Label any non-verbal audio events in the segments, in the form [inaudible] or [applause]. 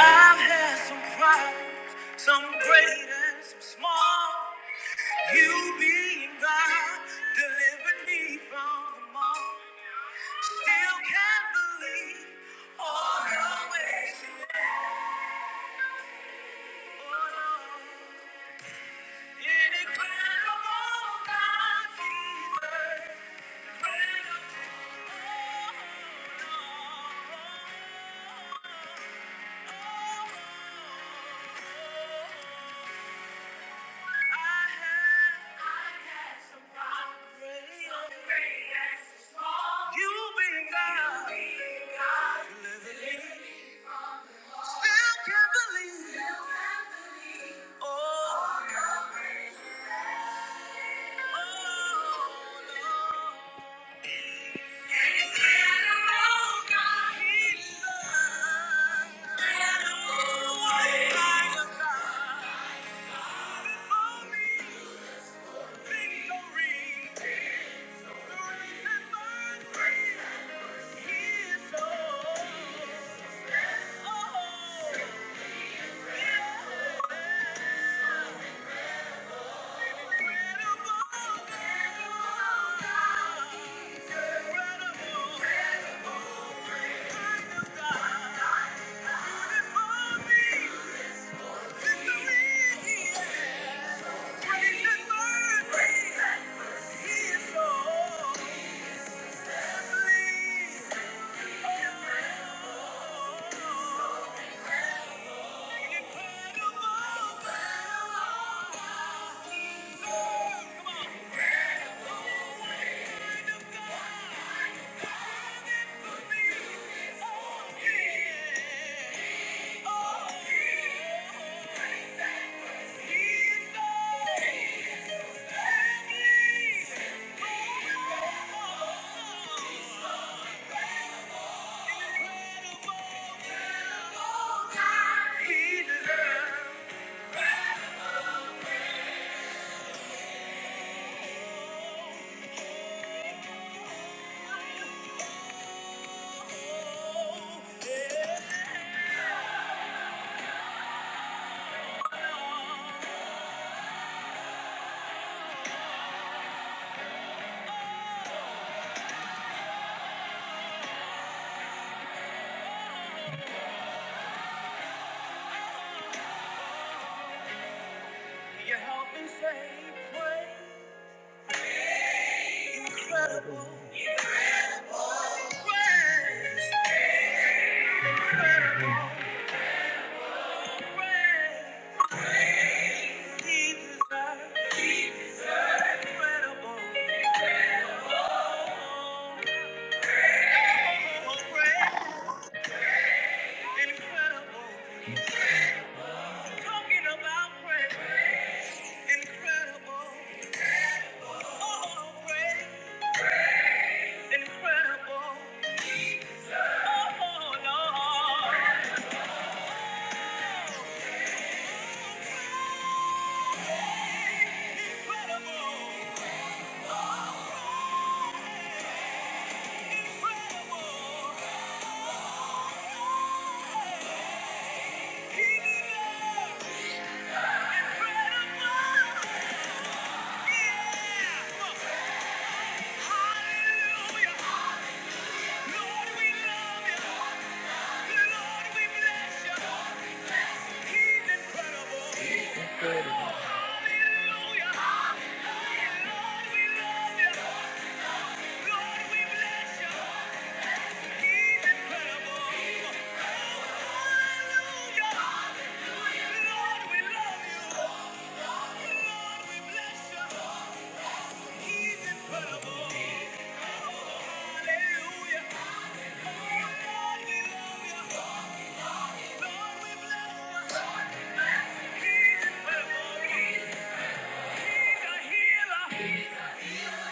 I've had some problems, some great and some small. You being God, delivered me from them all. Still can't believe all the ways you made for love. Incredible God, Jesus, incredible. Oh, oh, oh, oh. You be God. Still can't believe. Oh, oh, Lord. Victory. Oh Oh, God. He deserves. You help me say, pray. Incredible. Incredible. Praise. Praise. He deserves. He deserves. Incredible. Incredible. Oh, praise. Incredible. Talking about praise. Incredible. Oh, oh, praise. Incredible. Oh, Lord. Incredible. Incredible. He did it. Incredible. Yeah. Hallelujah. Lord, we love you. Lord, we bless you. He's incredible. He's a healer.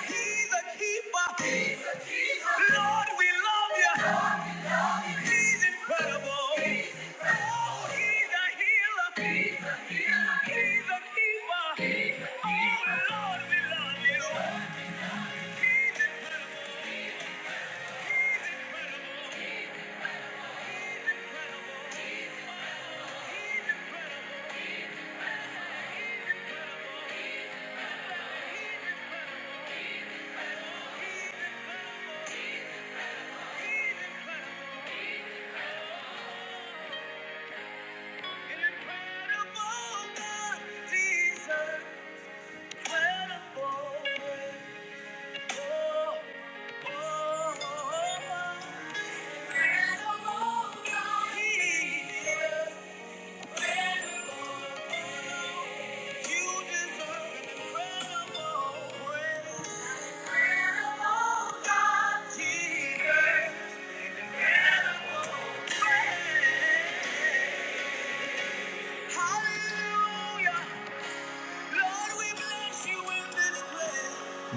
He's a keeper. He's a keeper. Lord, we love you. Lord, He's incredible. He's incredible. Oh, he's a healer. He's a healer. He's a keeper. He's a keeper. Oh, Lord, we love you. Lord, He's incredible. He's incredible. He's incredible. He's incredible. Oh, he's incredible. He's incredible. He's incredible. Incredible God, Jesus. Hallelujah. Lord, we bless you in this place.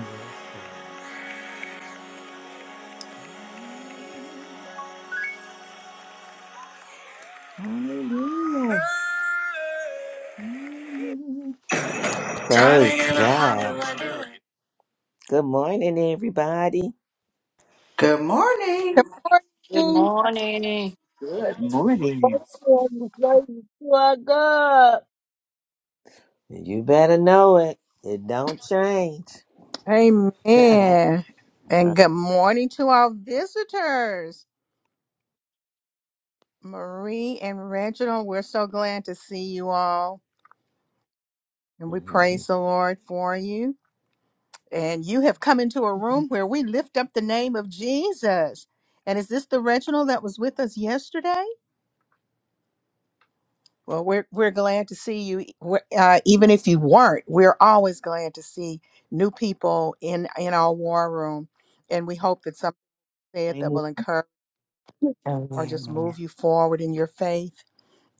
Hallelujah. Praise God. Good morning, everybody. Good morning. Good Good morning. morning. Good morning. Praise to our God. You better know it. It don't change. [laughs] Amen. And good morning to our visitors, Marie and Reginald. We're so glad to see you all. And we Mhm. praise the Lord for you. And you have come into a room where we lift up the name of Jesus. And is this the Reginald that was with us yesterday? Well, we're, we're glad to see you. We're- Uh, even if you weren't, we're always glad to see new people in, in our war room. And we hope that something said I'm that will encourage. or just Amen. move you forward in your faith.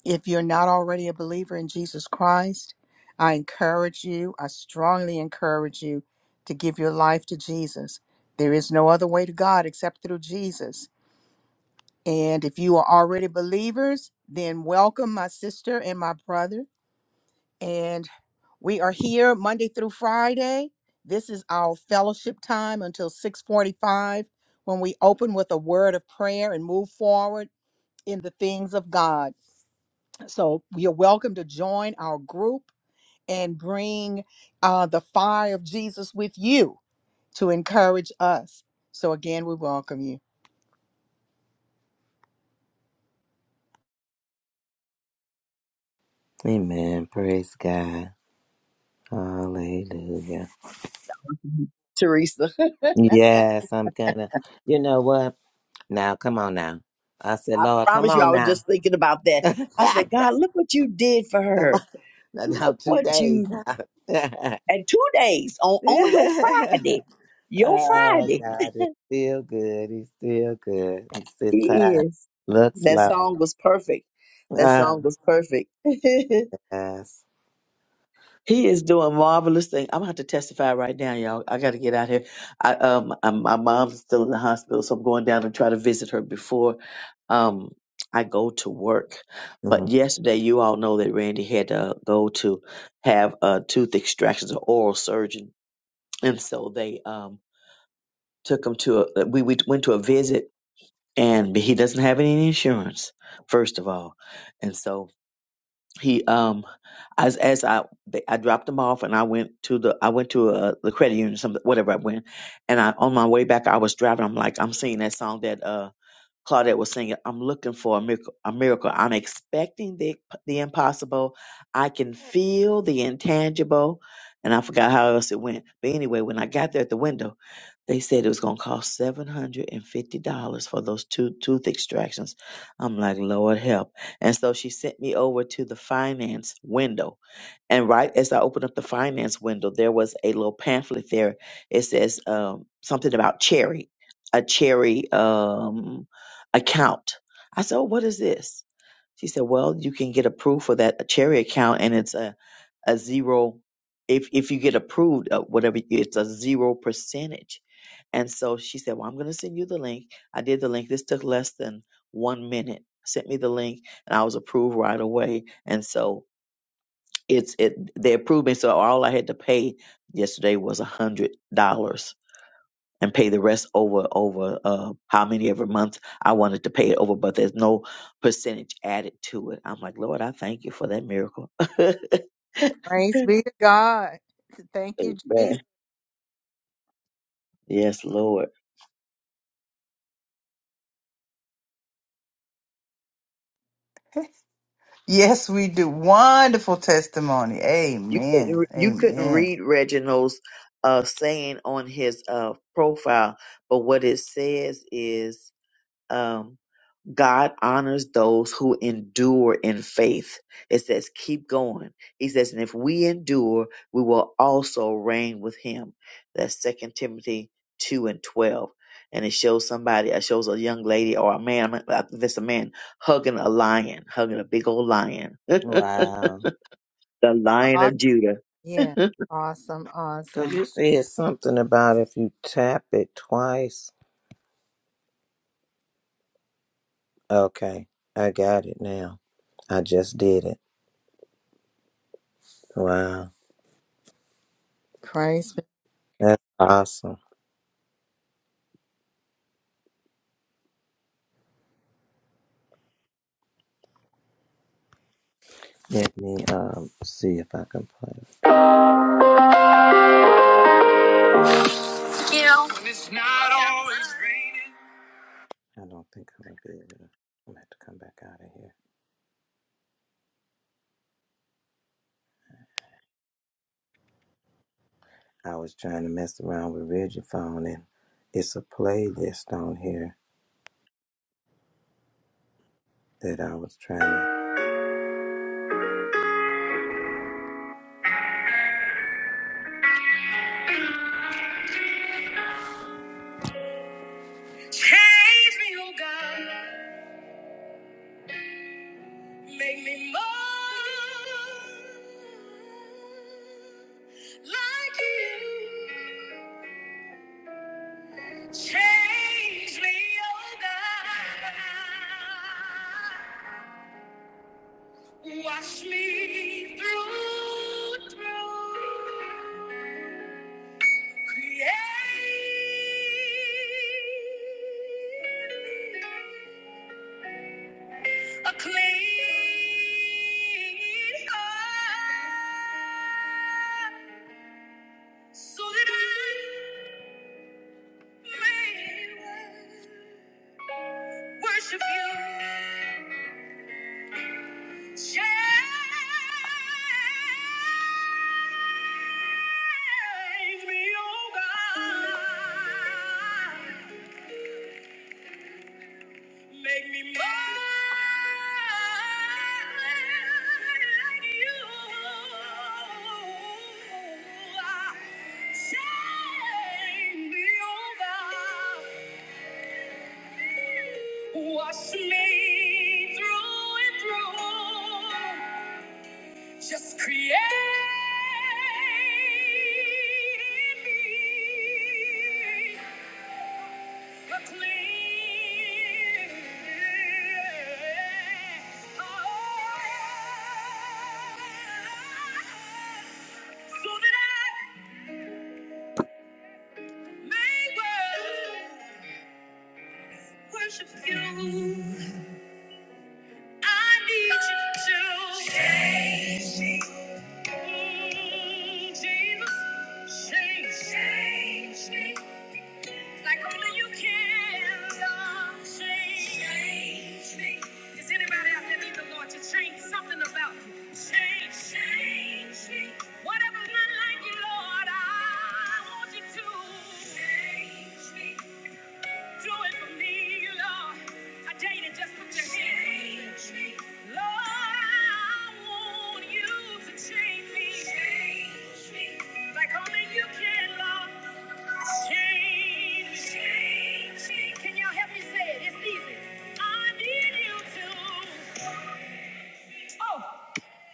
If you're not already a believer in Jesus Christ, I encourage you, I strongly encourage you to give your life to Jesus. There is no other way to God except through Jesus. And if you are already believers, then welcome my sister and my brother. And we are here Monday through Friday. This is our fellowship time until 6:45 when we open with a word of prayer and move forward in the things of God. So you're welcome to join our group and bring uh, the fire of Jesus with you to encourage us. So again, we welcome you. Amen. Praise God. Hallelujah. with Teresa. [laughs] Yes, I'm gonna. You know what? Now, come on now. I said, I Lord, come promise you, I on was now. just thinking about [laughs] that. come I said, God, look what you did for on. her. Now, now Look two what days you now. and two days on on your [laughs] Friday, your Oh Friday. God, it's still good. He's still good. I'm still It tired. is. Looks That low. song was perfect. That Oh song was perfect. [laughs] yes. He is doing marvelous thing. I'm gonna have to testify right now, y'all. I gotta get out here. I, um, I'm, my mom's still in the hospital, so I'm going down to try to visit her before um I go to work. But Mhm. yesterday, you all know that Randy had to go to have uh tooth extractions, an oral surgeon, and so they um took him to a. uh, We we went to a visit, and he doesn't have any insurance, first of all, and so he um as as I they- I dropped him off and I went to the I went to uh, the credit union some whatever I went and I on my way back I was driving I'm like I'm singing that song that uh Claudette was singing, I'm looking for a miracle. A miracle. I'm expecting the the impossible. I can feel the intangible. And I forgot how else it went. But anyway, when I got there at the window, they said it was going to cost $750 for those two tooth extractions. I'm like, Lord help. And so she sent me over to the finance window. And right as I opened up the finance window, there was a little pamphlet there. It says um, something about cherry, a cherry. Um, account. I said, oh, what is this? She said, well, you can get approved for that cherry account and it's a, a zero. If, if you get approved, uh, whatever, it's a zero percentage. And so she said, well, I'm going to send you the link. I did the link. This took less than one minute. Sent me the link and I was approved right away. And so it's, it, they approved me. So all I had to pay yesterday was a hundred dollars and pay the rest over over uh, how many every month I wanted to pay it over, but there's no percentage added to it. I'm like, Lord, I thank you for that miracle. [laughs] Praise be to God. Thank you, Jesus. Man, yes, Lord. Yes, we do. Wonderful testimony. You couldn't Amen. re- you couldn't Amen. read Reginald's uh, saying on his uh, profile, but what it says is um, God honors those who endure in faith. It says, keep going. He says, and if we endure, we will also reign with him. That's Second Timothy 2 and 12. And it shows somebody, it shows a young lady or a man, I think that's a man, hugging a lion, hugging a big old lion, [laughs] the Wow. lion Awesome. of Judah. [laughs] Yeah. Awesome. Cause Awesome. you said something about if you tap it twice. Okay, I got it now. I just did it. Wow, Praise that's awesome. Let me um see if I can play. it. When it's not always raining. I don't think I'm gonna be able to. I'm gonna have to come back out of here. I was trying to mess around with Regiphone, and it's a playlist on here that I was trying to. Change me, oh God, make me more like you. Change me, oh God, wash me through, through. Create a clean heart so that I may worship you. Change me, oh God. Make me more like you. Shine me over. Wash me through and through. Just create in me a clean heart, so that I may well worship you. I need you to change me. Jesus, change, change me like only you can. Lord. Change, change me. Does anybody out there need the Lord to change something about you? Change, change me. Whatever's not like Lord, I want you to change me. Do it for me, Lord. I dare you to just put your hand. in. Lord, I want you to change me. Like only you can, Lord. Change me. Can y'all help me say it? It's easy. I need you to. Oh.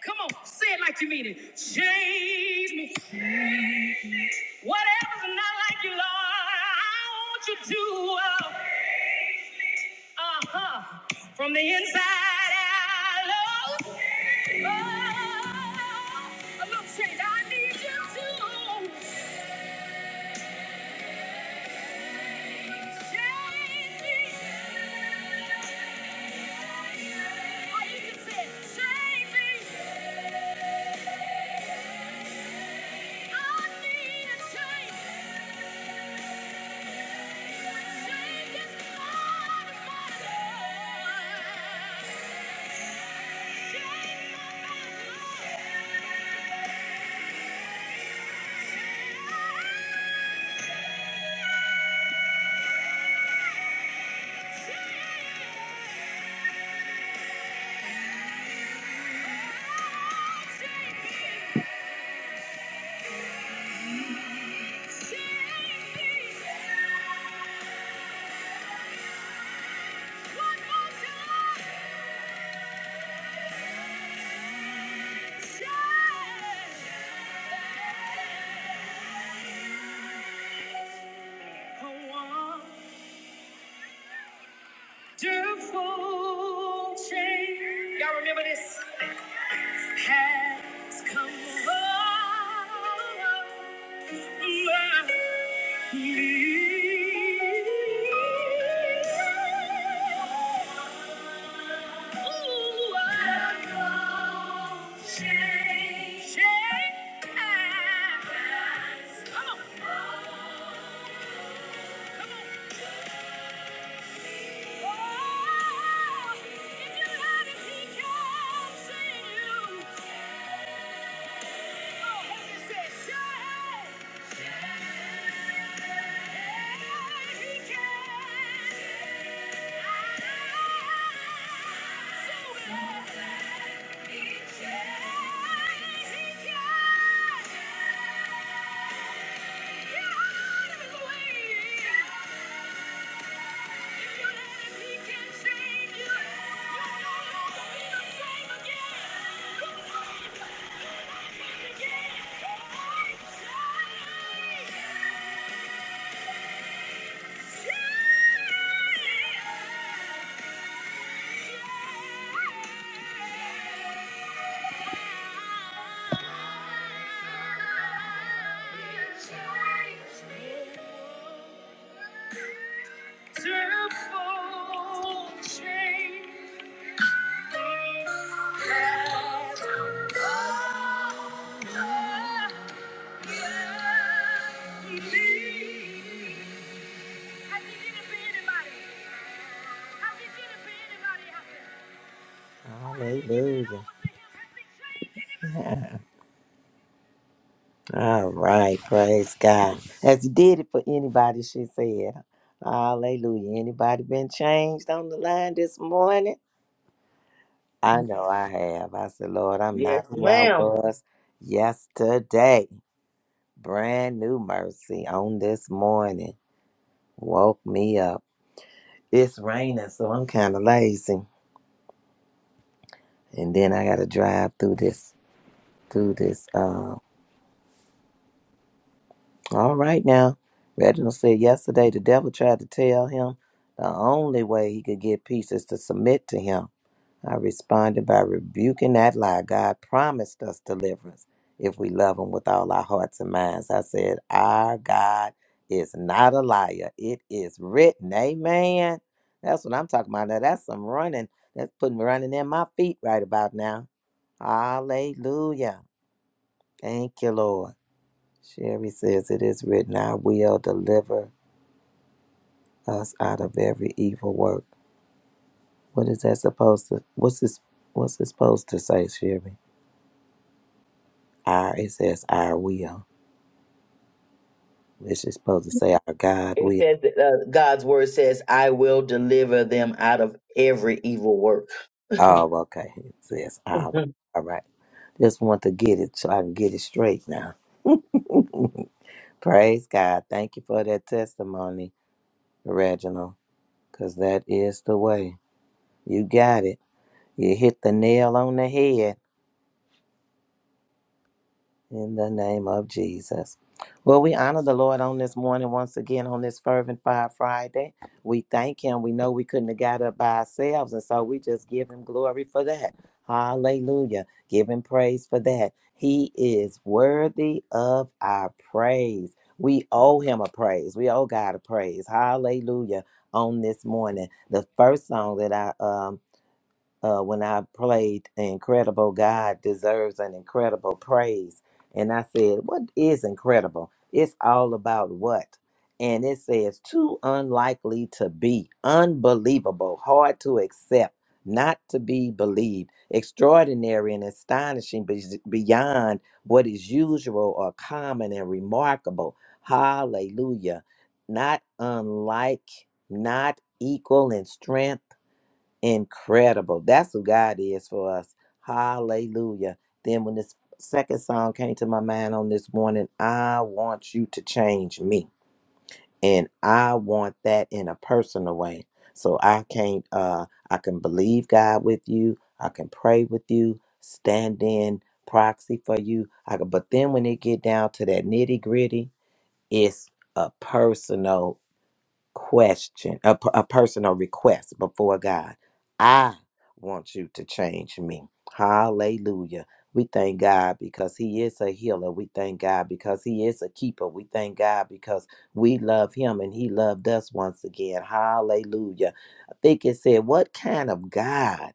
Come on, say it like you mean it. Change me. Whatever's not like you, Lord, I want you to. Oh. Uh-huh. From the inside out. Lord. Oh, look, Saint, I need you to change me. Or you can say, change me. I need a change. Change this heart of mine, Lord. Change my- change. A wonderful change. Y'all remember this? Has come over me. Ooh, wonderful change. Change. Come on, come on. Yeah. me. Has he did it for anybody? Has he did it for anybody Hallelujah. All right. Praise God. As he did it for anybody, she said. Hallelujah. Anybody been changed on the line this morning? I be. know I have. I said, Lord, I'm yes, not who I ma'am. was yesterday. Brand new mercy on this morning. Woke me up. It's raining, so I'm kind of lazy. and then I got to drive through this, through this. Uh, all right now, Reginald said yesterday the devil tried to tell him the only way he could get peace is to submit to him. I responded by rebuking that lie. God promised us deliverance if we love him with all our hearts and minds. I said, Our God is not a liar. It is written. Amen. That's what I'm talking about. Now, that's some running. That's putting running in my feet right about now. Hallelujah. Thank you, Lord. Sherry says, It is written, I will deliver us out of every evil work. What is that supposed to what's this what's it supposed to say, Sherry? I it says I will. It's just supposed to say our God It will. says, that, uh, God's word says, I will deliver them out of every evil work. [laughs] Oh, okay. It says "I will." all right. Just want to get it so I can get it straight now. Praise God. Thank you for that testimony, Reginald, because that is the way. You got it. You hit the nail on the head. In the name of Jesus. Well, we honor the Lord on this morning once again on this Fervent Fire Friday. We thank Him. We know we couldn't have got up by ourselves, and so we just give Him glory for that. Hallelujah. Give Him praise for that. He is worthy of our praise. We owe Him a praise. We owe God a praise. Hallelujah. On this morning, the first song that I um uh, when I played Incredible God Deserves an Incredible Praise. And I said, What is incredible? It's all about what? And it says, Too unlikely to be, unbelievable, hard to accept, not to be believed, extraordinary and astonishing be- beyond what is usual or common and remarkable. Hallelujah. Not unlike, not equal in strength incredible. That's who God is for us. Hallelujah. Then when this second song came to my mind on this morning, I want you to change me. And I want that in a personal way. So I can't uh I can believe God with you, I can pray with you, stand in proxy for you. I can but then when it get down to that nitty gritty, it's a personal question, a, p- a personal request before God. I want you to change me. Hallelujah. We thank God because He is a healer. We thank God because He is a keeper. We thank God because we love Him and He loved us once again. Hallelujah. I think it said, What kind of God?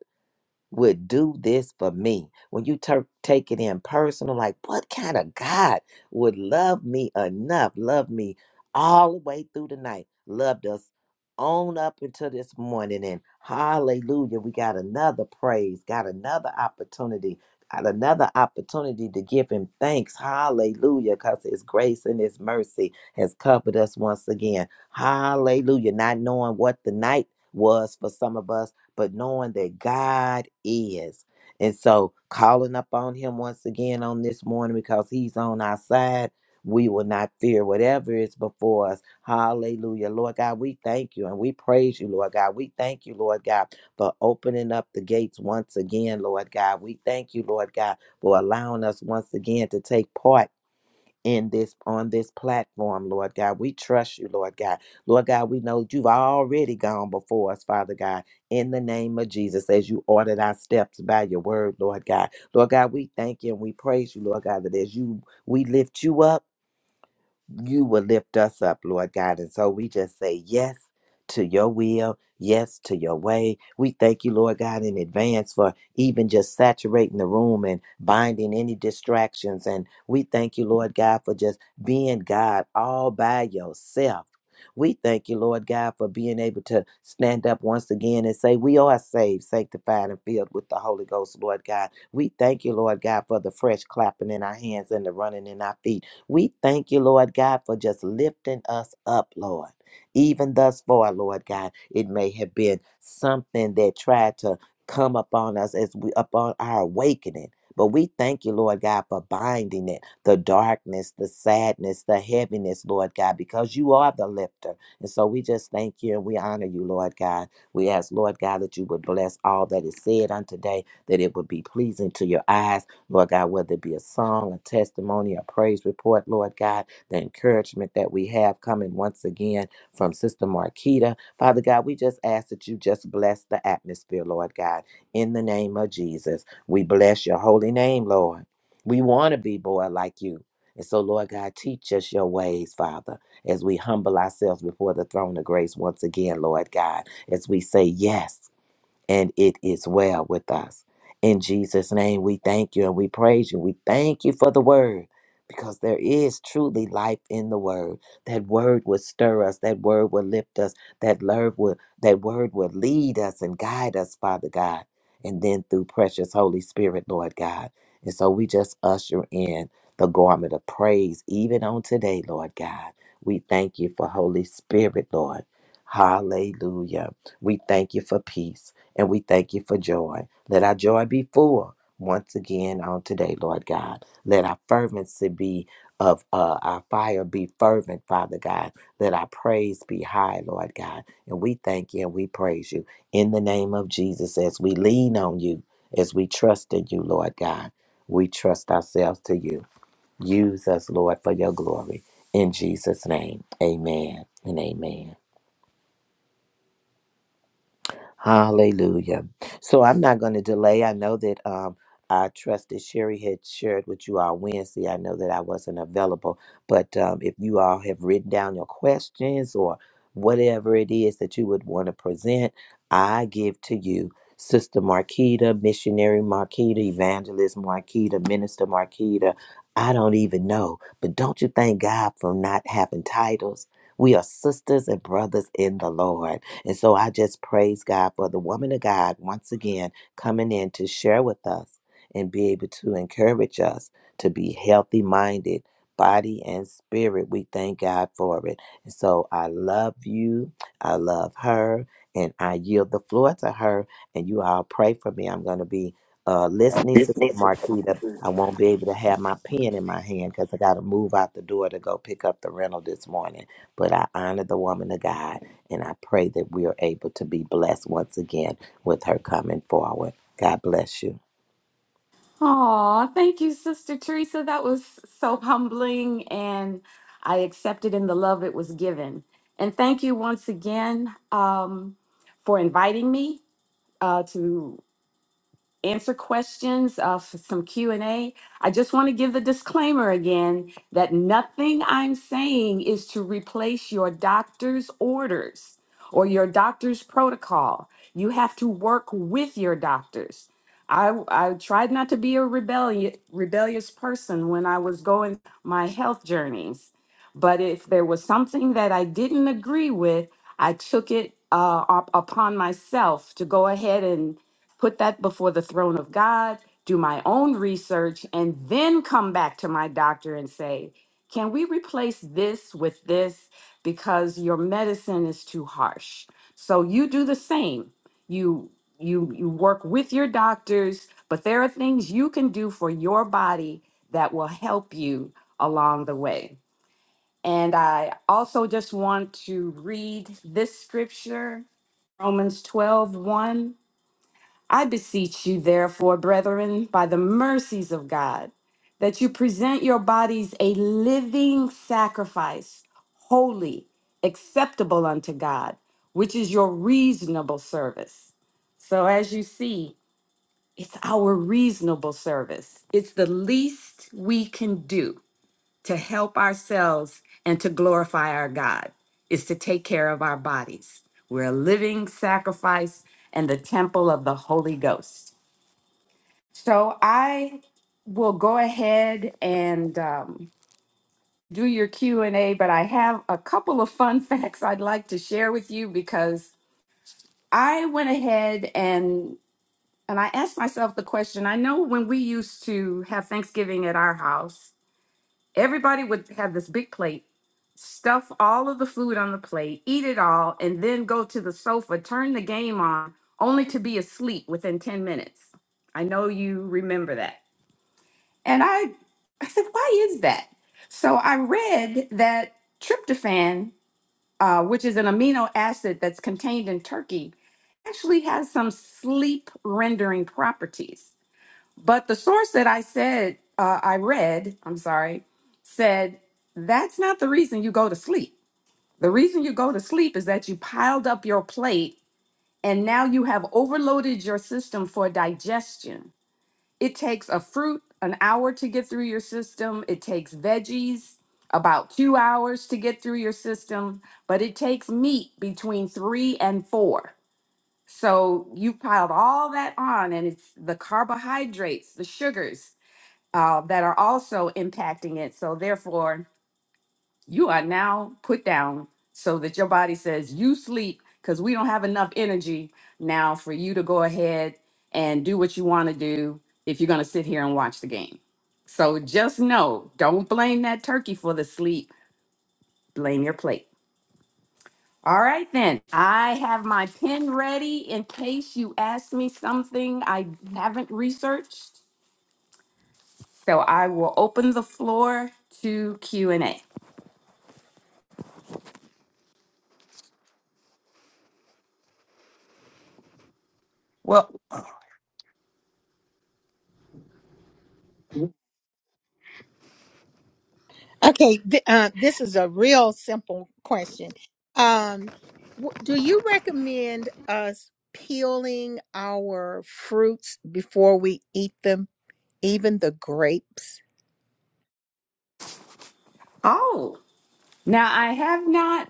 would do this for me. When you tur take it in personal, like, what kind of God would love me enough, love me all the way through the night, loved us on up until this morning? And hallelujah, we got another praise, got another opportunity, got another opportunity to give Him thanks. Hallelujah, because His grace and His mercy has covered us once again. Hallelujah, not knowing what the night was for some of us but knowing that God is. And so calling up on him once again on this morning because he's on our side. We will not fear whatever is before us. Hallelujah. Lord God, we thank you and we praise you, Lord God. We thank you, Lord God, for opening up the gates once again, Lord God. We thank you, Lord God, for allowing us once again to take part in this on this platform, Lord God. We trust you, Lord God. Lord God, we know you've already gone before us, Father God, in the name of Jesus, as you ordered our steps by your word, Lord God. Lord God, we thank you and we praise you, Lord God, that as you we lift you up you will lift us up, Lord God. And so we just say yes to your will, yes to your way. We thank you, Lord God, in advance for even just saturating the room and binding any distractions. And we thank you, Lord God, for just being God all by yourself. We thank you, Lord God, for being able to stand up once again and say, We are saved, sanctified, and filled with the Holy Ghost, Lord God. We thank you, Lord God, for the fresh clapping in our hands and the running in our feet. We thank you, Lord God, for just lifting us up, Lord. Even thus far, Lord God, it may have been something that tried to come upon us as we upon our awakening. But we thank you, Lord God, for binding it, the darkness, the sadness, the heaviness, Lord God, because you are the lifter. And so we just thank you and we honor you, Lord God. We ask, Lord God, that you would bless all that is said on today, that it would be pleasing to your eyes Lord God, whether it be a song, a testimony, a praise report, Lord God, the encouragement that we have coming once again from Sister Marquita. Father God, we just ask that you just bless the atmosphere, Lord God, in the name of Jesus. We bless your holy name, Lord. We want to be born like you. And so, Lord God, teach us your ways, Father, as we humble ourselves before the throne of grace once again, Lord God, as we say yes and it is well with us. In Jesus' name, we thank you and we praise you. We thank you for the word because there is truly life in the word. That word would stir us, that word would lift us, that word would, that word would lead us and guide us, Father God, and then through precious Holy Spirit, Lord God. And so we just usher in the garment of praise even on today, Lord God. We thank you for Holy Spirit, Lord. Hallelujah. We thank you for peace. And we thank you for joy. Let our joy be full once again on today, Lord God. Let our fervency be of uh, our fire be fervent, Father God. Let our praise be high, Lord God. And we thank you and we praise you in the name of Jesus as we lean on you, as we trust in you, Lord God. We trust ourselves to you. Use us, Lord, for your glory. In Jesus' name, amen and amen. Hallelujah. So I'm not going to delay. I know that um, I trust that Sherry had shared with you all Wednesday. I know that I wasn't available, but um, if you all have written down your questions or whatever it is that you would want to present, I give to you. Sister Marquita, Missionary Marquita, Evangelist Marquita, Minister Marquita. I don't even know, but don't you thank God for not having titles? We are sisters and brothers in the Lord. And so I just praise God for the woman of God once again coming in to share with us and be able to encourage us to be healthy minded, body and spirit. We thank God for it. And so I love you. I love her. And I yield the floor to her. And you all pray for me. I'm going to be uh, listening, This Sister needs to come Marquita. through. I won't be able to have my pen in my hand because I got to move out the door to go pick up the rental this morning. But I honor the woman of God and I pray that we are able to be blessed once again with her coming forward. God bless you. Aw, thank you, Sister Teresa. That was so humbling, and I accepted in the love it was given. And thank you once again um, for inviting me uh, to. answer questions uh, for some q and A. I just want to give the disclaimer again that nothing i'm saying is to replace your doctor's orders or your doctor's protocol you have to work with your doctors i, I tried not to be a rebellious, rebellious person when i was going my health journeys but if there was something that i didn't agree with i took it uh, up upon myself to go ahead and put that before the throne of God, do my own research, and then come back to my doctor and say, Can we replace this with this? Because your medicine is too harsh. So you do the same. You you you work with your doctors, but there are things you can do for your body that will help you along the way. And I also just want to read this scripture, Romans twelve one. I beseech you, therefore, brethren, by the mercies of God, that you present your bodies a living sacrifice, holy, acceptable unto God, which is your reasonable service. So, as you see, it's our reasonable service. It's the least we can do to help ourselves and to glorify our God, is to take care of our bodies. We're a living sacrifice and the temple of the Holy Ghost. So I will go ahead and um, do your Q and A, but I have a couple of fun [laughs] facts I'd like to share with you because I went ahead and and I asked myself the question. I know when we used to have Thanksgiving at our house, everybody would have this big plate, stuff all of the food on the plate, eat it all, and then go to the sofa, turn the game on, only to be asleep within ten minutes. I know you remember that. And I, I said, why is that? So I read that tryptophan, uh, which is an amino acid that's contained in turkey, actually has some sleep rendering properties. But the source that I said, uh, I read, I'm sorry, said that's not the reason you go to sleep. The reason you go to sleep is that you piled up your plate and now you have overloaded your system for digestion it takes a fruit an hour to get through your system. It takes veggies about two hours to get through your system, but it takes meat between three and four. So you've piled all that on, and it's the carbohydrates, the sugars uh, that are also impacting it. So therefore, you are now put down so that your body says you sleep because we don't have enough energy now for you to go ahead and do what you want to do if you're going to sit here and watch the game. So just know, don't blame that turkey for the sleep. Blame your plate. All right, then. I have my pen ready in case you ask me something I haven't researched. So I will open the floor to Q&A. Well, Okay, th- uh, this is a real simple question. Um, w- do you recommend us peeling our fruits before we eat them? even the grapes. Oh, now I have not.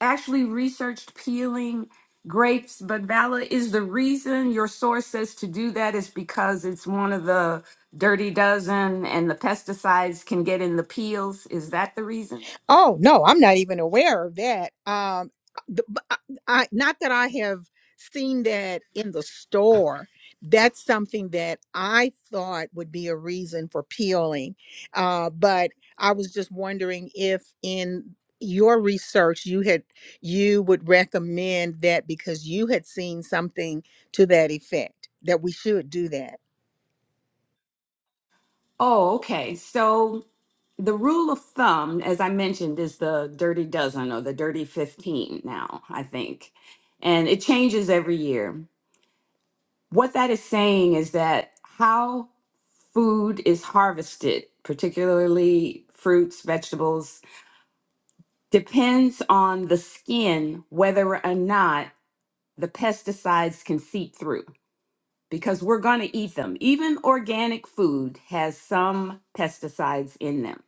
actually researched peeling grapes, but Vala is the reason your source says to do that is because it's one of the dirty dozen and the pesticides can get in the peels. Is that the reason? Oh no, I'm not even aware of that. Um, the, b- I, I- not that I have seen that in the store. That's something that I thought would be a reason for peeling, uh, but I was just wondering if in your research you had you would recommend that because you had seen something to that effect that we should do that. Oh, okay. So the rule of thumb, as I mentioned, is the dirty dozen or the dirty 15 now, I think. And it changes every year. What that is saying is that how food is harvested, particularly fruits, vegetables, depends on the skin whether or not the pesticides can seep through because we're going to eat them. Even organic food has some pesticides in them.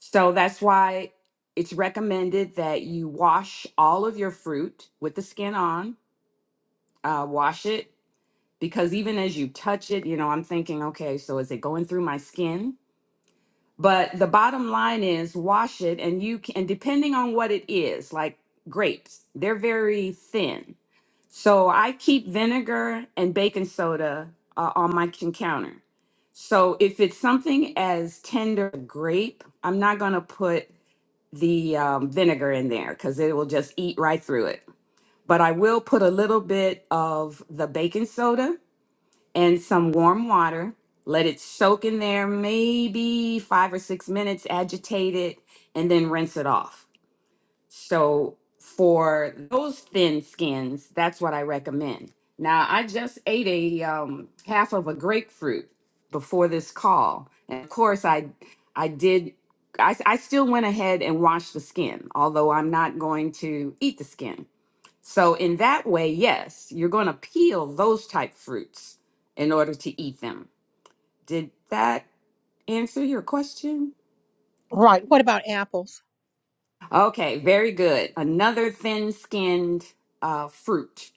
So that's why it's recommended that you wash all of your fruit with the skin on, uh, wash it because even as you touch it, you know, I'm thinking, okay, so is it going through my skin? But the bottom line is wash it and you can, and depending on what it is, like grapes, they're very thin. So I keep vinegar and baking soda uh, on my kitchen counter. So if it's something as tender as a grape, I'm not going to put the um, vinegar in there because it will just eat right through it. But I will put a little bit of the baking soda and some warm water. Let it soak in there maybe five or six minutes, agitate it, and then rinse it off. So, for those thin skins, that's what I recommend. Now, I just ate a um, half of a grapefruit before this call. And of course, I, I did, I, I still went ahead and washed the skin, although I'm not going to eat the skin. So in that way, yes, you're going to peel those type fruits in order to eat them. Did that answer your question? Right. What about apples? Okay, very good. Another thin-skinned uh, fruit.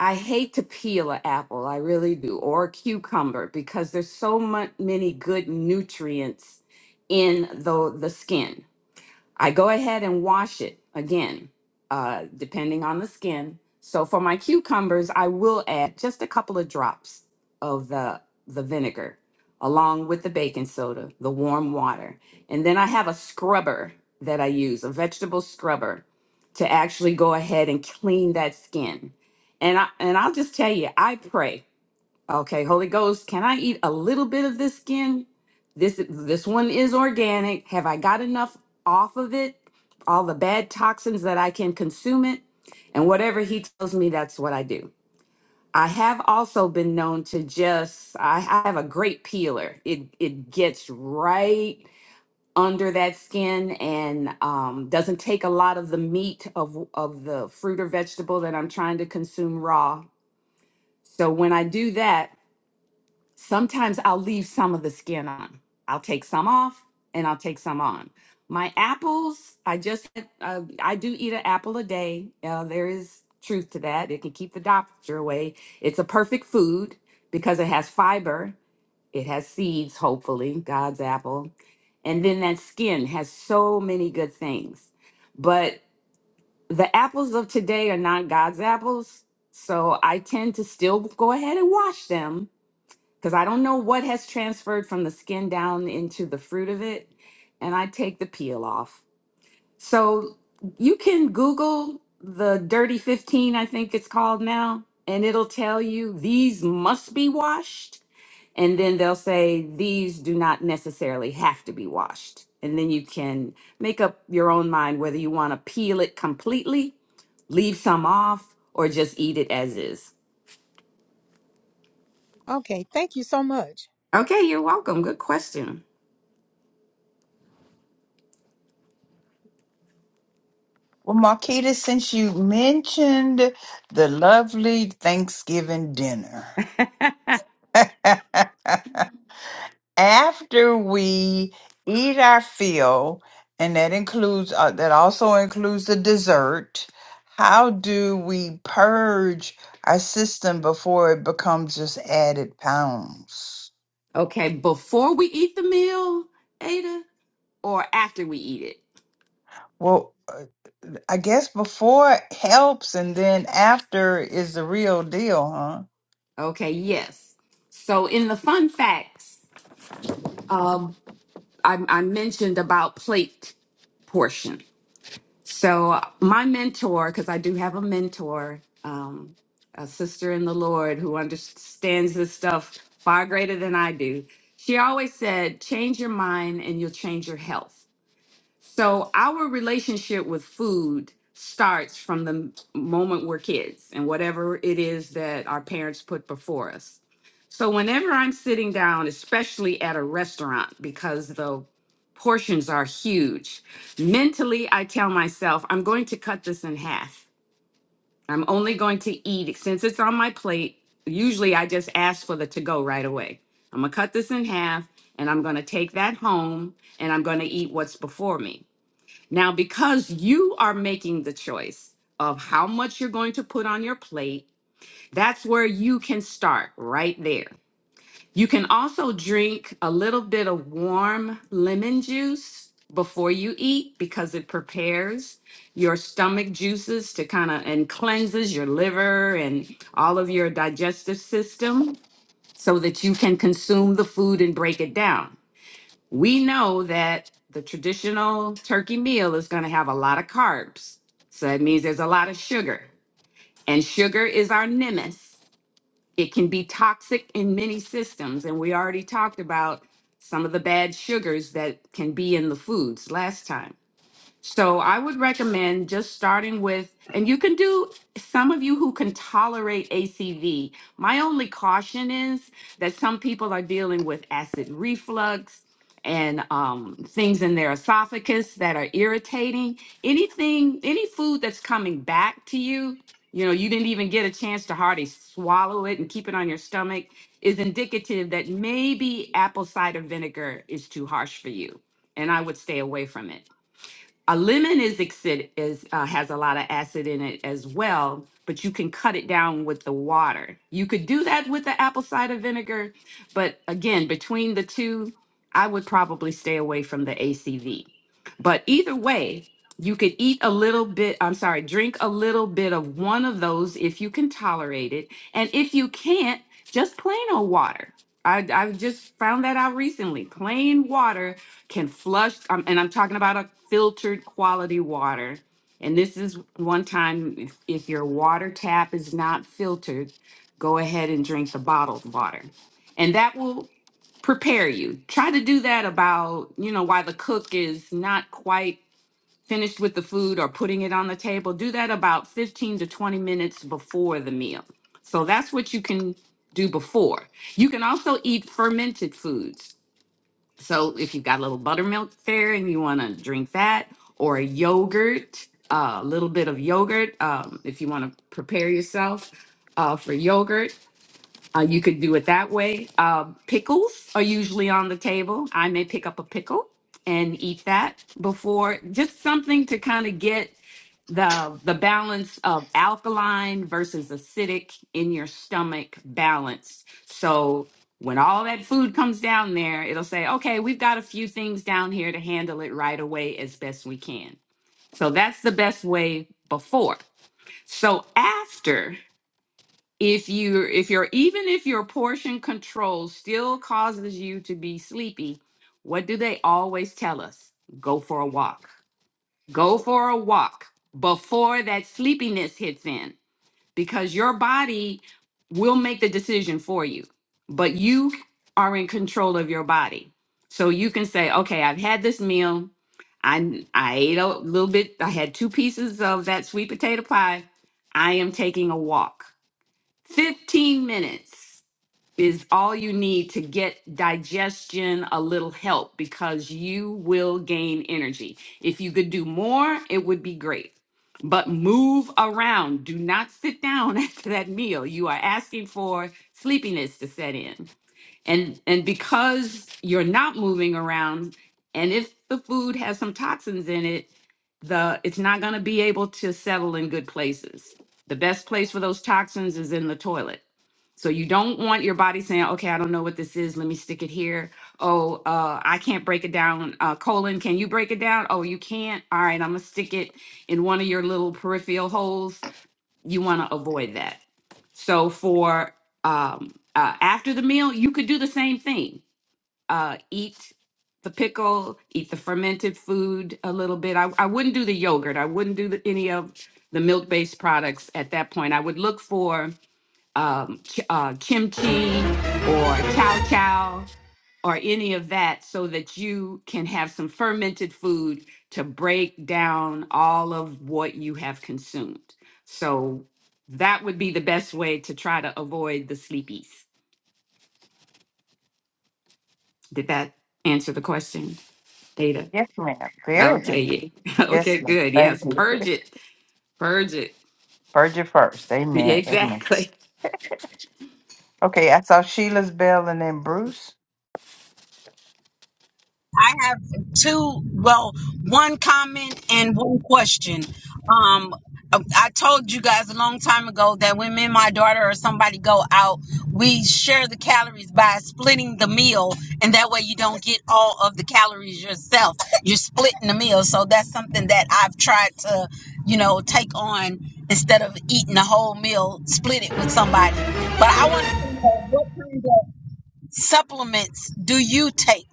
I hate to peel an apple, I really do, or a cucumber because there's so much, many good nutrients in the the skin I go ahead and wash it again, uh, depending on the skin. So for my cucumbers, I will add just a couple of drops of the the vinegar along with the baking soda, the warm water. And then I have a scrubber that I use, a vegetable scrubber to actually go ahead and clean that skin. And I and I'll just tell you, I pray Okay, Holy Ghost, can I eat a little bit of this skin? This this one is organic. Have I got enough off of it? All the bad toxins that I can consume it? And whatever he tells me, that's what I do. I have also been known to just I, I have a great peeler. It it gets right under that skin and um, doesn't take a lot of the meat of of the fruit or vegetable that I'm trying to consume raw. So when I do that, Sometimes I'll leave some of the skin on. I'll take some off and I'll take some on. My apples, I just, uh, I do eat an apple a day. Uh, there is truth to that. It can keep the doctor away. It's a perfect food because it has fiber, it has seeds, hopefully, God's apple. And then that skin has so many good things. But the apples of today are not God's apples. So I tend to still go ahead and wash them because I don't know what has transferred from the skin down into the fruit of it. And I take the peel off. So you can Google the Dirty 15, I think it's called now, and it'll tell you these must be washed. And then they'll say these do not necessarily have to be washed. And then you can make up your own mind whether you want to peel it completely, leave some off, or just eat it as is. Okay. Thank you so much. Okay, you're welcome. Good question. well, Marquita, since you mentioned the lovely Thanksgiving dinner, [laughs] after we eat our fill, and that includes uh, that also includes the dessert. How do we purge our system before it becomes just added pounds? Okay, before we eat the meal, Ada, or after we eat it? Well, uh, I guess before helps and then after is the real deal, huh? Okay, yes. So in the fun facts, um, I, I mentioned about plate portion. So my mentor, because I do have a mentor, um, a sister in the Lord who understands this stuff far greater than I do. She always said, "Change your mind, and you'll change your health." So our relationship with food starts from the moment we're kids and whatever it is that our parents put before us. So whenever I'm sitting down, especially at a restaurant, because the portions are huge, mentally I tell myself, I'm going to cut this in half. I'm only going to eat since it's on my plate. Usually I just ask for the to go right away. I'm going to cut this in half and I'm going to take that home and I'm going to eat what's before me. Now, because you are making the choice of how much you're going to put on your plate, that's where you can start right there. You can also drink a little bit of warm lemon juice before you eat because it prepares your stomach juices to kind of and cleanses your liver and all of your digestive system so that you can consume the food and break it down we know that the traditional turkey meal is going to have a lot of carbs. So that means there's a lot of sugar. And sugar is our nemesis. It can be toxic in many systems. And we already talked about some of the bad sugars that can be in the foods last time. So I would recommend just starting with, and you can do some of you who can tolerate ACV. My only caution is that some people are dealing with acid reflux and um, things in their esophagus that are irritating. Anything, any food that's coming back to you, you know, you didn't even get a chance to hardly swallow it and keep it on your stomach, is indicative that maybe apple cider vinegar is too harsh for you. And I would stay away from it. A lemon is exid- is uh, has a lot of acid in it as well, but you can cut it down with the water. You could do that with the apple cider vinegar, but again, between the two, I would probably stay away from the ACV. But either way, you could eat a little bit, I'm sorry, drink a little bit of one of those if you can tolerate it, and if you can't, just plain old water. I, I've just found that out recently. Plain water can flush um, and i'm talking about a filtered quality water and this is one time if, if your water tap is not filtered go ahead and drink the bottled water and that will prepare you try to do that about you know while the cook is not quite finished with the food or putting it on the table do that about 15 to 20 minutes before the meal so that's what you can do before you can also eat fermented foods so if you've got a little buttermilk there and you want to drink that, or a yogurt, uh, a little bit of yogurt, um, if you want to prepare yourself uh, for yogurt, uh, you could do it that way. Uh, pickles are usually on the table. I may pick up a pickle and eat that before, just something to kind of get the the balance of alkaline versus acidic in your stomach balanced. So when all that food comes down there, it'll say, "Okay, we've got a few things down here to handle it right away as best we can." So that's the best way before. So after if you if you're even if your portion control still causes you to be sleepy what do they always tell us go for a walk go for a walk before that sleepiness hits in because your body will make the decision for you but you are in control of your body so you can say okay i've had this meal i i ate a little bit i had two pieces of that sweet potato pie i am taking a walk 15 minutes is all you need to get digestion a little help because you will gain energy. If you could do more, it would be great. But move around. Do not sit down [laughs] after that meal. You are asking for sleepiness to set in. And and because you're not moving around and if the food has some toxins in it, the it's not going to be able to settle in good places. The best place for those toxins is in the toilet. So you don't want your body saying, okay, I don't know what this is. Let me stick it here. Oh, uh, I can't break it down. Uh, colon, can you break it down? Oh, you can't. All right, I'm going to stick it in one of your little peripheral holes. You want to avoid that. So for um, uh, after the meal, you could do the same thing. Uh, eat the pickle, eat the fermented food a little bit. I, I wouldn't do the yogurt. I wouldn't do the, any of the milk-based products at that point. I would look for um, ch- uh, kimchi or chow chow or any of that so that you can have some fermented food to break down all of what you have consumed. So that would be the best way to try to avoid the sleepies. Did that answer the question, Ada? Yes, ma'am. Very. much. Okay, yeah. [laughs] Yes, okay, ma'am. good. Thank Yes, you. purge it, purge it. Virgin first. [laughs] Amen. Amen. Exactly. Okay, I saw Sheila's bell and then Bruce. I have two, well, one comment and one question. Um, I told you guys a long time ago that when me and my daughter or somebody go out, we share the calories by splitting the meal, and that way you don't get all of the calories yourself. You're splitting the meal, so that's something that I've tried to, you know, take on instead of eating the whole meal, split it with somebody. But I want to know what kind of supplements do you take?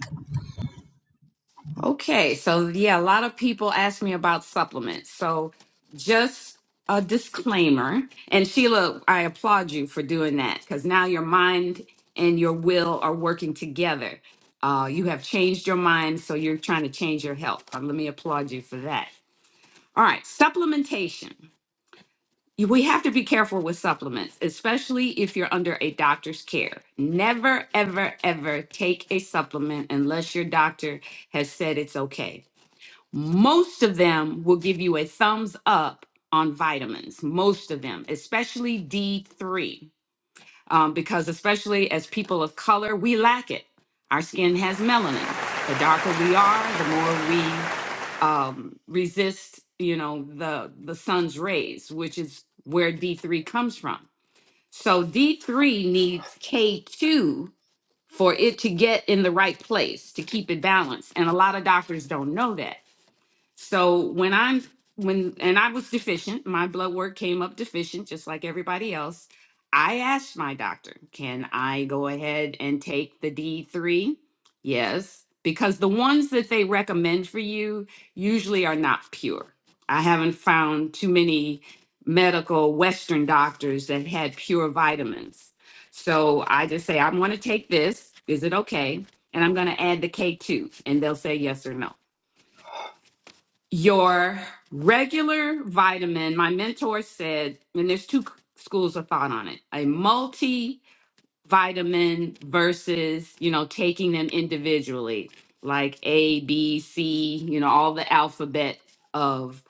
Okay, so yeah, a lot of people ask me about supplements. So just a disclaimer. And Sheila, I applaud you for doing that because now your mind and your will are working together. Uh, you have changed your mind, so you're trying to change your health. Uh, let me applaud you for that. All right, supplementation. You- We have to be careful with supplements, especially if you're under a doctor's care. Never, ever, ever take a supplement unless your doctor has said it's okay most of them will give you a thumbs up on vitamins, most of them, especially D3, um, because especially as people of color, we lack it. Our skin has melanin. The darker we are, the more we um, resist, you know, the the sun's rays, which is where D3 comes from. So D3 needs K2 for it to get in the right place to keep it balanced, and a lot of doctors don't know that. So when I'm when and I was deficient, my blood work came up deficient, just like everybody else. I asked my doctor, can I go ahead and take the D3? Yes, because the ones that they recommend for you usually are not pure. I haven't found too many medical Western doctors that had pure vitamins. So I just say, I'm going to take this. Is it okay? And I'm going to add the K2, and they'll say yes or no. Your regular vitamin, my mentor said, and there's two schools of thought on it a multivitamin versus, you know, taking them individually, like A, B, C, you know, all the alphabet of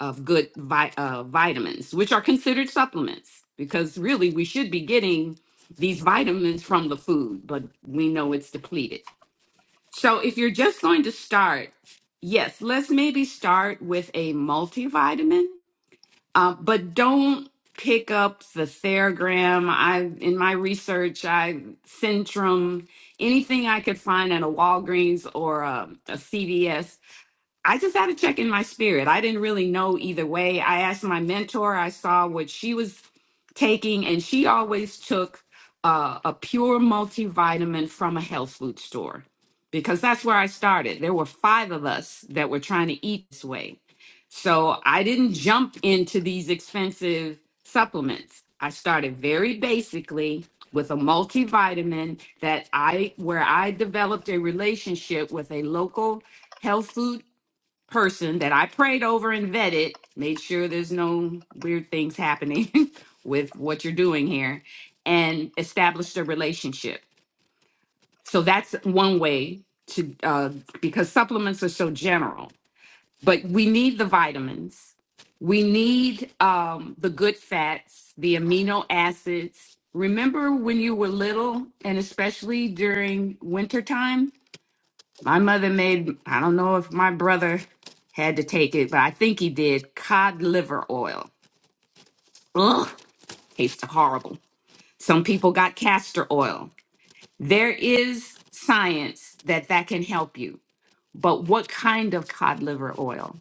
of good vi- uh, vitamins, which are considered supplements, because really we should be getting these vitamins from the food, but we know it's depleted. So if you're just going to start, yes, let's maybe start with a multivitamin, uh, but don't pick up the Theragram. I in my research, I Centrum, anything I could find at a Walgreens or a, a CVS I just had to check in my spirit. I didn't really know either way. I asked my mentor, I saw what she was taking, and she always took uh, a pure multivitamin from a health food store because that's where I started. There were five of us that were trying to eat this way. So I didn't jump into these expensive supplements. I started very basically with a multivitamin that I where I developed a relationship with a local health food person that I prayed over and vetted, made sure there's no weird things happening [laughs] with what you're doing here, and established a relationship. So that's one way to, uh, because supplements are so general, but we need the vitamins, we need um, the good fats, the amino acids. Remember when you were little, and especially during wintertime? My mother made, I don't know if my brother had to take it, but I think he did cod liver oil. Ugh, tastes horrible. Some people got castor oil. There is science that that can help you, but what kind of cod liver oil?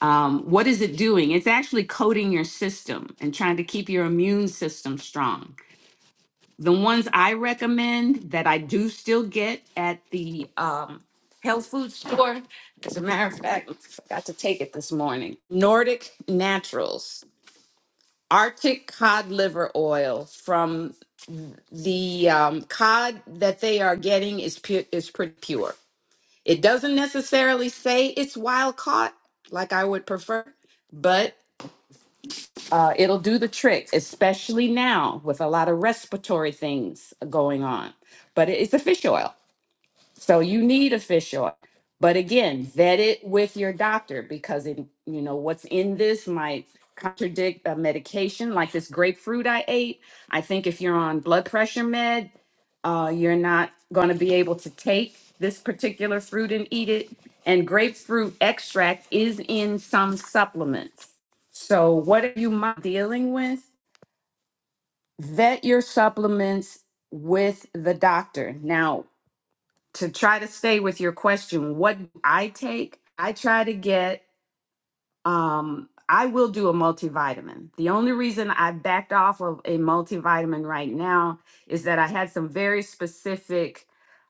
Um, what is it doing? It's actually coating your system and trying to keep your immune system strong. The ones I recommend that I do still get at the um, health food store, as a matter of fact, I forgot to take it this morning. Nordic Naturals, Arctic cod liver oil from the um, cod that they are getting is pure, is pretty pure. It doesn't necessarily say it's wild caught like I would prefer, but uh, it'll do the trick, especially now with a lot of respiratory things going on. But it- it's a fish oil. So you need a fish oil. But again, vet it with your doctor because it, you know what's in this might contradict a medication like this grapefruit I ate. I think if you're on blood pressure med, uh, you're not going to be able to take this particular fruit and eat it. And grapefruit extract is in some supplements. So, what are you mi- dealing with? Vet your supplements with the doctor. Now, to try to stay with your question, what do I take, I try to get um, I will do a multivitamin. The only reason I backed off of a multivitamin right now is that I had some very specific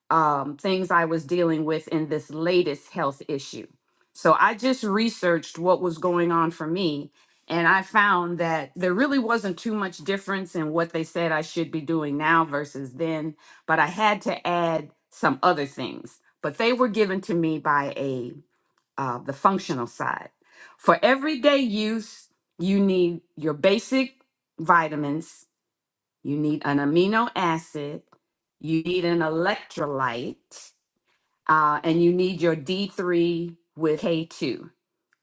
um, things I was dealing with in this latest health issue. So I just researched what was going on for me. And I found that there really wasn't too much difference in what they said I should be doing now versus then, but I had to add some other things. But they were given to me by a uh, the functional side. For everyday use, you need your basic vitamins, you need an amino acid, you need an electrolyte, uh, and you need your D3 with K2.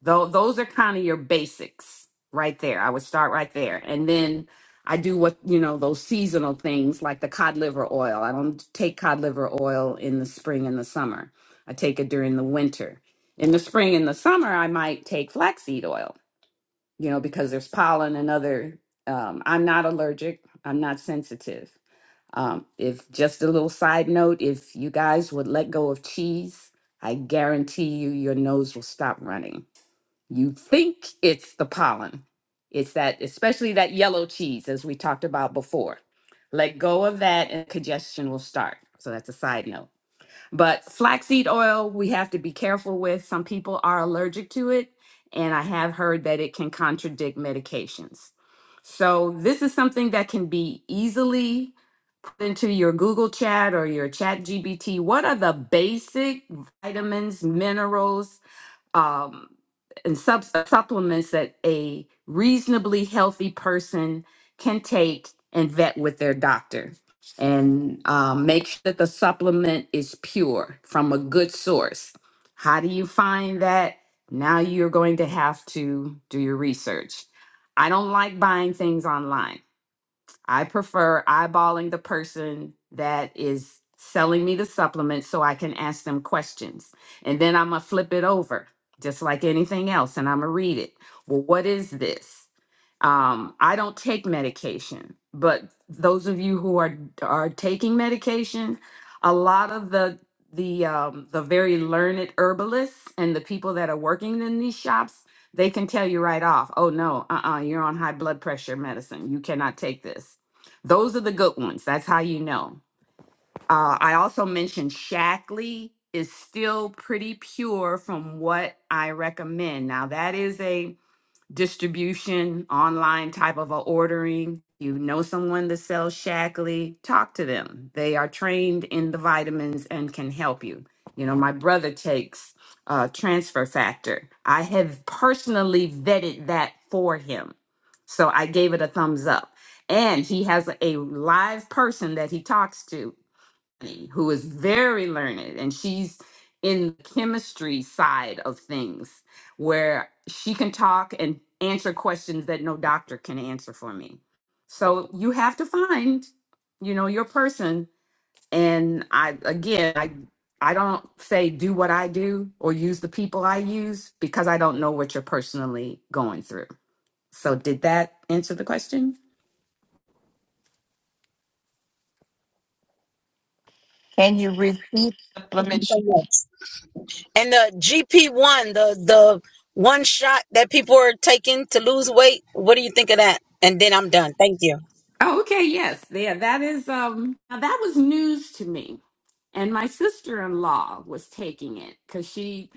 Though those are kind of your basics right there. I would start right there. And then I do what, you know, those seasonal things like the cod liver oil. I don't take cod liver oil in the spring and the summer. I take it during the winter. In the spring and the summer, I might take flaxseed oil, you know, because there's pollen and other. Um, I'm not allergic. I'm not sensitive. Um, if just a little side note, if you guys would let go of cheese, I guarantee you your nose will stop running you think it's the pollen. It's that, especially that yellow cheese, as we talked about before. Let go of that and congestion will start. So that's a side note. But flaxseed oil, we have to be careful with. Some people are allergic to it. And I have heard that it can contradict medications. So this is something that can be easily put into your Google chat or your chat GBT. What are the basic vitamins, minerals, um, and sub- supplements that a reasonably healthy person can take and vet with their doctor and um, make sure that the supplement is pure from a good source. How do you find that? Now you're going to have to do your research. I don't like buying things online. I prefer eyeballing the person that is selling me the supplement so I can ask them questions. And then I'm going to flip it over, just like anything else, and I'm going to read it. Well, what is this? Um, I don't take medication, but those of you who are are taking medication, a lot of the the um, the very learned herbalists and the people that are working in these shops, they can tell you right off, oh no, uh-uh, you're on high blood pressure medicine. You cannot take this. Those are the good ones. That's how you know. Uh, I also mentioned Shackley is still pretty pure from what I recommend. Now that is a distribution, online type of a ordering, you know someone that sells Shackley, talk to them. They are trained in the vitamins and can help you. You know, my brother takes uh, transfer factor. I have personally vetted that for him. So I gave it a thumbs up. And he has a live person that he talks to who is very learned and she's in the chemistry side of things where she can talk and answer questions that no doctor can answer for me. So you have to find, you know, your person and I again, I I don't say do what I do or use the people I use because I don't know what you're personally going through. So did that answer the question? Can you repeat supplements? So much. And the GP1, the the one shot that people are taking to lose weight, what do you think of that? And then I'm done. Thank you. Oh, okay, yes. Yeah, that is um now that was news to me and my sister-in-law was taking it because she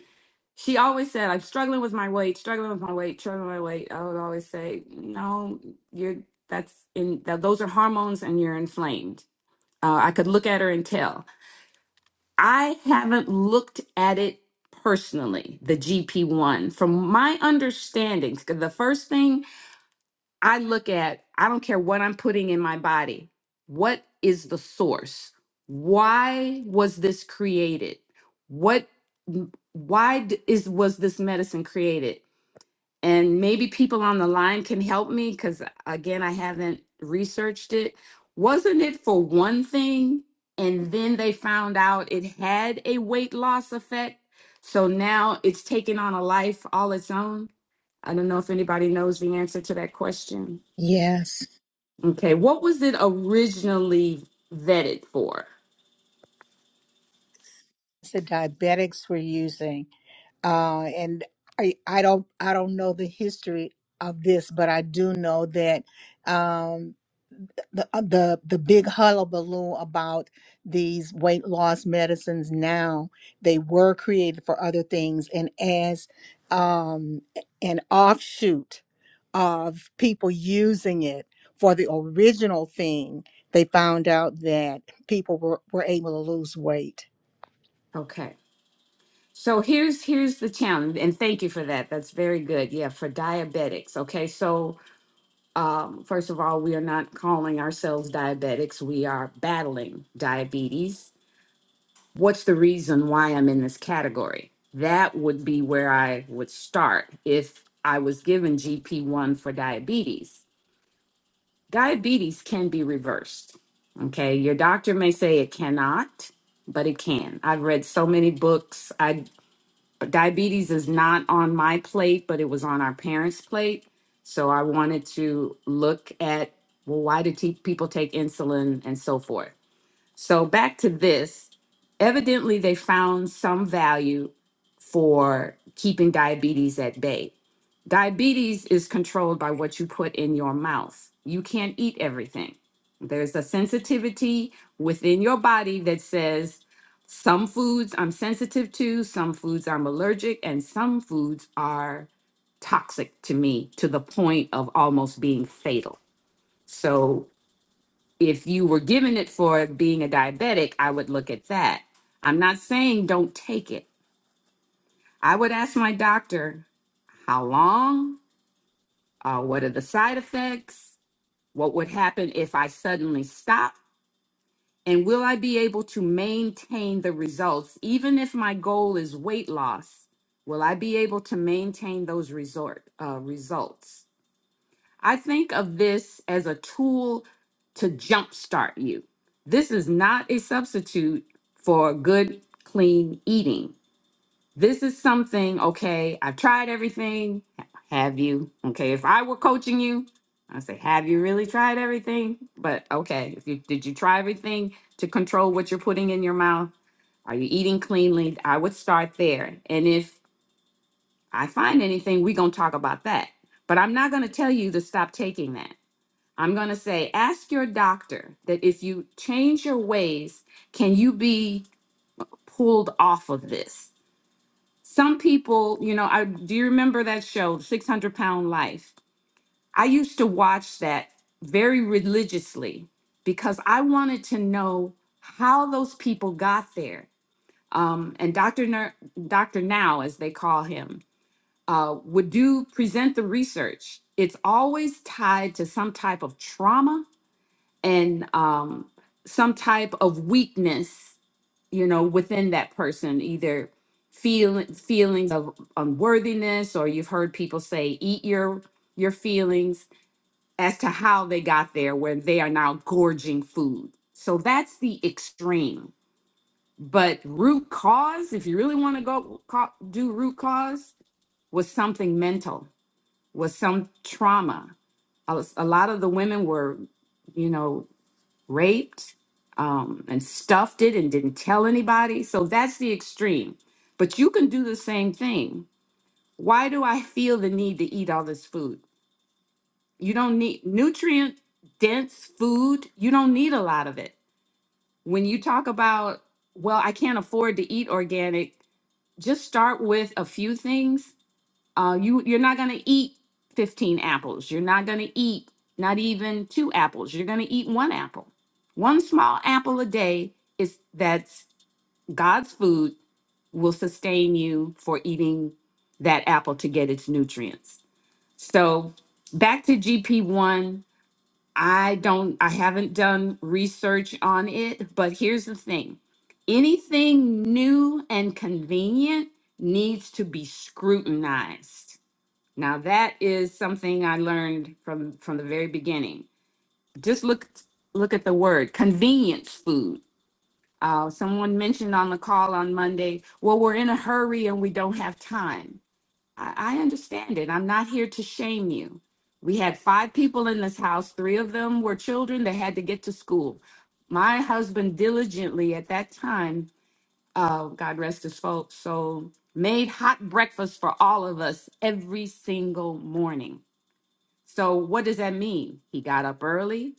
she always said i'm struggling with my weight struggling with my weight struggling with my weight i would always say no you're that's in th- those are hormones and you're inflamed uh, i could look at her and tell i haven't looked at it personally the gp1 from my understanding 'cause the first thing I look at, I don't care what I'm putting in my body. What is the source? Why was this created? What why d- is was this medicine created? And maybe people on the line can help me cuz again I haven't researched it. Wasn't it for one thing and then they found out it had a weight loss effect? So now it's taking on a life all its own. I don't know if anybody knows the answer to that question. Yes. Okay, what was it originally vetted for? The diabetics were using. uh, and I, I don't I don't know the history of this, but I do know that um, the uh, the the big hullabaloo about these weight loss medicines now they were created for other things and as um, an offshoot of people using it for the original thing, they found out that people were, were able to lose weight. Okay. So here's here's the challenge, and thank you for that. That's very good. Yeah, for diabetics. Okay, so um, first of all, we are not calling ourselves diabetics. We are battling diabetes. What's the reason why I'm in this category? That would be where I would start if I was given GP1 for diabetes Diabetes can be reversed. Okay. Your doctor may say it cannot, but it can. I've read so many books. I diabetes is not on my plate, but it was on our parents' plate. So I wanted to look at well, why do te- people take insulin and so forth? So back to this. Evidently, they found some value for keeping diabetes at bay. Diabetes is controlled by what you put in your mouth. You can't eat everything. There's a sensitivity within your body that says some foods I'm sensitive to, some foods I'm allergic, and some foods are toxic to me to the point of almost being fatal. So if you were given it for being a diabetic, I would look at that. I'm not saying don't take it. I would ask my doctor how long, uh, what are the side effects, what would happen if I suddenly stop, and will I be able to maintain the results? Even if my goal is weight loss, will I be able to maintain those resort uh, results? I think of this as a tool to jumpstart you. This is not a substitute for good, clean eating. This is something, okay, I've tried everything. Have you? Okay, if I were coaching you, I'd say, have you really tried everything? But okay, if you did you try everything to control what you're putting in your mouth? Are you eating cleanly? I would start there. And if I find anything, we're gonna talk about that. But I'm not gonna tell you to stop taking that. I'm going to say, ask your doctor that if you change your ways, can you be pulled off of this? Some people, you know, I do you remember that show, 600 Pound Life? I used to watch that very religiously because I wanted to know how those people got there. Um, and Dr. Ner- Dr. Now, as they call him, uh, would do present the research. It's always tied to some type of trauma and um, some type of weakness, you know, within that person, either feeling feelings of unworthiness, or you've heard people say, "Eat your your feelings," as to how they got there, where they are now gorging food. So that's the extreme. But root cause, if you really want to go co- do root cause, was something mental, was some trauma. A a lot of the women were, you know, raped um, and stuffed it and didn't tell anybody. So that's the extreme. But you can do the same thing. Why do I feel the need to eat all this food? You don't need nutrient dense food, you don't need a lot of it. When you talk about, well, I can't afford to eat organic, just start with a few things uh, you you're not going to eat 15 apples you're not going to eat not even two apples you're going to eat one apple one small apple a day is that's god's food will sustain you for eating that apple to get its nutrients so back to gp1 i don't i haven't done research on it but here's the thing anything new and convenient needs to be scrutinized now that is something I learned from from the very beginning. Just look look at the word convenience food. Uh, someone mentioned on the call on Monday, well, we're in a hurry and we don't have time. I, I understand it. I'm not here to shame you. We had five people in this house. Three of them were children that had to get to school. My husband diligently at that time, uh, God rest his fo- soul, made hot breakfast for all of us every single morning so what does that mean? He got up early.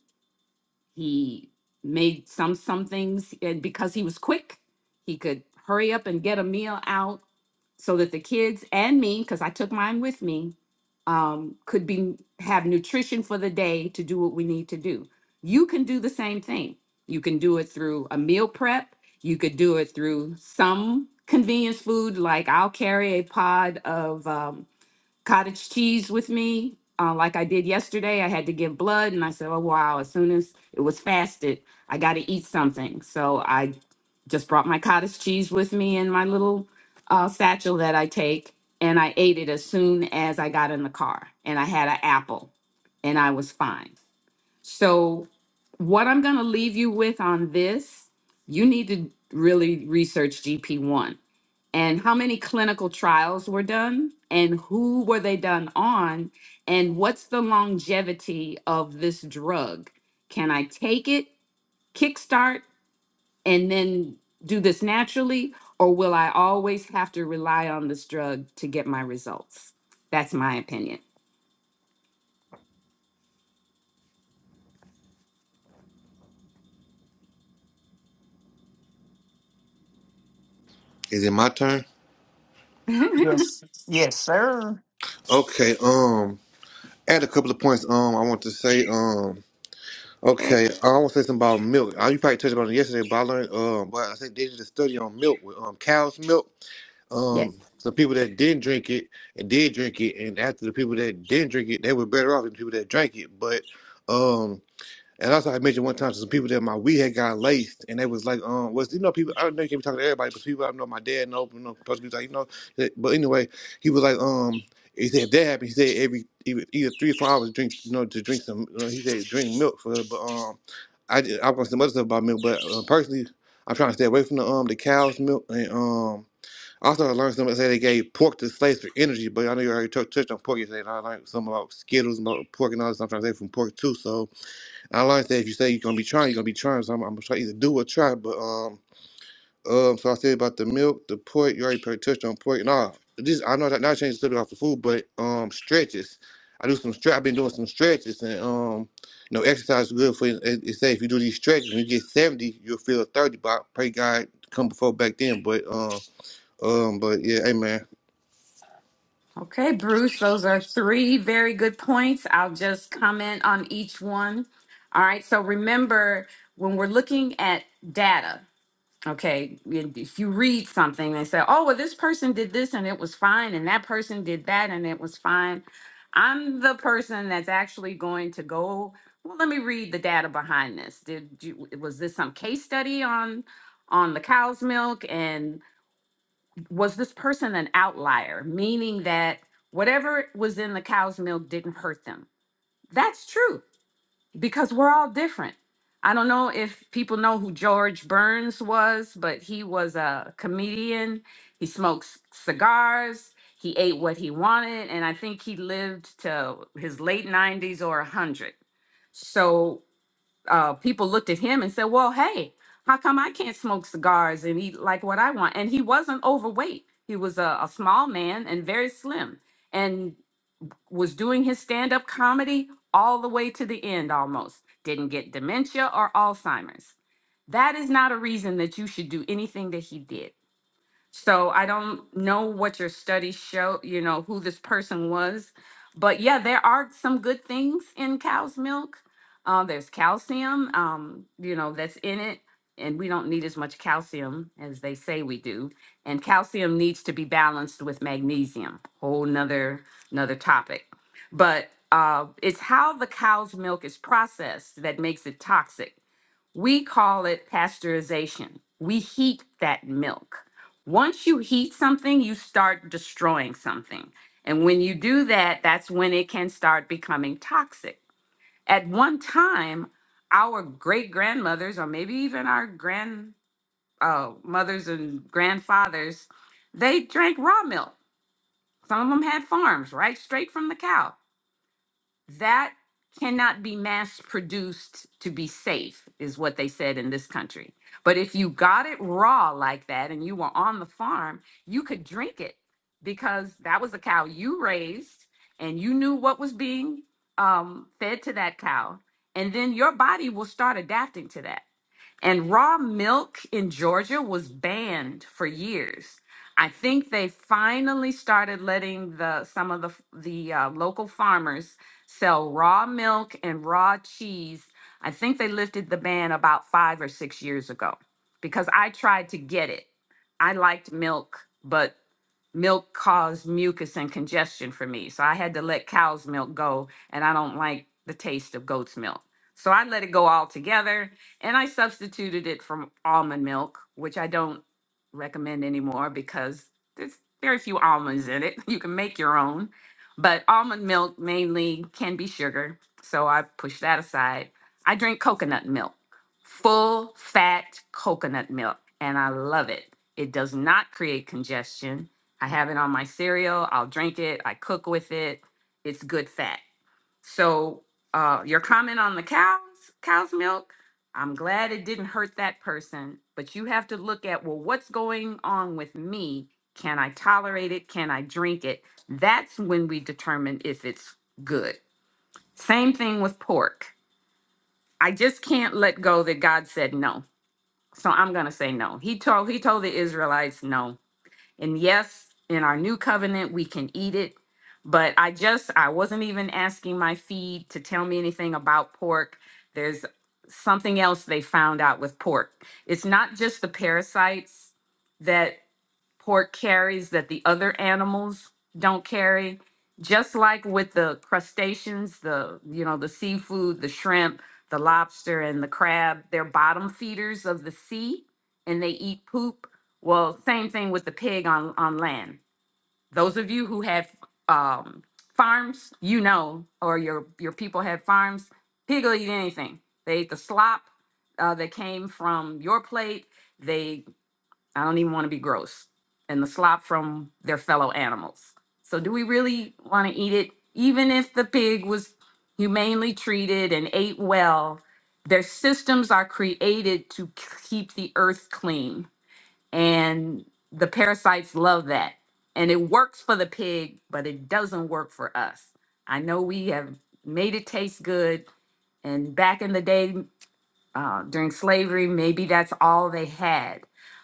He made some some things and because he was quick. He could hurry up and get a meal out so that the kids and me, because I took mine with me, um, could be have nutrition for the day to do what we need to do. You can do the same thing. You can do it through a meal prep. You could do it through some convenience food, like I'll carry a pod of um, cottage cheese with me, uh, like I did yesterday. I had to give blood, and I said, "Oh wow!" As soon as it was fasted, I got to eat something. So I just brought my cottage cheese with me in my little uh, satchel that I take, and I ate it as soon as I got in the car. And I had an apple, and I was fine. So what I'm going to leave you with on this, you need to really research GP1 and how many clinical trials were done and who were they done on and what's the longevity of this drug can i take it kickstart and then do this naturally or will i always have to rely on this drug to get my results that's my opinion Is it my turn? [laughs] Yes. Yes, sir. Okay. Um, add a couple of points. Um, I want to say. Um, okay okay. I want to say something about milk. I you probably touched about it yesterday, but I learned. Um, but I think they did a study on milk with um cow's milk. yes Um, some people that didn't drink it and did drink it, and after the people that didn't drink it, they were better off than the people that drank it. But um. And also, I mentioned one time to some people that my weed had got laced, and they was like, um, was you know people I don't know you can't be talking to everybody, but people I know my dad know, you know, supposed to be like, you know, that- but anyway, he was like, um, he said if that happened, he said every either either three or four hours drink, you know, to drink some, you know, he said drink milk for, but um, I did- I was some other stuff about milk, but uh, personally, I'm trying to stay away from the um the cow's milk and um. Also, I learned something say they gave pork to slaves for energy, but I know you already touched touched on pork yesterday. And I learned something about Skittles, about pork, and all this. I'm trying to say from pork too. So, I like that if you say you're gonna be trying, you're gonna be trying. So I'm, I'm gonna try either do or try. But um, um, so I said about the milk, the pork. You already pretty touched on pork. Nah, this I know that not changed the subject off the food, but um, stretches. I do some stretch. I've been doing some stretches, and um, you know, exercise is good for you. It, it say if you do these stretches, when you get seventy, you'll feel thirty. But I pray God come before back then. But um, um, but yeah, amen. okay bruce those are three very good points i'll just comment on each one all right so remember when we're looking at data Okay, and if you read something, they say, "Oh, well, this person did this and it was fine, and that person did that and it was fine." I'm the person that's actually going to go. Well, let me read the data behind this. Did you was this some case study on on the cow's milk, and was this person an outlier, meaning that whatever was in the cow's milk didn't hurt them? That's true because we're all different. I don't know if people know who George Burns was, but he was a comedian. He smoked c- cigars. He ate what he wanted. And I think he lived to his late 90s or 100. So uh, people looked at him and said, Well, hey, how come I can't smoke cigars and eat like what I want? And he wasn't overweight. He was a, a small man and very slim. And was doing his stand-up comedy all the way to the end almost. Didn't get dementia or Alzheimer's. That is not a reason that you should do anything that he did. So I don't know what your study show, you know, who this person was. But yeah, there are some good things in cow's milk. Uh, there's calcium, um, you know, that's in it. And we don't need as much calcium as they say we do. And calcium needs to be balanced with magnesium. Whole nother another topic. But uh, it's how the cow's milk is processed that makes it toxic. We call it pasteurization. We heat that milk. Once you heat something, you start destroying something. And when you do that, that's when it can start becoming toxic. At one time, our great grandmothers, or maybe even our grandmothers uh, mothers and grandfathers, they drank raw milk. Some of them had farms, right? Straight from the cow that cannot be mass produced to be safe is what they said in this country but if you got it raw like that and you were on the farm you could drink it because that was a cow you raised and you knew what was being um, fed to that cow and then your body will start adapting to that and raw milk in Georgia was banned for years. I think they finally started letting the some of the f- the uh, local farmers sell raw milk and raw cheese. I think they lifted the ban about five or six years ago because I tried to get it. I liked milk, but milk caused mucus and congestion for me. So I had to let cow's milk go, and I don't like the taste of goat's milk. So I let it go altogether and I substituted it from almond milk, which I don't recommend anymore because there's very few almonds in it. [laughs] You can make your own. But almond milk mainly can be sugar. So I push that aside. I drink coconut milk, full fat coconut milk, and I love it. It does not create congestion. I have it on my cereal. I'll drink it. I cook with it. It's good fat. So uh, your comment on the cows, cow's milk, I'm glad it didn't hurt that person, but you have to look at, well, what's going on with me? Can I tolerate it? Can I drink it? That's when we determine if it's good. Same thing with pork. I just can't let go that God said no. So I'm going to say no. He told he told the Israelites no and yes, in our new covenant, we can eat it. But I just, I wasn't even asking my feed to tell me anything about pork. There's something else they found out with pork. It's not just the parasites, that pork carries that the other animals don't carry. Just like with the crustaceans, the you know, the seafood, the shrimp, the lobster and the crab, they're bottom feeders of the sea and they eat poop. Well, same thing with the pig on on land. Those of you who have um farms, you know, or your your people had farms, pig will eat anything. They ate the slop uh, that came from your plate. They I don't even want to be gross. And the slop from their fellow animals. So, do we really want to eat it? Even if the pig was humanely treated and ate well, their systems are created to keep the earth clean. And the parasites love that. And it works for the pig, but it doesn't work for us. I know we have made it taste good. And back in the day, uh, during slavery. Maybe that's all they had.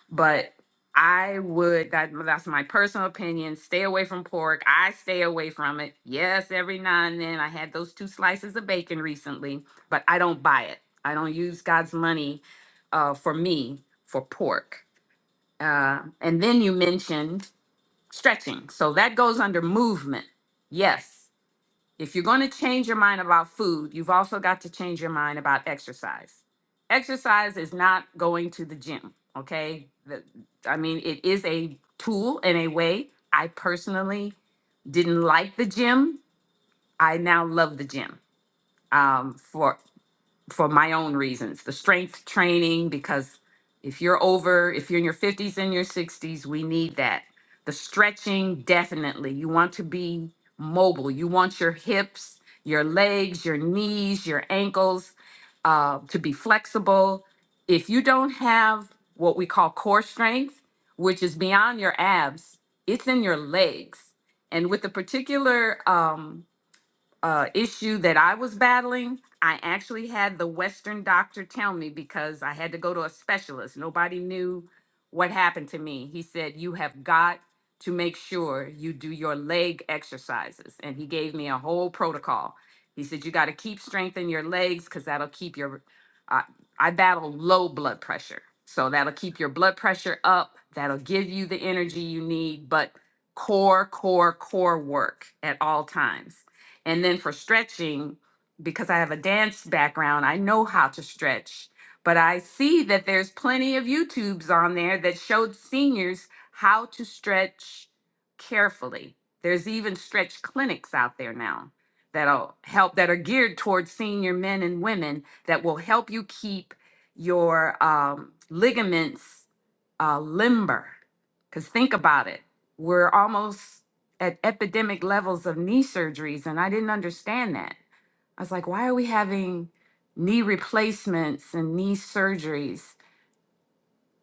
But I would, that, that's my personal opinion. Stay away from pork. I stay away from it. Yes, every now and then I had those two slices of bacon recently, but I don't buy it. I don't use God's money uh, for me for pork. Uh, and then you mentioned stretching. So that goes under movement. Yes. If you're going to change your mind about food, you've also got to change your mind about exercise. Exercise is not going to the gym, okay? The- I mean, it is a tool and a way. I personally didn't like the gym. I now love the gym um, for for my own reasons the strength training because if you're over if you're in your 50s and your 60s we need that the stretching definitely you want to be mobile you want your hips your legs your knees your ankles uh, to be flexible if you don't have what we call core strength which is beyond your abs it's in your legs and with the particular um, uh, issue that I was battling, I actually had the Western doctor tell me because I had to go to a specialist. Nobody knew what happened to me. He said, You have got to make sure you do your leg exercises. And he gave me a whole protocol. He said, You got to keep strengthening your legs because that'll keep your. Uh, I battle low blood pressure. So that'll keep your blood pressure up. That'll give you the energy you need, but core, core, core work at all times. And then for stretching, because I have a dance background, I know how to stretch. But I see that there's plenty of YouTubes on there that showed seniors how to stretch carefully. There's even stretch clinics out there now that'll help that are geared towards senior men and women that will help you keep your um, ligaments uh, limber. Because think about it, we're almost at epidemic levels of knee surgeries, and I didn't understand that. I was like, why are we having knee replacements and knee surgeries?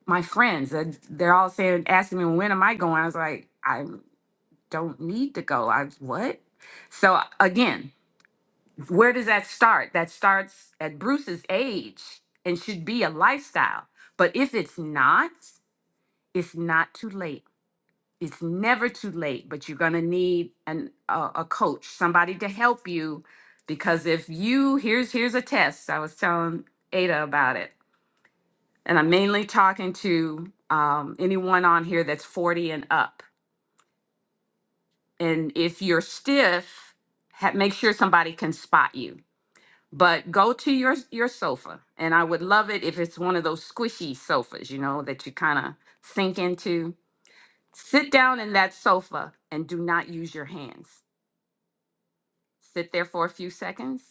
My friends, uh, they're all saying, asking me, when am I going? I was like, I don't need to go. I what? So again, where does that start? That starts at Bruce's age and should be a lifestyle. But if it's not, it's not too late it's never too late, but you're going to need an a, a coach, somebody to help you because if you here's here's a test. I was telling Ada about it. And I'm mainly talking to um, anyone on here that's 40 and up. And if you're stiff, ha- make sure somebody can spot you. But go to your your sofa, and I would love it if it's one of those squishy sofas, you know, that you kind of sink into. Sit down in that sofa and do not use your hands Sit there for a few seconds.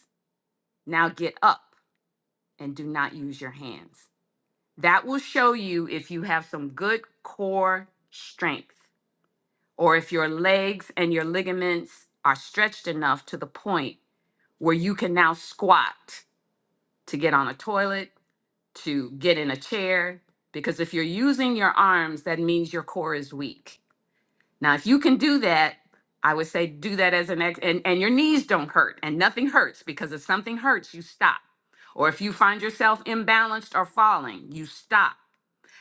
Now get up and do not use your hands. That will show you if you have some good core strength or if your legs and your ligaments are stretched enough to the point where you can now squat to get on a toilet, to get in a chair. Because if you're using your arms, that means your core is weak. Now, if you can do that, I would say do that as an ex, and, and your knees don't hurt and nothing hurts because if something hurts, you stop. Or if you find yourself imbalanced or falling, you stop.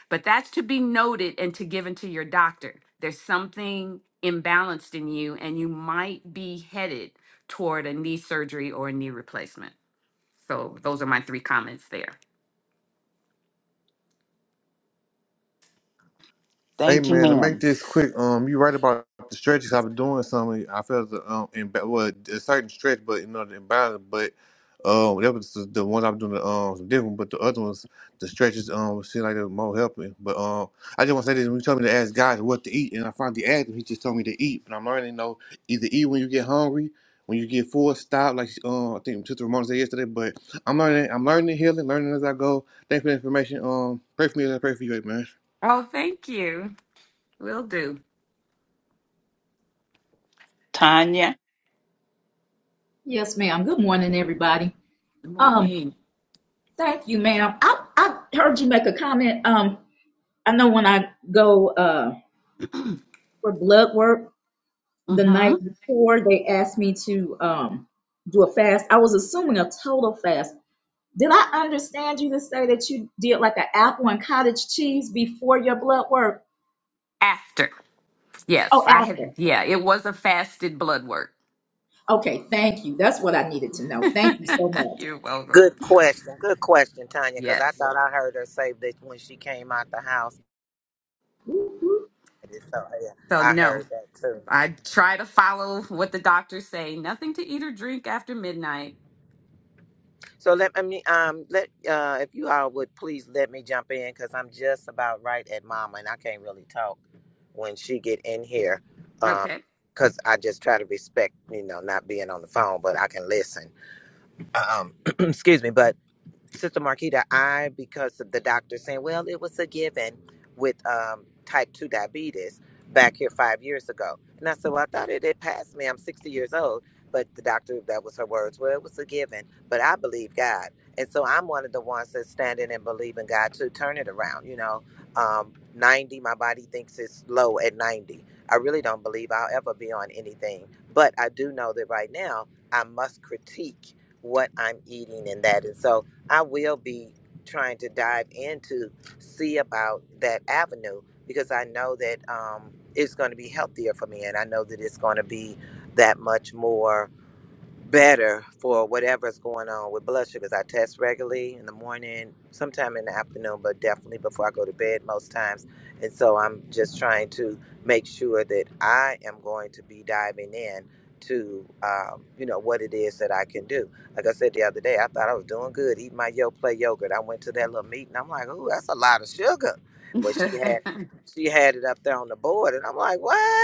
But that's to be noted and to given to your doctor. There's something imbalanced in you and you might be headed toward a knee surgery or a knee replacement. So those are my three comments there. Hey Thank you, man, to make ma'am. this quick, um, you right about the stretches. I've been doing something. I felt the um, in well, a certain stretch, but you know the imbalance. But um, that was the, the one I've been doing the um some different. But the other ones, the stretches, um, seemed like they were more helping. But um, I just want to say this: when you told me to ask God what to eat, and I finally asked him, he just told me to eat. But I'm learning, you know, either eat when you get hungry, when you get full, stop. Like um, I think Sister Ramona said yesterday. But I'm learning, I'm learning, healing, learning as I go. Thanks for the information. Um, pray for me as I pray for you, amen. Oh, thank you. Will do. Tanya, Yes, ma'am. Good morning, everybody. Good Um, morning. thank you, ma'am. I I heard you make a comment. Um, I know when I go uh for blood work the night Mm-hmm. before, they asked me to um do a fast. I was assuming a total fast. Did I understand you to say that you did like an apple and cottage cheese before your blood work? After. Oh, Yes, I had. apple. Yeah, it was a fasted blood work. Okay, thank you. That's what I needed to know. Thank you [laughs] so You're welcome. Good question. Good question, Tanya, because I Yes. thought I heard her say that when she came out the house. much. So yeah, So I no, heard that too. I try to follow what the doctors say. Nothing to eat or drink after midnight. So let me um let uh if you all would please let me jump in because I'm just about right at Mama and I can't really talk when she get in here, um Okay. because I just try to respect you know not being on the phone, but I can listen. Uh, Um, [clears throat] excuse me, but Sister Marquita, I, because of the doctor saying, well, it was a given with um, type 2 diabetes back here five years ago. And I said, well, I thought it had passed me. I'm 60 years old. But the doctor, that was her words, well, it was a given. But I believe God. And so I'm one of the ones that's standing and believing God to turn it around. You know, um, 90, my body thinks it's low at 90. I really don't believe I'll ever be on anything. But I do know that right now I must critique what I'm eating and that. And so I will be trying to dive into see about that avenue because I know that um, it's going to be healthier for me, and I know that it's going to be that much more better for whatever's going on with blood sugars. I test regularly in the morning, sometime in the afternoon, but definitely before I go to bed most times. And so I'm just trying to make sure that I am going to be diving in to um, you know what it is that I can do. Like I said the other day, I thought I was doing good eating my yo play yogurt. I went to that little meeting. I'm like, ooh, that's a lot of sugar. But she had [laughs] she had it up there on the board, and I'm like, what?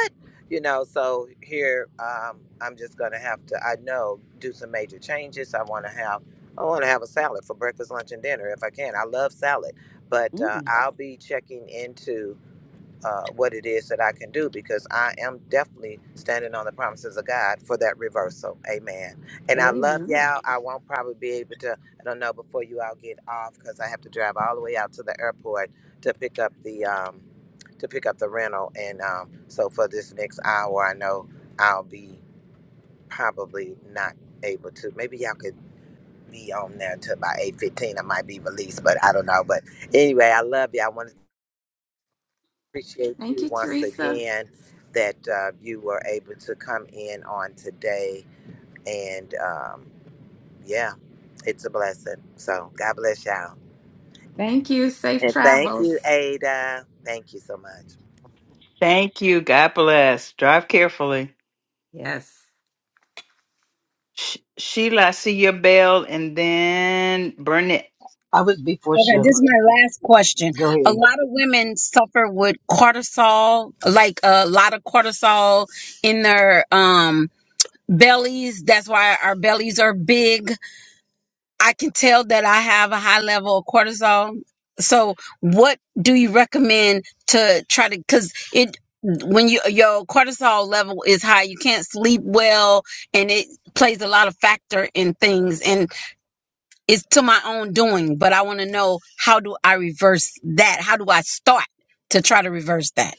you know so here um, i'm just gonna have to i know do some major changes i want to have i want to have a salad for breakfast lunch and dinner if i can i love salad but uh, Mm, i'll be checking into uh, what it is that I can do because I am definitely standing on the promises of God for that reversal. Amen. And I love Amen. y'all. I won't probably be able to, I don't know, before you all get off because I have to drive all the way out to the airport to pick up the, um, to pick up the rental. And um, so for this next hour, I know I'll be probably not able to. Maybe y'all could be on there till about 8.15. I might be released, but I don't know. But anyway, I love you. all I wanted appreciate Thank you you, once Teresa. again that uh, you were able to come in on today. And um, yeah, it's a blessing. So God bless y'all. Thank you. Safe And thank you, travels. Ada. Thank you so much. thank you. God bless. Drive carefully. Yes. Sh- Sheila, I see your bell, and then Burnett. I was before Okay, this is Sheila. my last question. Go A ahead. lot of women suffer with cortisol, like a lot of cortisol in their um bellies. That's why our bellies are big. I can tell that I have a high level of cortisol. So, what do you recommend to try to? Because it when you your cortisol level is high, you can't sleep well, and it plays a lot of factor in things. And it's to my own doing, but I want to know how do I reverse that? How do I start to try to reverse that?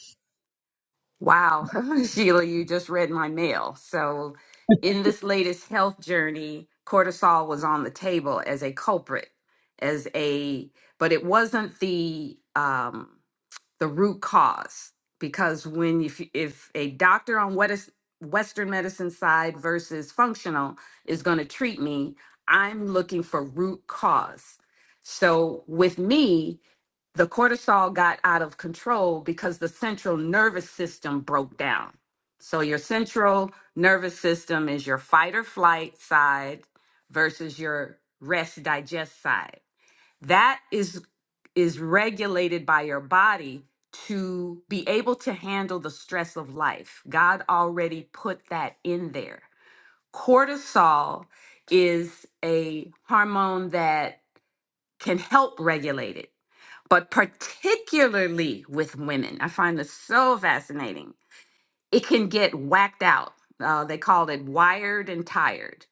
Wow, [laughs] Sheila, you just read my mail. So, in this latest health journey, cortisol was on the table as a culprit, as a but it wasn't the um the root cause because when if if a doctor on what is western medicine side versus functional is going to treat me, I'm looking for root cause. So, with me, the cortisol got out of control because the central nervous system broke down. So, your central nervous system is your fight or flight side versus your rest digest side. That is, is regulated by your body to be able to handle the stress of life. God already put that in there. Cortisol is a hormone that can help regulate it but particularly with women. I find this so fascinating it can get whacked out. Uh, they call it wired and tired.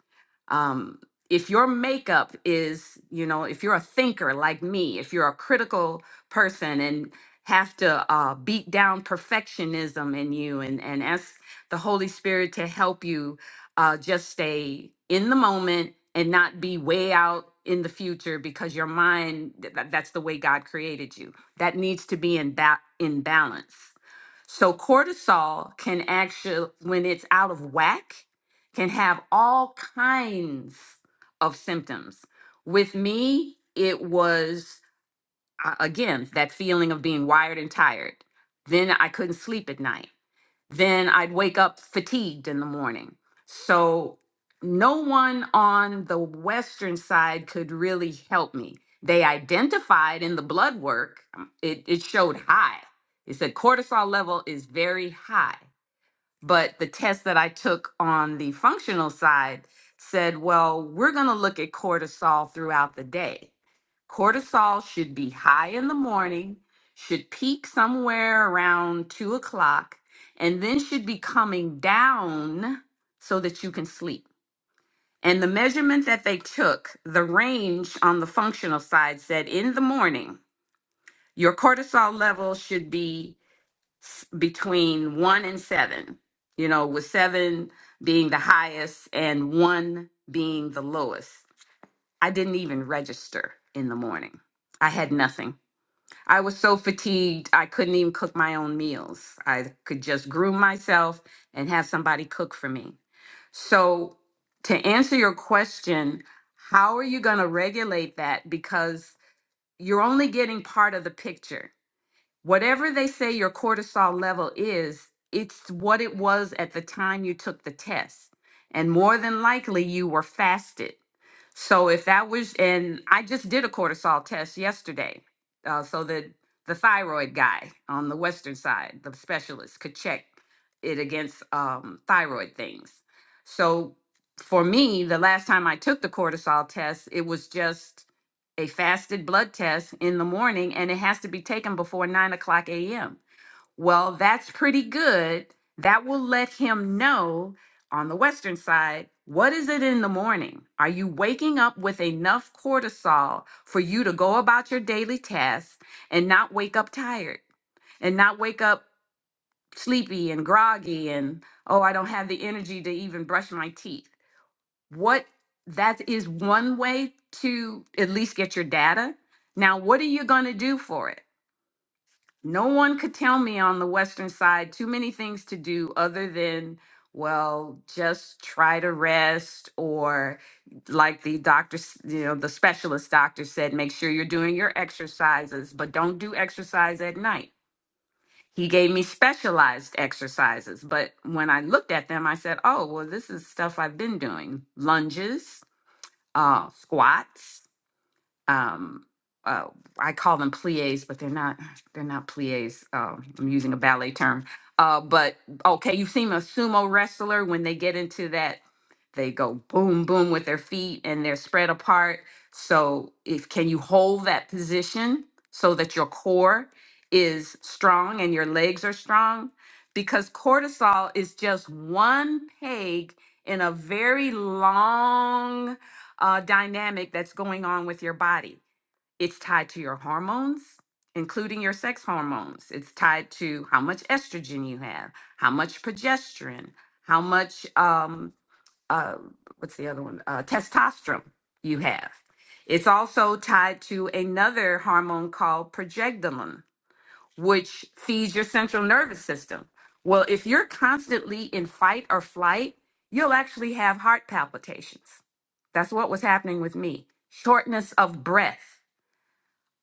Um, if your makeup is, you know, if you're a thinker like me, if you're a critical person and have to uh, beat down perfectionism in you and, and ask the Holy Spirit to help you uh, just stay in the moment and not be way out in the future because your mind, th- th- that's the way God created you. That needs to be in, ba- in balance so cortisol can actually, when it's out of whack, can have all kinds of symptoms. With me, it was uh, again that feeling of being wired and tired. Then I couldn't sleep at night then I'd wake up fatigued in the morning. So no one on the Western side could really help me. They identified in the blood work, um, it, it showed high. It said cortisol level is very high. But the test that I took on the functional side said, well, we're going to look at cortisol throughout the day. Cortisol should be high in the morning, should peak somewhere around two o'clock, and then should be coming down so that you can sleep. And the measurement that they took, the range on the functional side said in the morning, your cortisol level should be s- between one and seven, you know, with seven being the highest and one being the lowest. I didn't even register in the morning. I had nothing. I was so fatigued, I couldn't even cook my own meals. I could just groom myself and have somebody cook for me. So, to answer your question, how are you going to regulate that? Because you're only getting part of the picture whatever they say your cortisol level is, it's what it was at the time you took the test. And more than likely, you were fasted. So if that was, and I just did a cortisol test yesterday, uh, so that the thyroid guy on the western side, the specialist, could check it against um, thyroid things. So for me, the last time I took the cortisol test, it was just a fasted blood test in the morning and it has to be taken before 9 o'clock a.m. Well, that's pretty good. That will let him know on the Western side what is it in the morning? Are you waking up with enough cortisol for you to go about your daily tasks and not wake up tired and not wake up sleepy and groggy and, oh, I don't have the energy to even brush my teeth? what that is one way to at least get your data. Now, what are you going to do for it? No one could tell me on the Western side too many things to do other than, well, just try to rest, or like the doctor, s- you know, the specialist doctor said, make sure you're doing your exercises, but don't do exercise at night. He gave me specialized exercises, but when I looked at them, I said, oh, well, this is stuff I've been doing lunges, uh, squats. Um, uh, I call them plies, but they're not they're not plies. Um, I'm using a ballet term. Uh, but okay, you've seen a sumo wrestler when they get into that, they go boom boom with their feet and they're spread apart. So if can you hold that position so that your core is strong and your legs are strong? Because cortisol is just one peg in a very long uh, dynamic that's going on with your body. It's tied to your hormones, including your sex hormones. It's tied to how much estrogen you have, how much progesterone, how much, um, uh, what's the other one? Uh, testosterone you have. It's also tied to another hormone called progesterone which feeds your central nervous system. Well, if you're constantly in fight or flight, you'll actually have heart palpitations. That's what was happening with me. Shortness of breath.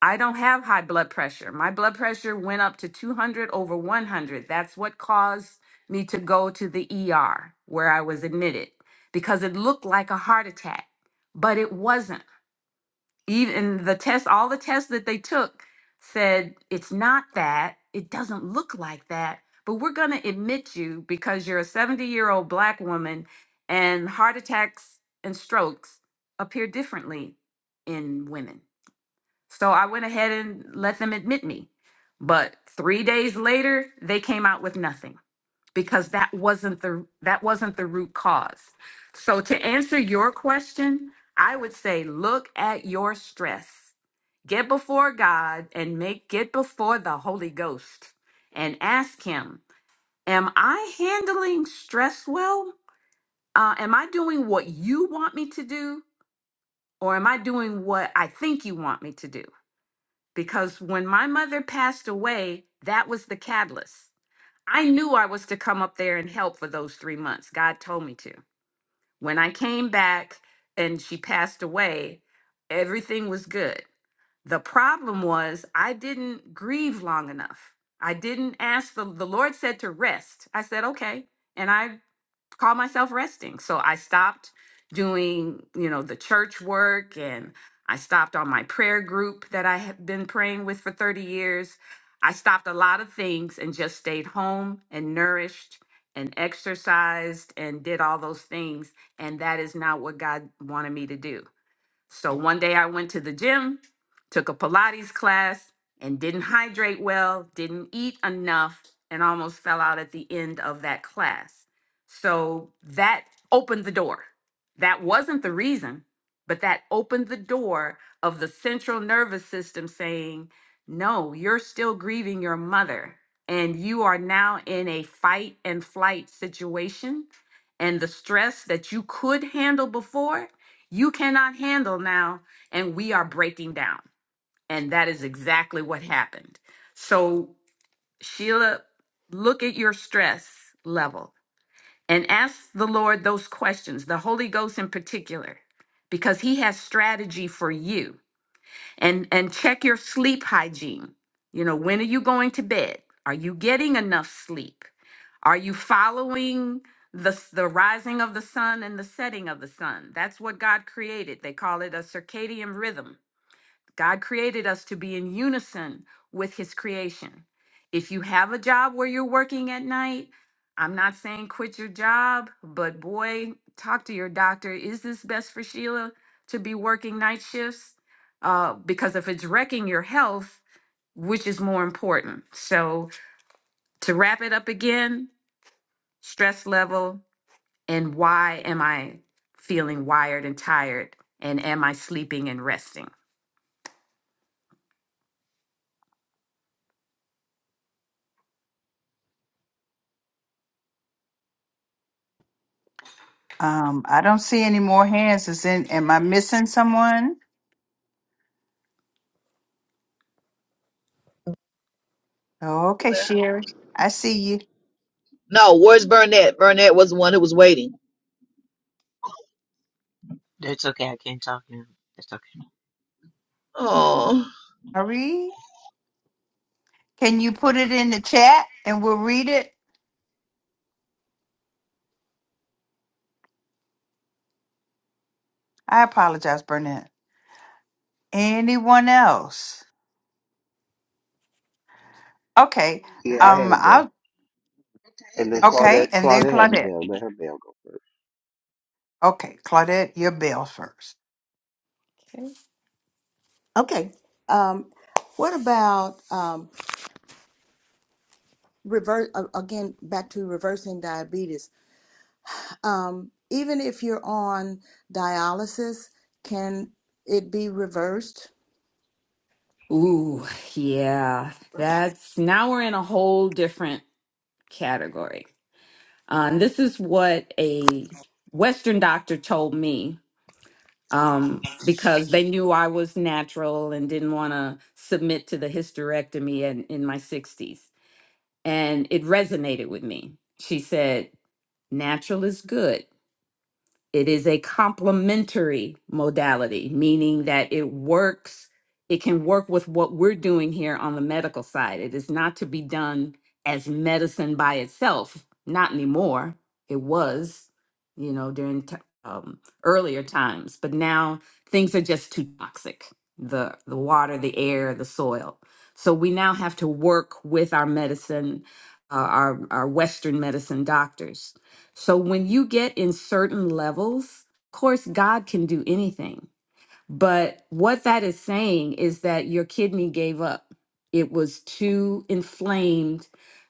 I don't have high blood pressure. My blood pressure went up to 200 over 100. That's what caused me to go to the ER where I was admitted because it looked like a heart attack, but it wasn't even the tests, all the tests that they took said it's not that it doesn't look like that but we're going to admit you because you're a 70 year old black woman and heart attacks and strokes appear differently in women so i went ahead and let them admit me but three days later they came out with nothing because that wasn't the that wasn't the root cause. So to answer your question, I would say look at your stress. Get before God and make get before the Holy Ghost and ask him, am I handling stress well? Uh, am I doing what you want me to do or am I doing what I think you want me to do? Because when my mother passed away, that was the catalyst. I knew I was to come up there and help for those three months. God told me to. When I came back and she passed away, everything was good. The problem was I didn't grieve long enough. I didn't ask the the Lord said to rest. I said, okay. And I call myself resting. So I stopped doing, you know, the church work and I stopped on my prayer group that I had been praying with for 30 years. I stopped a lot of things and just stayed home and nourished and exercised and did all those things. And that is not what God wanted me to do. So one day I went to the gym, took a Pilates class, and didn't hydrate well, didn't eat enough, and almost fell out at the end of that class. So that opened the door. That wasn't the reason, but that opened the door of the central nervous system saying, no, you're still grieving your mother. And you are now in a fight and flight situation. And the stress that you could handle before you cannot handle now and we are breaking down and that is exactly what happened so sheila look at your stress level and ask the lord those questions the holy ghost in particular because he has strategy for you and and check your sleep hygiene you know when are you going to bed are you getting enough sleep are you following the s- the rising of the sun and the setting of the sun that's what god created they call it a circadian rhythm God created us to be in unison with his creation. If you have a job where you're working at night, I'm not saying quit your job, but boy, talk to your doctor. Is this best for Sheila to be working night shifts? Uh, because if it's wrecking your health, which is more important? So, to wrap it up again, stress level and why am I feeling wired and tired? And am I sleeping and resting? Um, I don't see any more hands. Is in, am I missing someone? Okay, Sherry. I see you. That's okay. I can't talk now. That's okay. Oh. Sherry, can you put it in the chat and we'll read it? I apologize, Burnett. Anyone else? Okay. Yeah, I had Um, a bell. I'll And then okay, Claudette and then Claudette has a Claudette. bell. Let her bell go first. Okay, Claudette, your bell first. Okay. Um, what about um, reverse uh, again? Back to reversing diabetes. Um, even if you're on dialysis, can it be reversed? Ooh, yeah. That's now we're in a whole different category. Um, this is what a Western doctor told me um, because they knew I was natural and didn't want to submit to the hysterectomy in, in my 60s. And it resonated with me. She said, Natural is good. It is a complementary modality, meaning that it works, it can work with what we're doing here on the medical side. It is not to be done as medicine by itself, not anymore. It was, you know, during t- um, earlier times, but now things are just too toxic the, the water, the air, the soil. So we now have to work with our medicine, uh, our, our Western medicine doctors so when you get in certain levels, of course, God can do anything. But what that is saying is that your kidney gave up. It was too inflamed,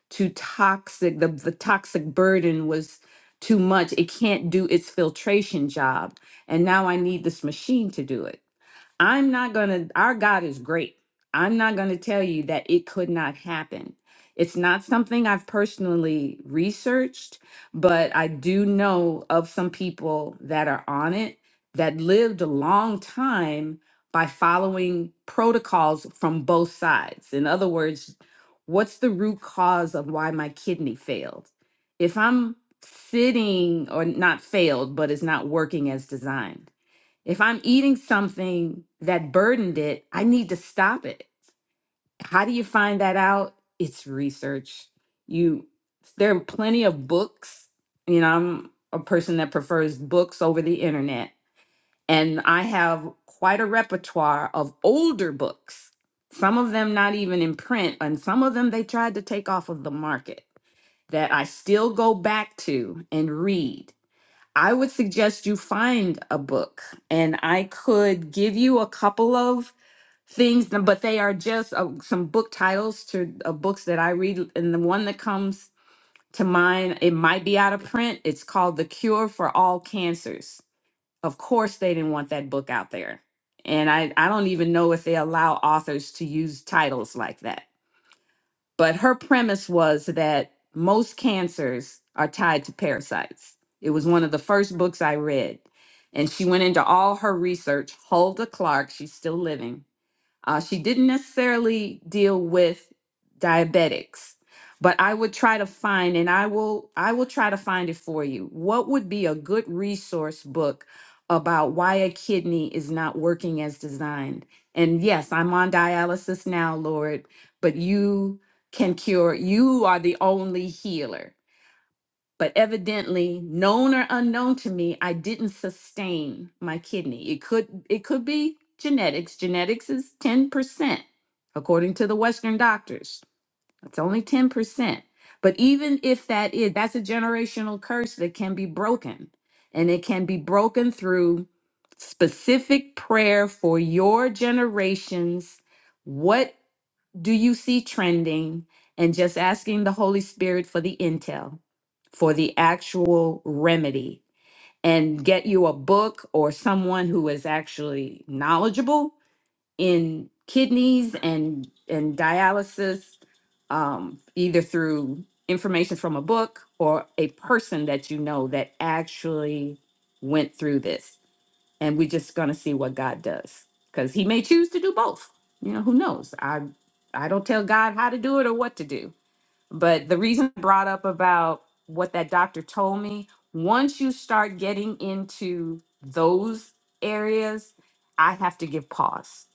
too toxic. The, the toxic burden was too much. It can't do its filtration job. And now I need this machine to do it. I'm not going to, our God is great. I'm not going to tell you that it could not happen. It's not something I've personally researched, but I do know of some people that are on it that lived a long time by following protocols from both sides. In other words, what's the root cause of why my kidney failed? If I'm sitting or not failed, but it's not working as designed if I'm eating something that burdened it, I need to stop it. How do you find that out? It's research. You there are plenty of books. You know, I'm a person that prefers books over the internet, and I have quite a repertoire of older books. Some of them not even in print, and some of them they tried to take off of the market that I still go back to and read I would suggest you find a book, and I could give you a couple of things, but they are just uh, some book titles to uh, books that I read. And the one that comes to mind, it might be out of print. It's called The Cure for All Cancers. Of course, they didn't want that book out there. And I, I don't even know if they allow authors to use titles like that but her premise was that most cancers are tied to parasites. It was one of the first books I read. And she went into all her research. Hulda Clark, she's still living, uh, she didn't necessarily deal with diabetics, but I would try to find, and I will, I will try to find it for you. What would be a good resource book about why a kidney is not working as designed? And yes, I'm on dialysis now, Lord, but you can cure. You are the only healer. But evidently, known or unknown to me, I didn't sustain my kidney. It could it could be genetics. Genetics is 10%, according to the Western doctors. That's only 10%. But even if that is, that's a generational curse that can be broken. And it can be broken through specific prayer for your generations. What do you see trending and just asking the Holy Spirit for the intel, for the actual remedy, and get you a book or someone who is actually knowledgeable in kidneys and and dialysis, um, either through information from a book or a person that you know that actually went through this and we're just gonna see what God does because He may choose to do both. You know, who knows? I I don't tell God how to do it or what to do. But the reason I brought up about what that doctor told me, once you start getting into those areas, I have to give pause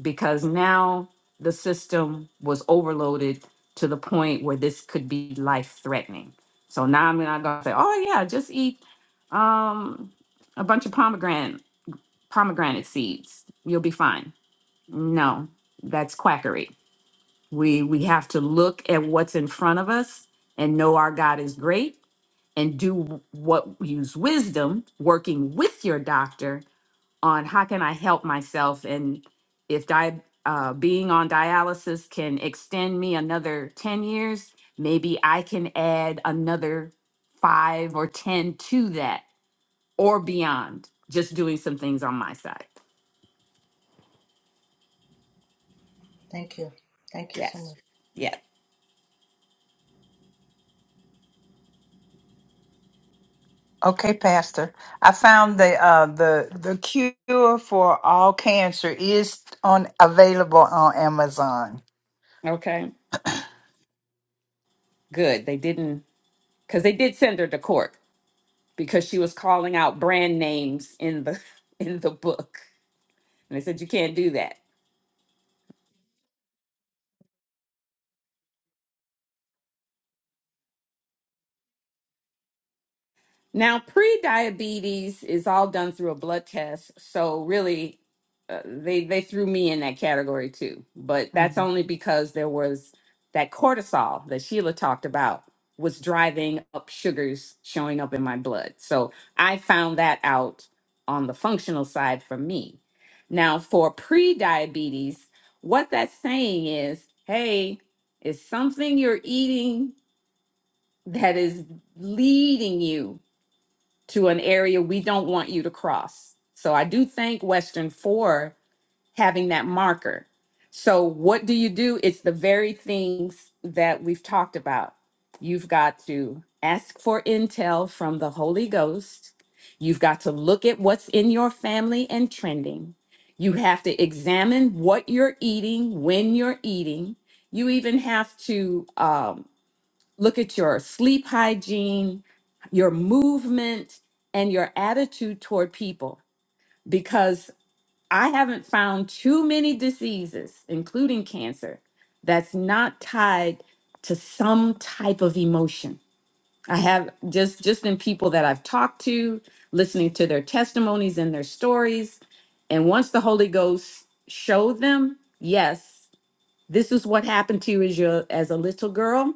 because now the system was overloaded to the point where this could be life threatening. So now I'm not gonna say, oh yeah, just eat um a bunch of pomegranate pomegranate seeds. You'll be fine. No, that's quackery. We we have to look at what's in front of us and know our God is great and do what use wisdom working with your doctor on how can I help myself and if di- uh, being on dialysis can extend me another 10 years, maybe I can add another five or 10 to that or beyond just doing some things on my side. Thank you. Yes. Yeah. Okay, Pastor. I found the uh the the cure for all cancer is on available on Amazon. Okay. Good. They didn't because they did send her to court because she was calling out brand names in the [laughs] in the book. And they said you can't do that. Now, pre-diabetes is all done through a blood test, so really, uh, they they threw me in that category too. But that's Mhm. only because there was that cortisol that Sheila talked about was driving up sugars showing up in my blood. So I found that out on the functional side for me. Now, for pre-diabetes, what that's saying is, hey, it's something you're eating that is leading you to an area we don't want you to cross. So I do thank Western for having that marker. So what do you do? It's the very things that we've talked about. You've got to ask for intel from the Holy Ghost. You've got to look at what's in your family and trending. You have to examine what you're eating, when you're eating. You even have to um, look at your sleep hygiene, your movement, and your attitude toward people because I haven't found too many diseases, including cancer, that's not tied to some type of emotion. I have just just in people that I've talked to, listening to their testimonies and their stories, and once the Holy Ghost showed them, yes, this is what happened to you as your as a little girl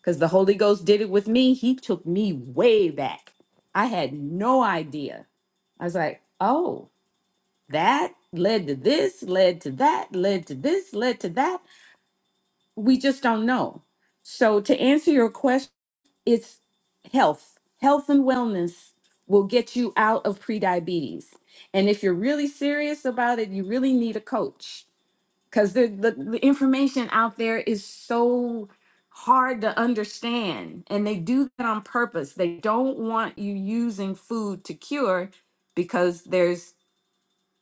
because the Holy Ghost did it with me. He took me way back. I had no idea. I was like, oh, that led to this, led to that, led to this, led to that. We just don't know. So, to answer your question, it's health. Health and wellness will get you out of prediabetes. And if you're really serious about it, you really need a coach because the, the the information out there is so hard to understand and they do that on purpose they don't want you using food to cure because there's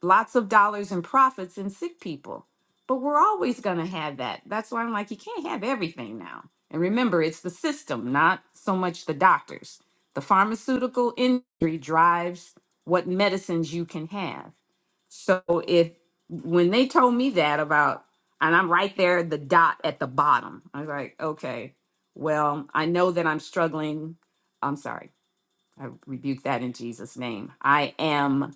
lots of dollars in profits in sick people. But we're always going to have that. That's why I'm like, you can't have everything now. And remember, it's the system, not so much the doctors. The pharmaceutical industry drives what medicines you can have. So if when they told me that about, and I'm right there, the dot at the bottom, I was like, okay, well, I know that I'm struggling. I'm sorry. I rebuke that in Jesus' name. I am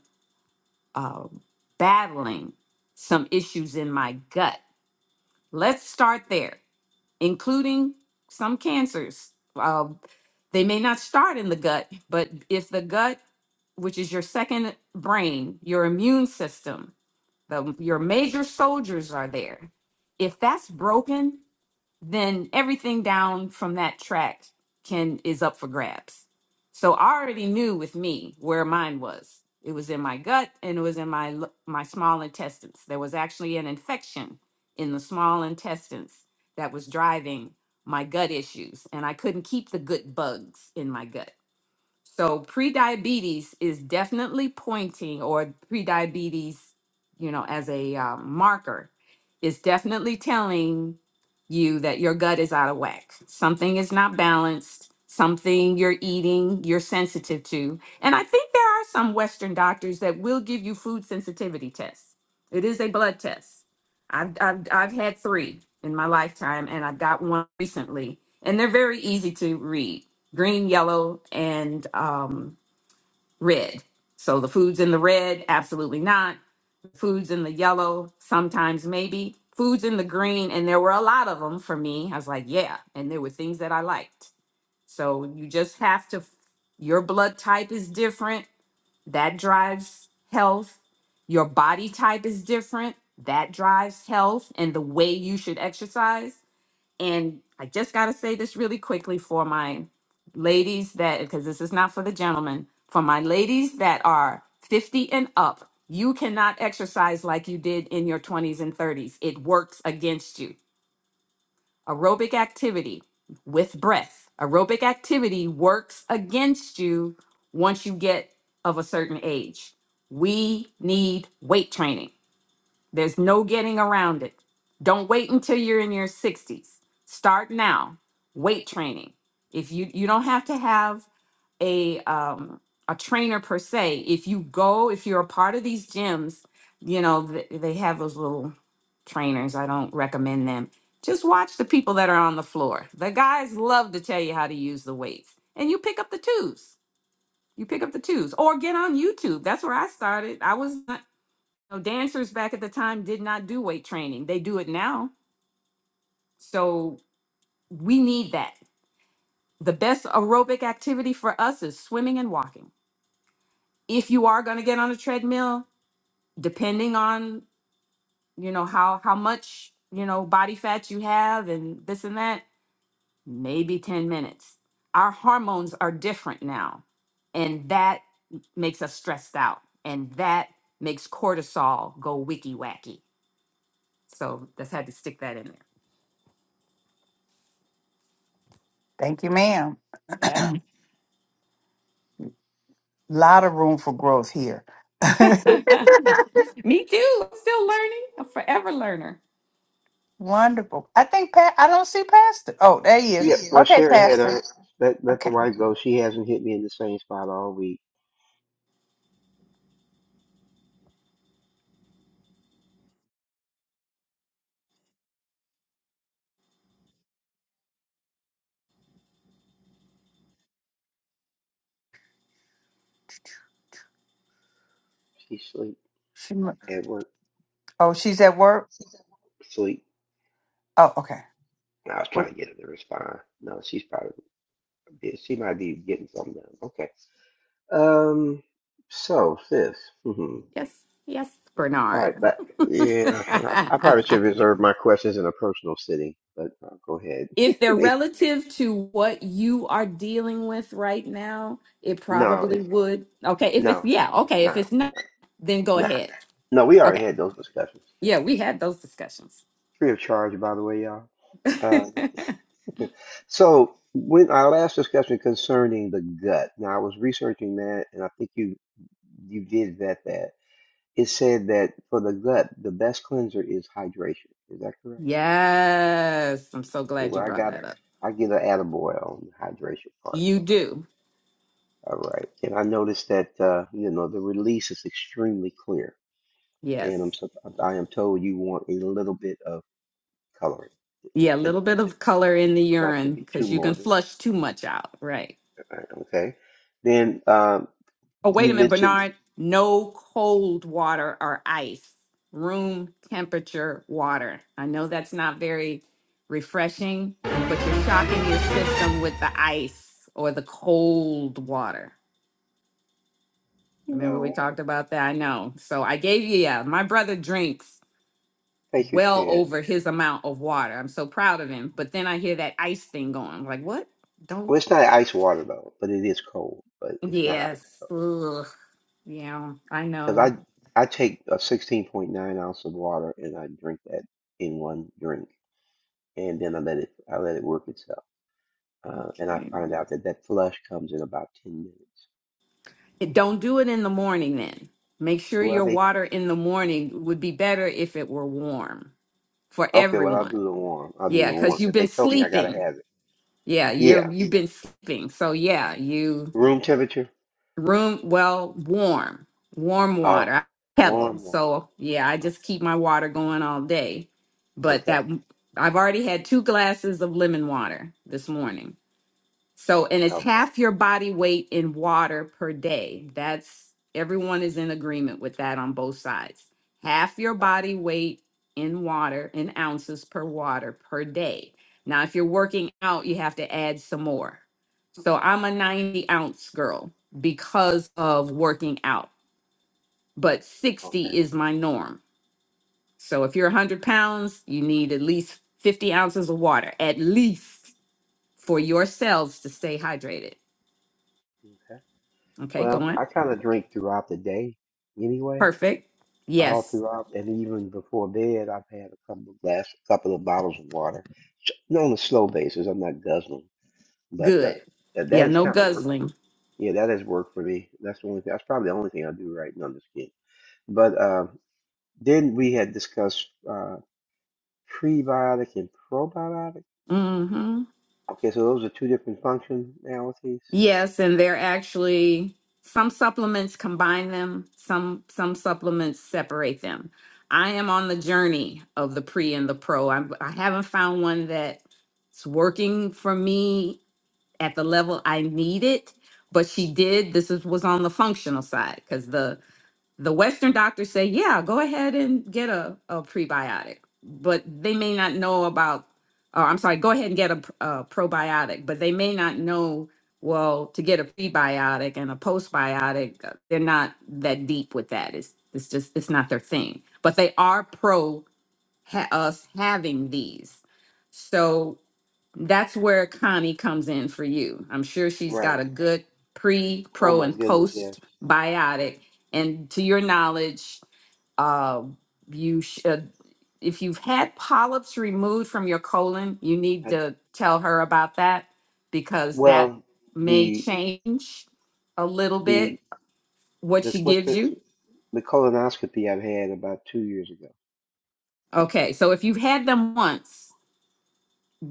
um, battling some issues in my gut. Let's start there, including some cancers. Um, they may not start in the gut, but if the gut, which is your second brain, your immune system, the, your major soldiers are there. If that's broken, then everything down from that track can is up for grabs. So I already knew with me where mine was. It was in my gut and it was in my l- my small intestines. There was actually an infection in the small intestines that was driving my gut issues and I couldn't keep the good bugs in my gut. So prediabetes is definitely pointing, or prediabetes, you know, as a um, marker, is definitely telling you that your gut is out of whack. Something is not balanced. Something you're eating, you're sensitive to. And I think there are some Western doctors that will give you food sensitivity tests. It is a blood test. I've, I've, I've had three in my lifetime, and I've got one recently, and they're very easy to read green, yellow, and um, red. So the foods in the red, absolutely not. Foods in the yellow, sometimes maybe. Foods in the green, and there were a lot of them for me. I was like, yeah, and there were things that I liked. So you just have to, your blood type is different. That drives health. Your body type is different. That drives health and the way you should exercise. And I just got to say this really quickly for my ladies that, because this is not for the gentlemen, for my ladies that are 50 and up, you cannot exercise like you did in your 20s and 30s. It works against you. Aerobic activity with breath, aerobic activity works against you once you get of a certain age. We need weight training. There's no getting around it. Don't wait until you're in your 60s. Start now. Weight training. If you you don't have to have a um a trainer per se. If you go, if you're a part of these gyms, you know, th- they have those little trainers. I don't recommend them. Just watch the people that are on the floor. The guys love to tell you how to use the weights. And you pick up the twos. You pick up the twos or get on YouTube. That's where I started. I was know, dancers back at the time did not do weight training. They do it now. So we need that. The best aerobic activity for us is swimming and walking. If you are going to get on a treadmill, depending on, you know, how how much, you know, body fat you have and this and that, maybe 10 minutes. Our hormones are different now, and that makes us stressed out, and that makes cortisol go wicky wacky. So, just had to stick that in Thank you, ma'am. there. [clears throat] lot of room for growth here. [laughs] [laughs] Me too. I'm Still learning. I'm forever learner. Wonderful. I think Pat. I don't see Pastor. Oh, there he is. Yeah, well Okay, Sherry had Pastor. her let let the Okay. wife go. She hasn't hit me in the same spot all week. She's sleep She. mu- at work. Oh, she's at work. Sleep. Oh, okay. I was What- trying to get her to respond. No, she's probably busy. she might be getting something done. Okay. Um so sis. hmm Yes, yes, All Bernard. right, but yeah, [laughs] I, I probably should reserve my questions in a personal sitting, but uh, go ahead. [laughs] if they're It's- relative to what you are dealing with right now, it no, probably it's would. Okay, if it's no, yeah, it's okay, if not. it's not, then go Nah. ahead. No, we already Okay. had those discussions. Yeah, we had those discussions. Free of charge, by the way, y'all. [laughs] Uh, so when our last discussion concerning the gut, now I was researching that, and I think you you did vet that. It said that for the gut, the best cleanser is hydration. Is that correct? yes, I'm so Okay, glad you well I brought got that up. I get an attaboy on the hydration part. You Okay, do. all right. And I noticed that uh, you know the release is extremely clear, and I'm Yes. sup- I am told you want a little bit of coloring Yeah, a to, little bit to of color in the not to urine be too because you can morbid, flush too much out. right? uh, okay? Then um, Oh, wait you a minute, mentioned, Bernard. No cold water or ice, room temperature water. I know that's not very refreshing, but you're shocking your system with the ice or the cold water. Remember, we no, talked about that? I know. So I gave you, yeah, my brother drinks thank you, well Shan. over his amount of water. I'm so proud of him. But then I hear that ice thing going. I'm like, what? Well, Don't. it's not ice water though, but it is cold, but it's not ice Yes. cold. Ugh. Yeah, I because know. I I take a 16.9 ounce of water and I drink that in one drink, and then I let it I let it work itself, uh, and I Okay. find out that that flush comes in about 10 minutes. Don't do it in the morning then. Make sure Well, your they water in the morning would be better if it were warm for okay, well I'll everyone. do the warm. I'll do Yeah, the cuz warm you've because they been told me I gotta sleeping. have it. Yeah, you're Yeah, you've been sleeping. So yeah, you room temperature. room well warm. Warm Oh, water. I Kettle. warm water. So yeah, I Okay. just keep my water going all day. But okay. that I've already had two glasses of lemon water this morning. So, and it's Okay. half your body weight in water per day. That's everyone is in agreement with that on both sides. Half your uh, body weight in water in ounces per water per day. Now, if you're working out, you have to add some more. So, I'm a 90 ounce girl because of working out, but 60 Okay. is my norm. So, if you're 100 pounds, you need at least 50 ounces of water, at least for yourselves to stay hydrated. Okay. Okay, Well, going. I kind of drink throughout the day anyway, Perfect. all Yes. throughout, and even before bed, I've had a couple of glass, couple of bottles of water. S- On a slow basis, I'm not guzzling, but uh, Good. that that Yeah, has no kind of worked. guzzling. Yeah, that has worked for me. That's the only thing. That's probably the only thing I do right now. I'm just kidding. But uh, then we had discussed uh, prebiotic and probiotic. Mm-hmm. Okay, so those are two different functionalities. Yes, and they're actually some supplements combine them, some some supplements separate them. I am on the journey of the pre and the pro. I'm, I i have not found one that's working for me at the level I need it, but she did. This is, was on the functional side because the the Western doctors say, yeah, go ahead and get a, a prebiotic, but they may not know about, or I'm sorry, go ahead and get a, pr- a probiotic, but they may not know, well, to get a prebiotic and a postbiotic, uh, they're not that deep with that. It's, it's just, it's not their thing, but they are pro ha- us having these. So that's where Connie comes in for you. I'm sure she's got Right. a good pre, Oh pro, my and goodness, post yes. biotic. And to your knowledge, uh, you should, if you've had polyps removed from your colon, you need to tell her about that because that Well, may the change a little bit the what the she what's gives the you. the colonoscopy I've had about two years ago, Okay, so if you've had them once,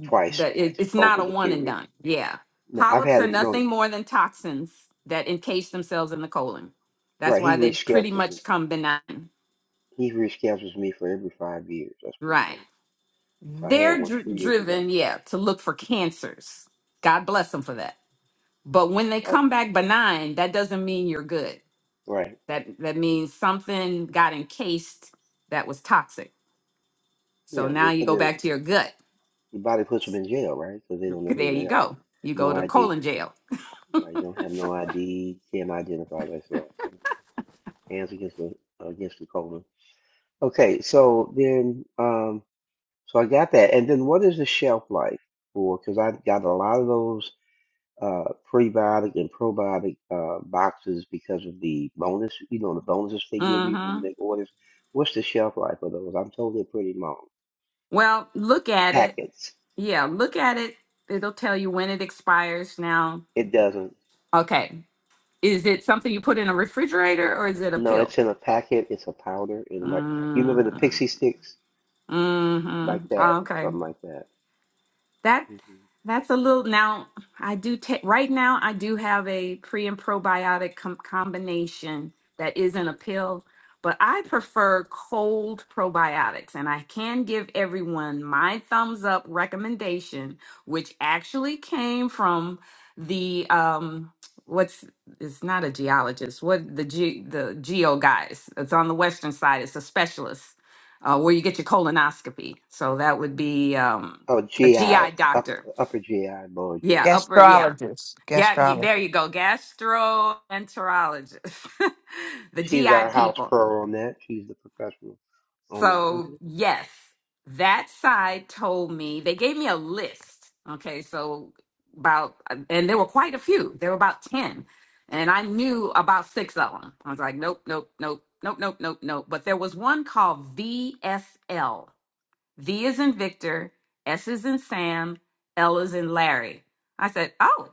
twice that it, it's not over a the one and period. done. Yeah. No, I've Polyps had are them. No, nothing more than toxins that encase themselves in the colon. That's right. He why they pretty reschedules me. much come benign. He reschedules me for every five years. That's what he Right. told me. So I had They're one dr- two years ago. driven, yeah, to look for cancers. God bless them for that. But when they come Okay. back benign, that doesn't mean you're good. Right. That that means something got encased that was toxic. So Yeah. now They you put go in back to your gut. the body puts them in jail, right? Because they don't know who There you they are. go. You go No to ID. colon jail. Right. Don't have no ID. Can't identify themselves. Hands against the against the colon. Okay. So then. um. So I got that. And then what is the shelf life for? Because I got a lot of those uh, prebiotic and probiotic uh, boxes because of the bonus, you know, the bonuses they give you when you Mhm. make orders. What's the shelf life of those? I'm told they're pretty long. Well, look at it Packets. Yeah, look at it. It'll tell you when it expires now. It doesn't. Okay. Is it something you put in a refrigerator or is it a No, pill? it's in a packet. It's a powder. And like, you remember the Mm-hmm. pixie sticks? Like Mm-hmm. that. Okay. Something like that. That hmm that's a little now I do take right now I do have a pre and probiotic com- combination that isn't a pill, but I prefer cold probiotics and I can give everyone my thumbs up recommendation which actually came from the um what's it's not a geologist what the ge- the geo guys it's on the western side it's a specialist uh, where you get your colonoscopy so that would be um Oh, a GI. GI Up, doctor. upper GI, lower GI. Yeah, upper, yeah. Gastrologist. Yeah, you, there Gastrologist. you go. Gastroenterologist. [laughs] the She's our GI house people. pro on that. She's the professional on that So, one. yes, that side told me, they gave me a list. Okay, so about, and there were quite a few. There were about 10. And I knew about six of them. I was like, nope, nope, nope, nope, nope, nope, nope. But there was one called VSL. V is in Victor, S is in Sam, L is in Larry. I said, oh.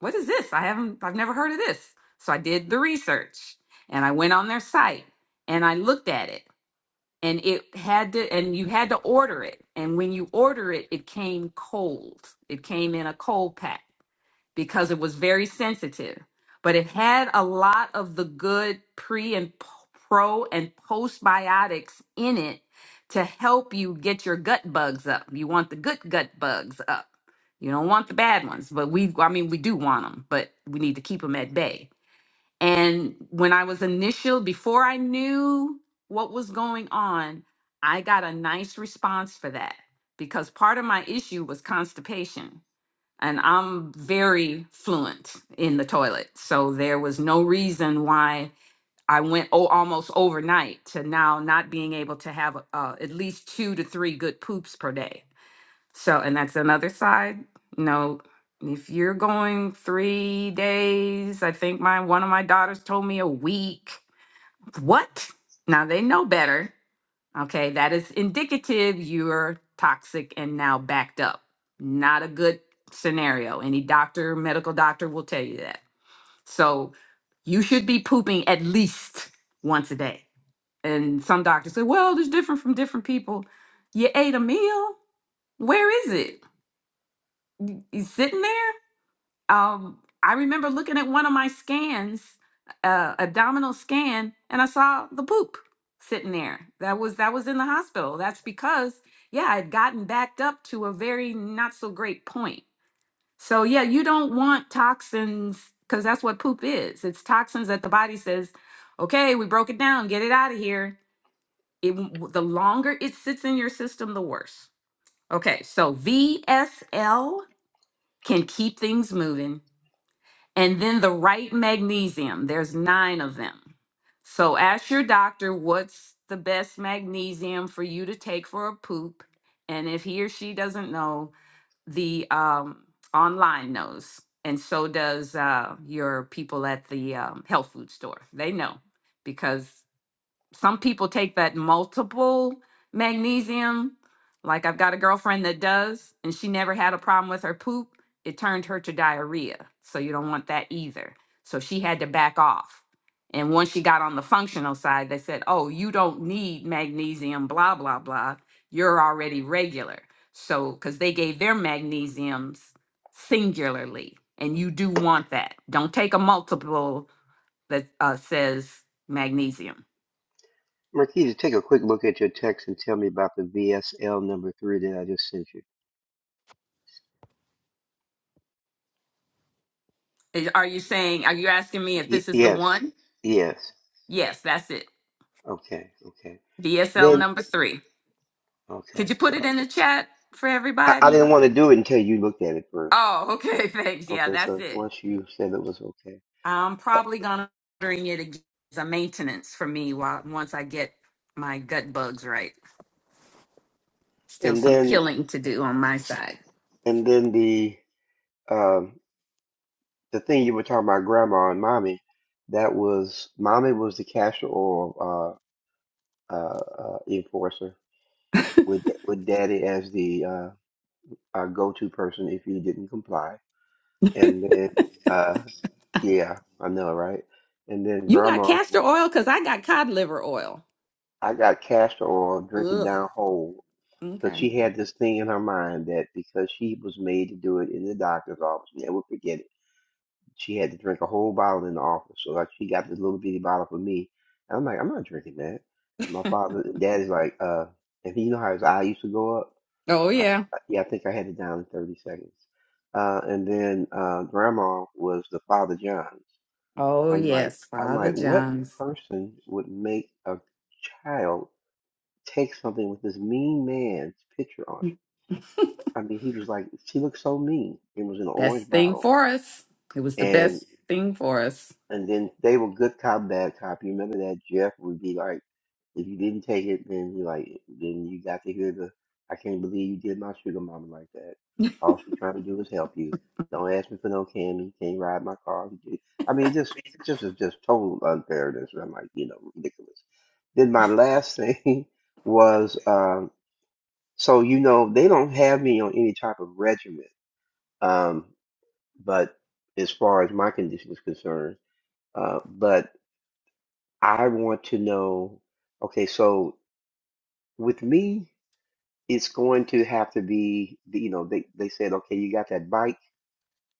what is this? I haven't, I've never heard of this. So I did the research and I went on their site and I looked at it and it had to, and you had to order it. And when you order it, it came cold. It came in a cold pack because it was very sensitive, but it had a lot of the good pre and p- pro and postbiotics in it to help you get your gut bugs up. You want the good gut bugs up. You don't want the bad ones, but we, I mean, we do want them, but we need to keep them at bay. And when I was initial, before I knew what was going on, I got a nice response for that because part of my issue was constipation and I'm very fluent in the toilet. So there was no reason why I went oh, almost overnight to now not being able to have uh, at least two to three good poops per day. So, and that's another side. You know, if you're going three days, I think my one of my daughters told me a week. What? Now they know better Okay, that is indicative you're toxic and now backed up. Not a good scenario. Any doctor, medical doctor will tell you that. So you should be pooping at least once a day. And some doctors say, well, it's different from different people. You ate a meal? Where is it? You sitting there? um, I remember looking at one of my scans, uh, abdominal scan, and I saw the poop sitting there. That was that was in the hospital. That's because yeah, I'd gotten backed up to a very not so great point. So yeah, you don't want toxins because that's what poop is. It's toxins that the body says, okay, we broke it down, get it out of here. It, w- the longer it sits in your system, the worse. Okay, so VSL can keep things moving and then the right magnesium, there's nine of them. So ask your doctor what's the best magnesium for you to take for a poop. And if he or she doesn't know, the um, online knows. And so does uh, your people at the um, health food store. They know because some people take that multiple magnesium. Like I've got a girlfriend that does, and she never had a problem with her poop. It turned her to diarrhea. So you don't want that either. So she had to back off. And once she got on the functional side, they said, oh, you don't need magnesium, blah, blah, blah. You're already regular. So, because they gave their magnesiums singularly, and you do want that. Don't take a multiple that uh, says magnesium. Marquita, take a quick look at your text and tell me about the VSL number three that I just sent you. Is- Are you saying, are you asking me if Y- this is the yes, one? yes. Yes, that's it. Okay, okay. DSL Then, number three. okay, Could you put it so in the chat for I, I everybody? didn't want to do it until you looked at it first. Oh, okay, [laughs] thanks. Yeah, Okay, that's so it. once you said it was okay. I'm Uh, probably gonna ordering it again as a maintenance for me while once I get my gut bugs right. Still and some then, killing to do on my side. and then the, um, the thing you were talking about, grandma and mommy, that was, mommy was the cash or, uh, uh, uh, enforcer with, with daddy as the, uh, uh, go-to person if you didn't comply And then, uh, yeah, I know, right? And then You got grandma, castor oil because I got cod liver oil. I got castor oil, drink it Ugh. down whole, because Okay. she had this thing in her mind that because she was made to do it in the doctor's office, never forget it. She had to drink a whole bottle in the office. So like, she got this little bitty bottle for me, and I'm like, I'm not drinking that. And my father, daddy's like, uh, and you know how his eye used to go up? Oh I, yeah. I- yeah, I think I had it down in 30 seconds. Uh, and then uh, grandma was the Father John's. Oh I'm like, yes, I'm Father like, what John's. person would make a child take something with this mean man's picture on it? I mean, he was like, she looked so mean. It was in an orange Best thing bottle, for us. It was the and. best thing for us. And then they were good cop, bad cop. You remember that Jeff would be like, if you didn't take it, then you like, then you got to hear the, I can't believe you did my sugar mama like that. All she trying to do is help you. Don't ask me for no candy. Can't ride my car. You did- I mean, it just, just was just total unfairness. And I'm like, you know, ridiculous. Then my last thing [laughs] was, um, so you know, they don't have me on any type of regimen. Um, but as far as my condition is concerned. Uh, but I want to know, okay, so with me, it's going to have to be, you know, they, they said, okay, you got that bike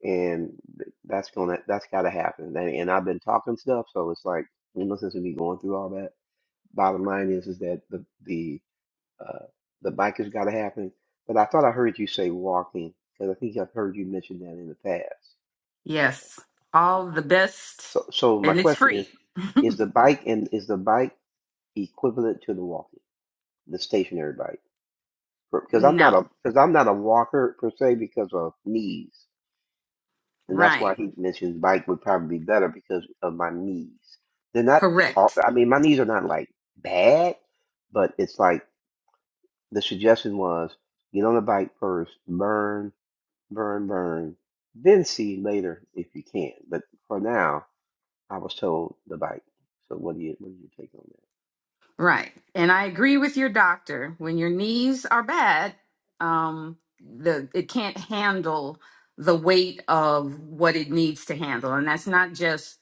and th- that's gonna, that's gotta happen. And, and I've been talking stuff, so it's like, you know, since we be going through all that, bottom line is, is that the, the, uh, the bike has gotta happen. But I thought I heard you say walking, because I think I've heard you mention that in the past. Yes. All the best. So, so my And it's question is, free. is the bike and is the bike equivalent to the walking, the stationary bike? because I'm not No. a because I'm not a walker per se because of knees, and that's why Right. he mentions bike would probably be better because of my knees. They're not tall. Correct. I mean, my knees are not like bad, but it's like the suggestion was get on the bike first, burn, burn, burn, then see later if you can. But for now, I was told the bike. So what do you what do you take on that? Right. And I agree with your doctor. When your knees are bad, um, the it can't handle the weight of what it needs to handle. And that's not just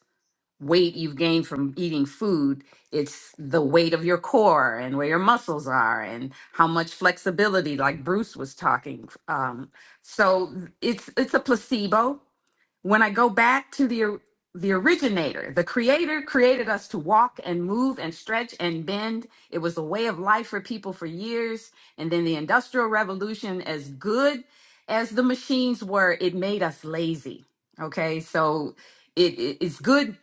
weight you've gained from eating food, it's the weight of your core and where your muscles are and how much flexibility, like Bruce was talking. Um, so it's it's a placebo. When I go back to the or- the originator, the creator created us to walk and move and stretch and bend. It was a way of life for people for years. And then the industrial revolution, as good as the machines were, it made us lazy. Okay. So it, it- it's good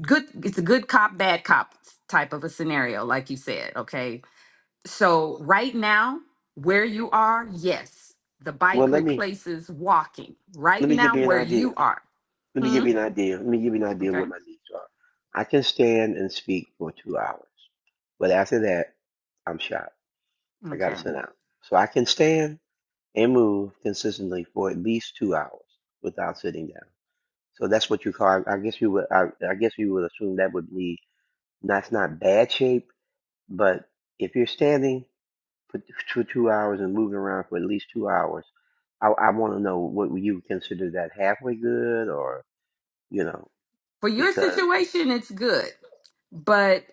good it's a good cop bad cop type of a scenario like you said okay so right now where you are yes the Well, bike let me replaces walking right let me give now you an where idea. you are Let me hmm give you an idea. Let me give you an idea of okay what my needs are. I can stand and speak for two hours, but after that, I'm shot. I got to okay sit down. So I can stand and move consistently for at least two hours without sitting down. So that's what you call. I guess you would. I, I guess you would assume that would be that's not bad shape, but if you're standing for t- for two hours and moving around for at least two hours, I, I want to know what would you would consider that halfway good or you know for your situation it's good but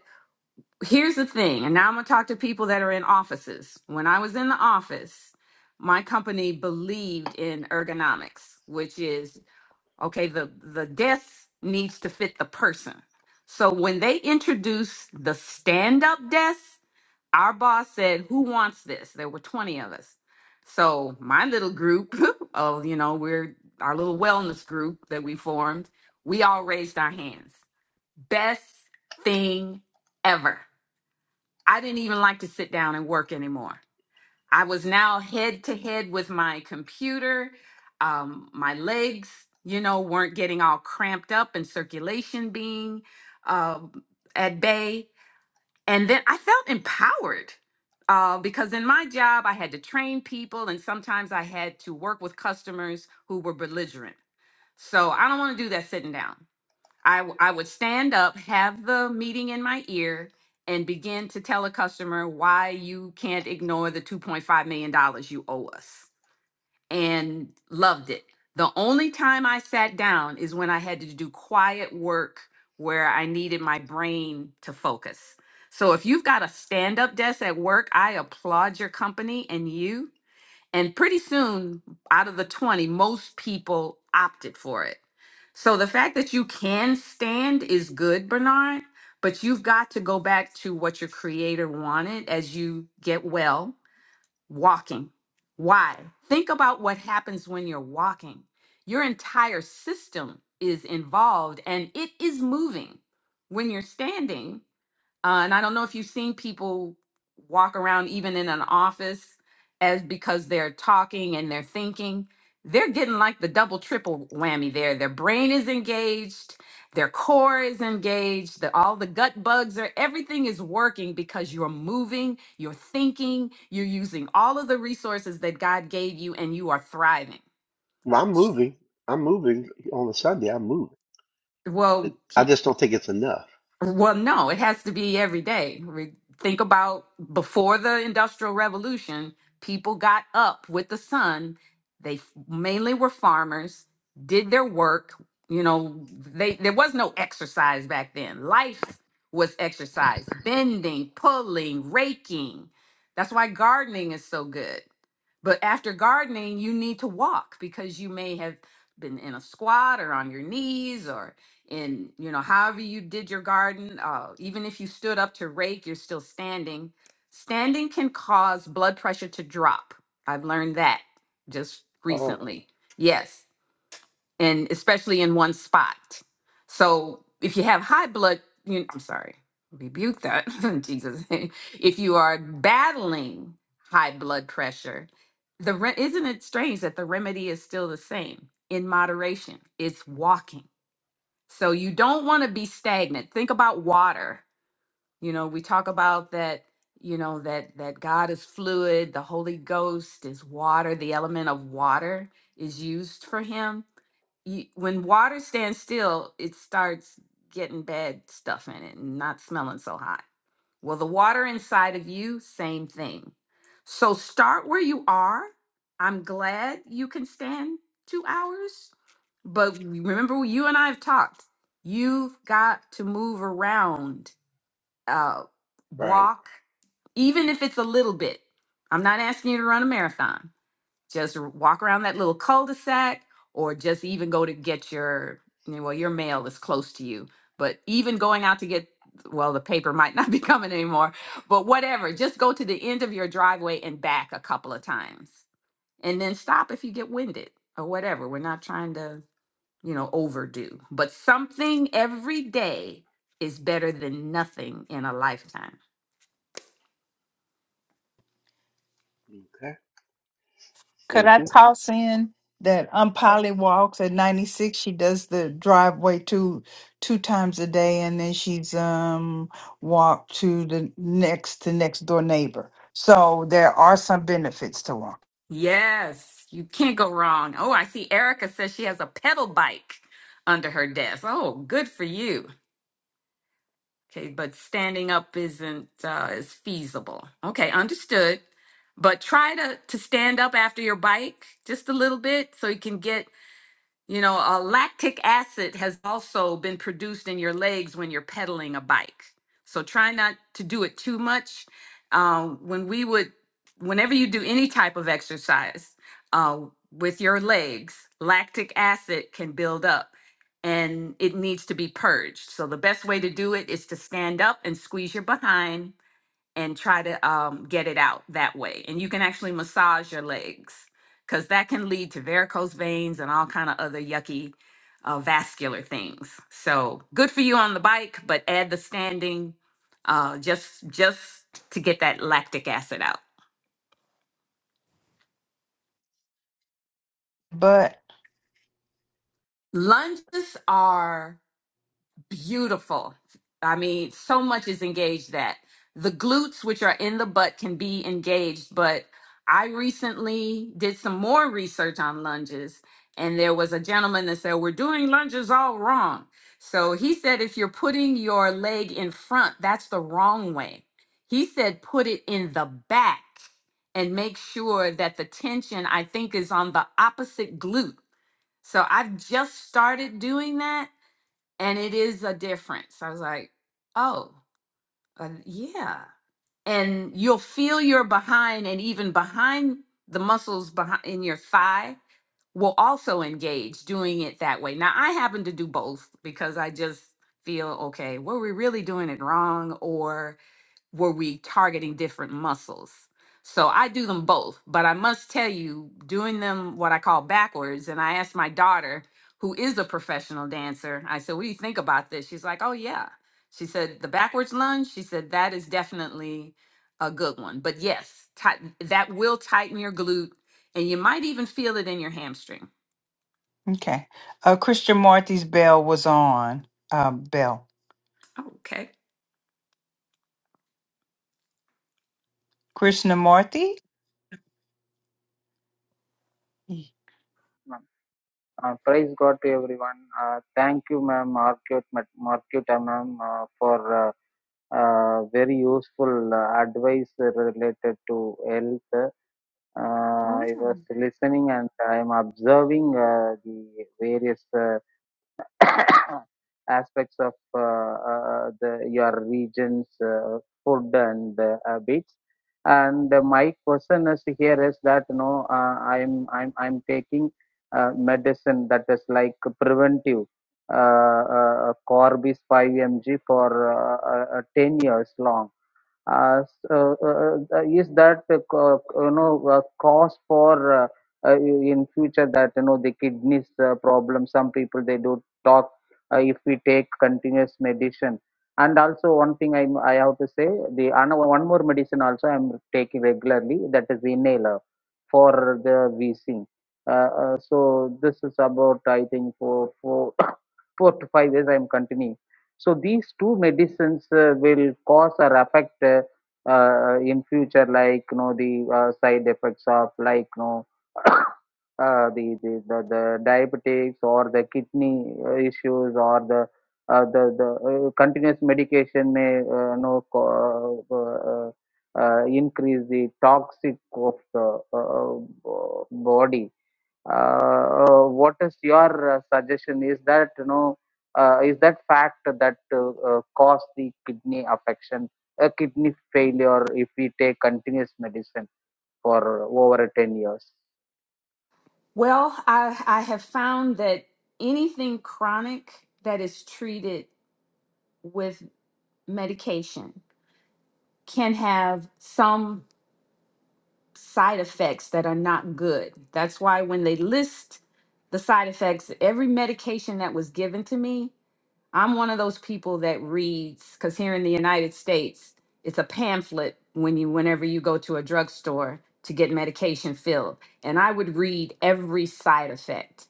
here's the thing, and now I'm going to talk to people that are in offices. When I was in the office, my company believed in ergonomics, which is Okay, the the desk needs to fit the person. So when they introduced the stand-up desk, our boss said, "Who wants this?" There were 20 of us. So my little group [laughs] of, you know, we're our little wellness group that we formed, we all raised our hands. Best thing ever. I didn't even like to sit down and work anymore. I was now head to head with my computer. Um, my legs, you know, weren't getting all cramped up and circulation being um at bay. And then I felt empowered uh, because in my job, I had to train people and sometimes I had to work with customers who were belligerent. So I don't want to do that sitting down. I, w- I would stand up, have the meeting in my ear, and begin to tell a customer why you can't ignore the $2.5 million dollars you owe us. And loved it. The only time I sat down is when I had to do quiet work where I needed my brain to focus. So if you've got a stand up desk at work, I applaud your company and you and pretty soon, out of the 20, most people opted for it. So the fact that you can stand is good, Bernard, but you've got to go back to what your creator wanted as you get well walking. Why? Think about what happens when you're walking. Your entire system is involved and it is moving. When you're standing, uh, and I don't know if you've seen people walk around even in an office as because they're talking and they're thinking. They're getting like the double triple whammy there. Their brain is engaged, their core is engaged, the, all the gut bugs are everything is working because you're moving, you're thinking, you're using all of the resources that God gave you and you are thriving. Well, I'm moving. I'm moving on the Sunday. I'm moving. Well, can, I just don't think it's enough. Well, no, it has to be every day. Re- Think about before the Industrial Revolution, people got up with the sun. They f- mainly were farmers, did their work. You know, they there was no exercise back then. Life was exercise, bending, pulling, raking. That's why gardening is so good. But after gardening, you need to walk because you may have been in a squat or on your knees and you know however you did your garden uh, even if you stood up to rake you're still standing standing can cause blood pressure to drop i've learned that just Oh, recently yes and especially in one spot so if you have high blood you i'm sorry rebuke that [laughs] in jesus name. if you are battling high blood pressure the re- isn't it strange that the remedy is still the same in moderation it's walking so you don't want to be stagnant. Think about water. You know, we talk about that, you know, that that God is fluid, the Holy Ghost is water, the element of water is used for him. You, when water stands still, it starts getting bad stuff in it and not smelling so hot. Well, the water inside of you, same thing. So start where you are. I'm glad you can stand 2 hours but remember, you and I have talked. You've got to move around, uh, right. walk, even if it's a little bit. I'm not asking you to run a marathon. Just r- walk around that little cul-de-sac, or just even go to get your you know, well, your mail is close to you. But even going out to get well, the paper might not [laughs] be coming anymore. But whatever, just go to the end of your driveway and back a couple of times, and then stop if you get winded or whatever. We're not trying to you know, overdue. But something every day is better than nothing in a lifetime. Okay. Could Thank I you. toss in that um Polly walks at ninety six? She does the driveway two two times a day, and then she's um walked to the next to next door neighbor. So there are some benefits to walk, Yes, you can't go wrong. Oh, I see Erica says she has a pedal bike under her desk. Oh, good for you. Okay, but standing up isn't uh, is feasible. Okay, understood. But try to to stand up after your bike just a little bit so you can get You know, uh, lactic acid has also been produced in your legs when you're pedaling a bike. So try not to do it too much. Uh, when we would, whenever you do any type of exercise uh, with your legs, lactic acid can build up and it needs to be purged. So the best way to do it is to stand up and squeeze your behind and try to um, get it out that way. And you can actually massage your legs because that can lead to varicose veins and all kind of other yucky uh, vascular things. So good for you on the bike, but add the standing uh, just just to get that lactic acid out. but Lunges are beautiful. I mean, so much is engaged that the glutes, which are in the butt, can be engaged. But I recently did some more research on lunges, and there was a gentleman that said, We're doing lunges all wrong. So he said, If you're putting your leg in front, that's the wrong way. He said, Put it in the back and make sure that the tension, I think, is on the opposite glute. So I've just started doing that and it is a difference. I was like, oh, uh, yeah. And you'll feel your behind, and even behind the muscles behind in your thigh will also engage doing it that way. Now, I happen to do both because I just feel okay, were we really doing it wrong? Or were we targeting different muscles? So I do them both, but I must tell you, doing them what I call backwards, and I asked my daughter, who is a professional dancer, I said, What do you think about this? She's like, Oh, yeah. She said, The backwards lunge, she said, That is definitely a good one. But yes, tight that will tighten your glute, and you might even feel it in your hamstring. Okay. Uh, Krishnamurti's bell was on. Uh, bell. Oh, okay. Krishnamurti? Well, ma'am. Uh, praise God to everyone. Uh, thank you, ma'am, Market, Marketa, ma'am, uh, for uh, uh, very useful uh, advice related to health. Uh, I was Mm. listening and I am observing uh, the various. uh, [coughs] aspects of uh, uh, the, your region's uh, food and uh, habits. And uh, my question is here is that you know uh, I'm I'm I'm taking uh, medicine that is like preventive. Uh, uh, Corby's 5 mg for uh, uh, uh, 10 years long uh, so, uh, uh, uh, is that uh, co- you know uh, cause for uh, uh, in future that you know the kidneys uh, problem some people they do talk uh, if we take continuous medicine and also one thing i i have to say the another one more medicine also i'm taking regularly that is inhaler for the wheezing uh, uh, so this is about i think for for [coughs] four to five years i'm continuing so these two medicines uh, will cause or affect uh, uh, in future, like you know the uh, side effects of like you know [coughs] uh, the, the the the diabetics or the kidney uh, issues or the uh, the the uh, continuous medication may uh, know co- uh, uh, uh, uh, increase the toxic of the uh, uh, body uh, uh, what is your uh, suggestion is that you know uh, is that fact that uh, uh, cause the kidney affection a kidney failure if we take continuous medicine for over 10 years Well, I, I have found that anything chronic that is treated with medication can have some side effects that are not good. That's why when they list the side effects, every medication that was given to me, I'm one of those people that reads cuz here in the United States, it's a pamphlet when you whenever you go to a drugstore to get medication filled, and I would read every side effect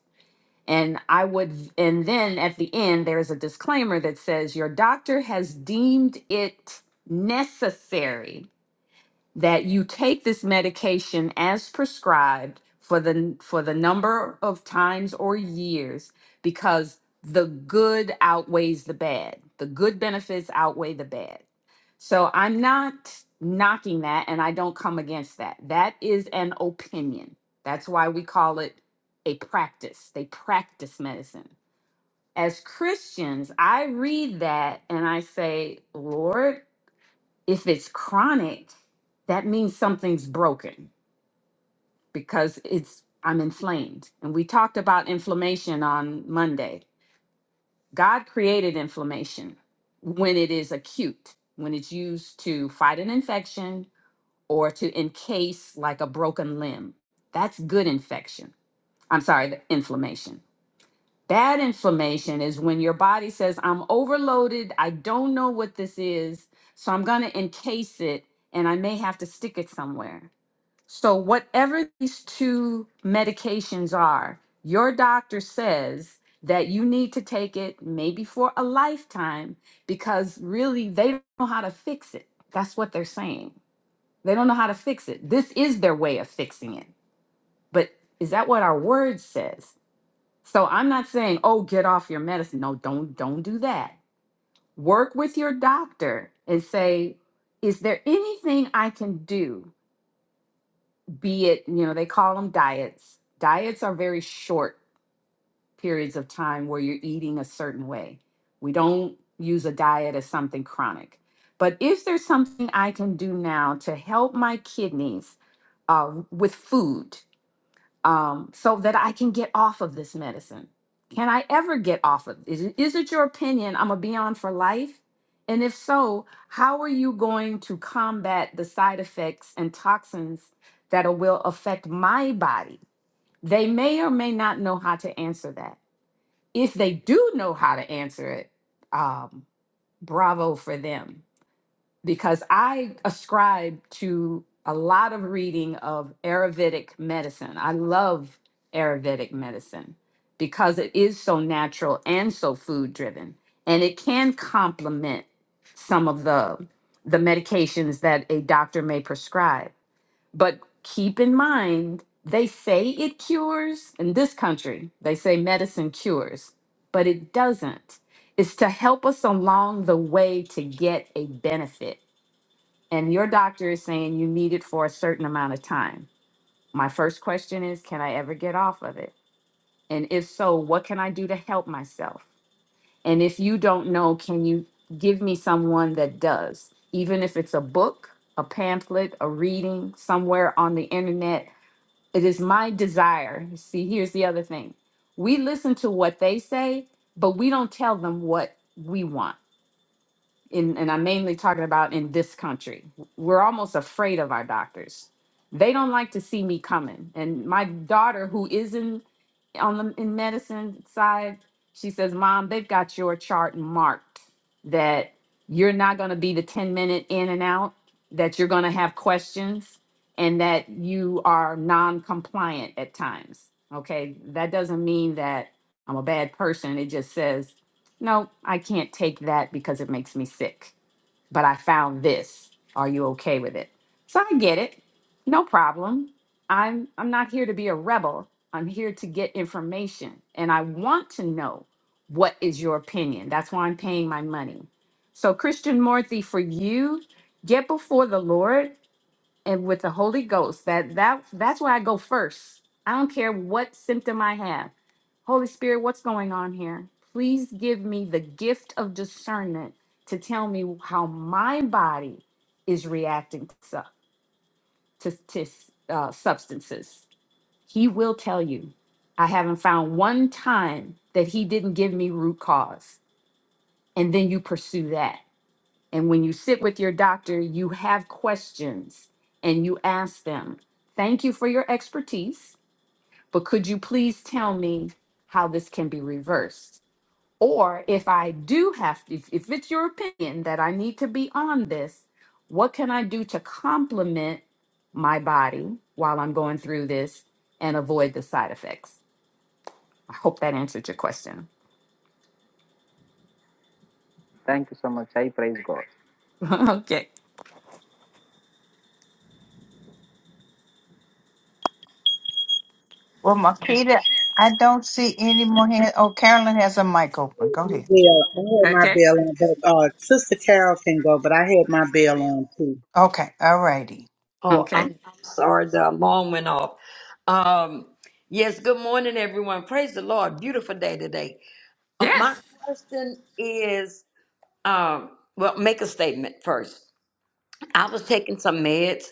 and I would, and then at the end, there's a disclaimer that says your doctor has deemed it necessary that you take this medication as prescribed for the for the number of times or years because the good outweighs the bad. The good benefits outweigh the bad. So I'm not knocking that and I don't come against that. That is an opinion. That's why we call it a practice. They practice medicine. As Christians, I read that and I say, Lord, if it's chronic, that means something's broken because it's I'm inflamed. And we talked about inflammation on Monday. God created inflammation when it is acute, when it's used to fight an infection, or to encase like a broken limb. That's good infection. I'm sorry, the inflammation. Bad inflammation is when your body says, I'm overloaded. I don't know what this is. So I'm going to encase it and I may have to stick it somewhere. So, whatever these two medications are, your doctor says that you need to take it maybe for a lifetime because really they don't know how to fix it. That's what they're saying. They don't know how to fix it. This is their way of fixing it. But is that what our word says? So I'm not saying, "Oh, get off your medicine." No, don't don't do that. Work with your doctor and say, "Is there anything I can do?" Be it, you know, they call them diets. Diets are very short periods of time where you're eating a certain way. We don't use a diet as something chronic. But if there's something I can do now to help my kidneys uh, with food um, so that I can get off of this medicine? Can I ever get off of is it, is it your opinion I'm gonna be on for life? And if so, how are you going to combat the side effects and toxins that are- will affect my body? They may or may not know how to answer that. If they do know how to answer it, um, bravo for them because I ascribe to a lot of reading of Ayurvedic medicine. I love Ayurvedic medicine because it is so natural and so food driven, and it can complement some of the the medications that a doctor may prescribe. But keep in mind, they say it cures in this country. They say medicine cures, but it doesn't. It's to help us along the way to get a benefit and your doctor is saying you need it for a certain amount of time. My first question is can I ever get off of it? And if so, what can I do to help myself? And if you don't know, can you give me someone that does? Even if it's a book, a pamphlet, a reading somewhere on the internet, it is my desire. See, here's the other thing we listen to what they say, but we don't tell them what we want in, and I'm mainly talking about in this country, we're almost afraid of our doctors. They don't like to see me coming. And my daughter, who is in on the in medicine side, she says, Mom, they've got your chart marked that you're not going to be the 10 minute in and out, that you're going to have questions, and that you are non compliant at times. Okay. That doesn't mean that I'm a bad person. It just says, No, I can't take that because it makes me sick but I found this. Are you okay with it? So I get it. No problem. I'm I'm not here to be a rebel. I'm here to get information and I want to know what is your opinion. That's why I'm paying my money. So Christian Morthy for you, get before the Lord and with the Holy Ghost. That that that's where I go first. I don't care what symptom I have. Holy Spirit, what's going on here? Please give me the gift of discernment to tell me how my body is reacting to, su- to, to uh, substances. He will tell you. I haven't found one time that he didn't give me root cause. And then you pursue that and when you sit with your doctor, you have questions and you ask them, Thank you for your expertise, but could you please tell me how this can be reversed? Or if I do have, if, if it's your opinion that I need to be on this, what can I do to complement my body while I'm going through this and avoid the side effects? I hope that answered your question. thank you so much i praise god [laughs] okay. Marquita, I don't see any more hands. Oh, Carolyn has a mic open. Go bell. ahead. I had my Okay. bell on, but uh, Sister Carol can go, but I had my bell on too. Okay. All righty. Oh, I'm Okay. I'm sorry, the alarm went off. Um, yes, good morning, everyone. Praise the Lord. Beautiful day today. Um, my Yes. question is, um, well, make a statement first. I was taking some meds,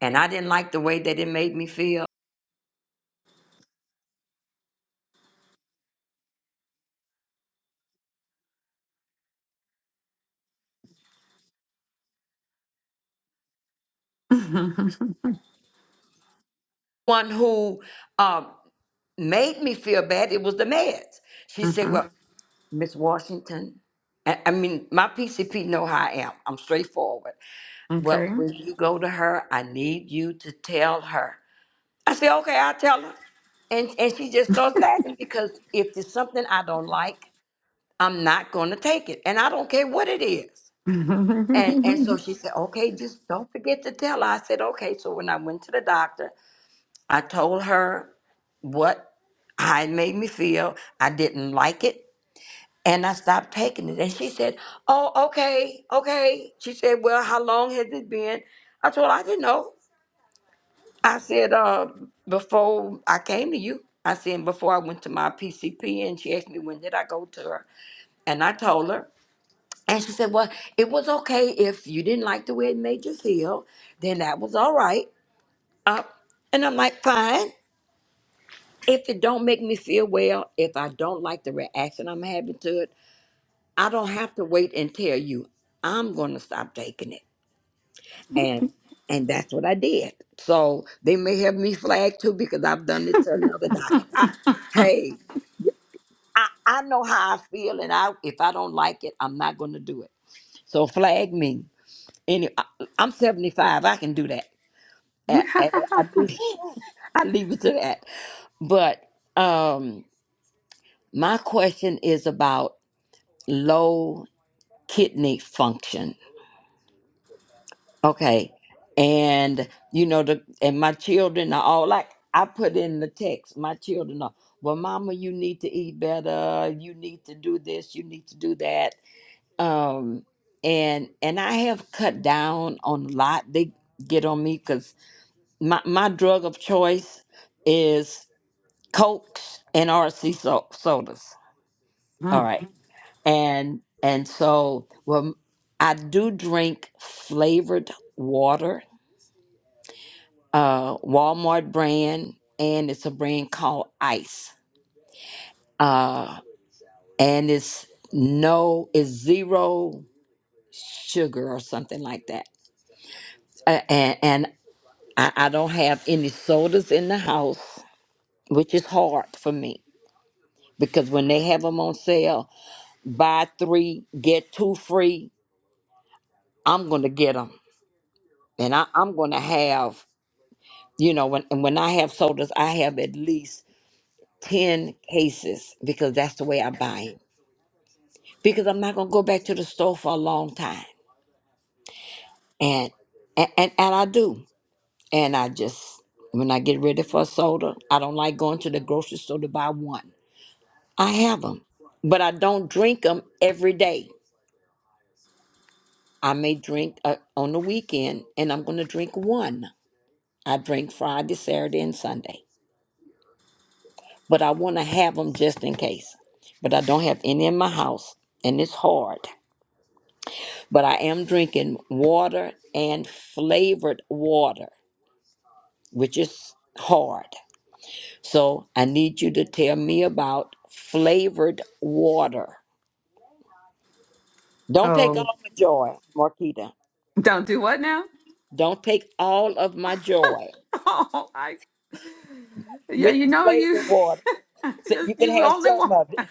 and I didn't like the way that it made me feel. [laughs] One who um, made me feel bad, it was the meds. She said, hmm well, Miss Washington, I I mean, my PCP know how I am. I'm straightforward. Well, Okay. when you go to her, I need you to tell her I said, okay, I'll tell her. And and she just starts laughing because if there's something I don't like, I'm not gonna take it. And I don't care what it is. [laughs] And and so oh, she said, Okay, just don't forget to tell her. I said, Okay. So when I went to the doctor, I told her what how it made me feel. I didn't like it. And I stopped taking it. And she said, Oh, okay, okay. She said, Well, how long has it been? I told her, I didn't know. I said, uh, before I came to you, I said, before I went to my PCP, and she asked me, when did I go to her? And I told her. And she said, well, it was okay if you didn't like the way it made you feel, then that was all right. Uh, and I'm like, fine. If it don't make me feel well, if I don't like the reaction I'm having to it, I don't have to wait and tell you. I'm going to stop taking it. and and that's what I did. So they may have me flagged too because I've done it to another doctor. I, hey, I, I know how I feel, and I if I don't like it, I'm not going to do it. So flag me. Any, I, I'm 75. I can do that. I, I, I, leave, [laughs] I leave it to that. But um, my question is about low kidney function Okay. And you know the and my children are all like I put in the text, my children are, well, mama, you need to eat better, you need to do this, you need to do that. Um and and I have cut down on a lot. They get on me because my, my drug of choice is Cokes and RC so- sodas. All right. And and so well I do drink flavored water uh, Walmart brand, and it's a brand called Ice. Uh, and it's no, it's zero sugar or something like that. Uh, and and I, I don't have any sodas in the house, which is hard for me because when they have them on sale, buy three get two free. I'm gonna get them, and I, I'm gonna have you know when and when I have sodas, I have at least ten cases because that's the way I buy 'em because I'm not gonna go back to the store for a long time. And and and, and I do. And I just when I get ready for a soda, I don't like going to the grocery store to buy one. I have them, but I don't drink them every day. I may drink uh, on the weekend, and I'm gonna drink one. I drink Friday, Saturday, and Sunday, but I want to have them just in case. But I don't have any in my house, and it's hard. But I am drinking water and flavored water which is hard. So I need you to tell me about flavored water. Don't take all my joy, Marquita. don't do what now? [laughs] Don't take all of my joy Oh, I yeah, with you the know you flavored water. [laughs] So just you can you have only some want. of it.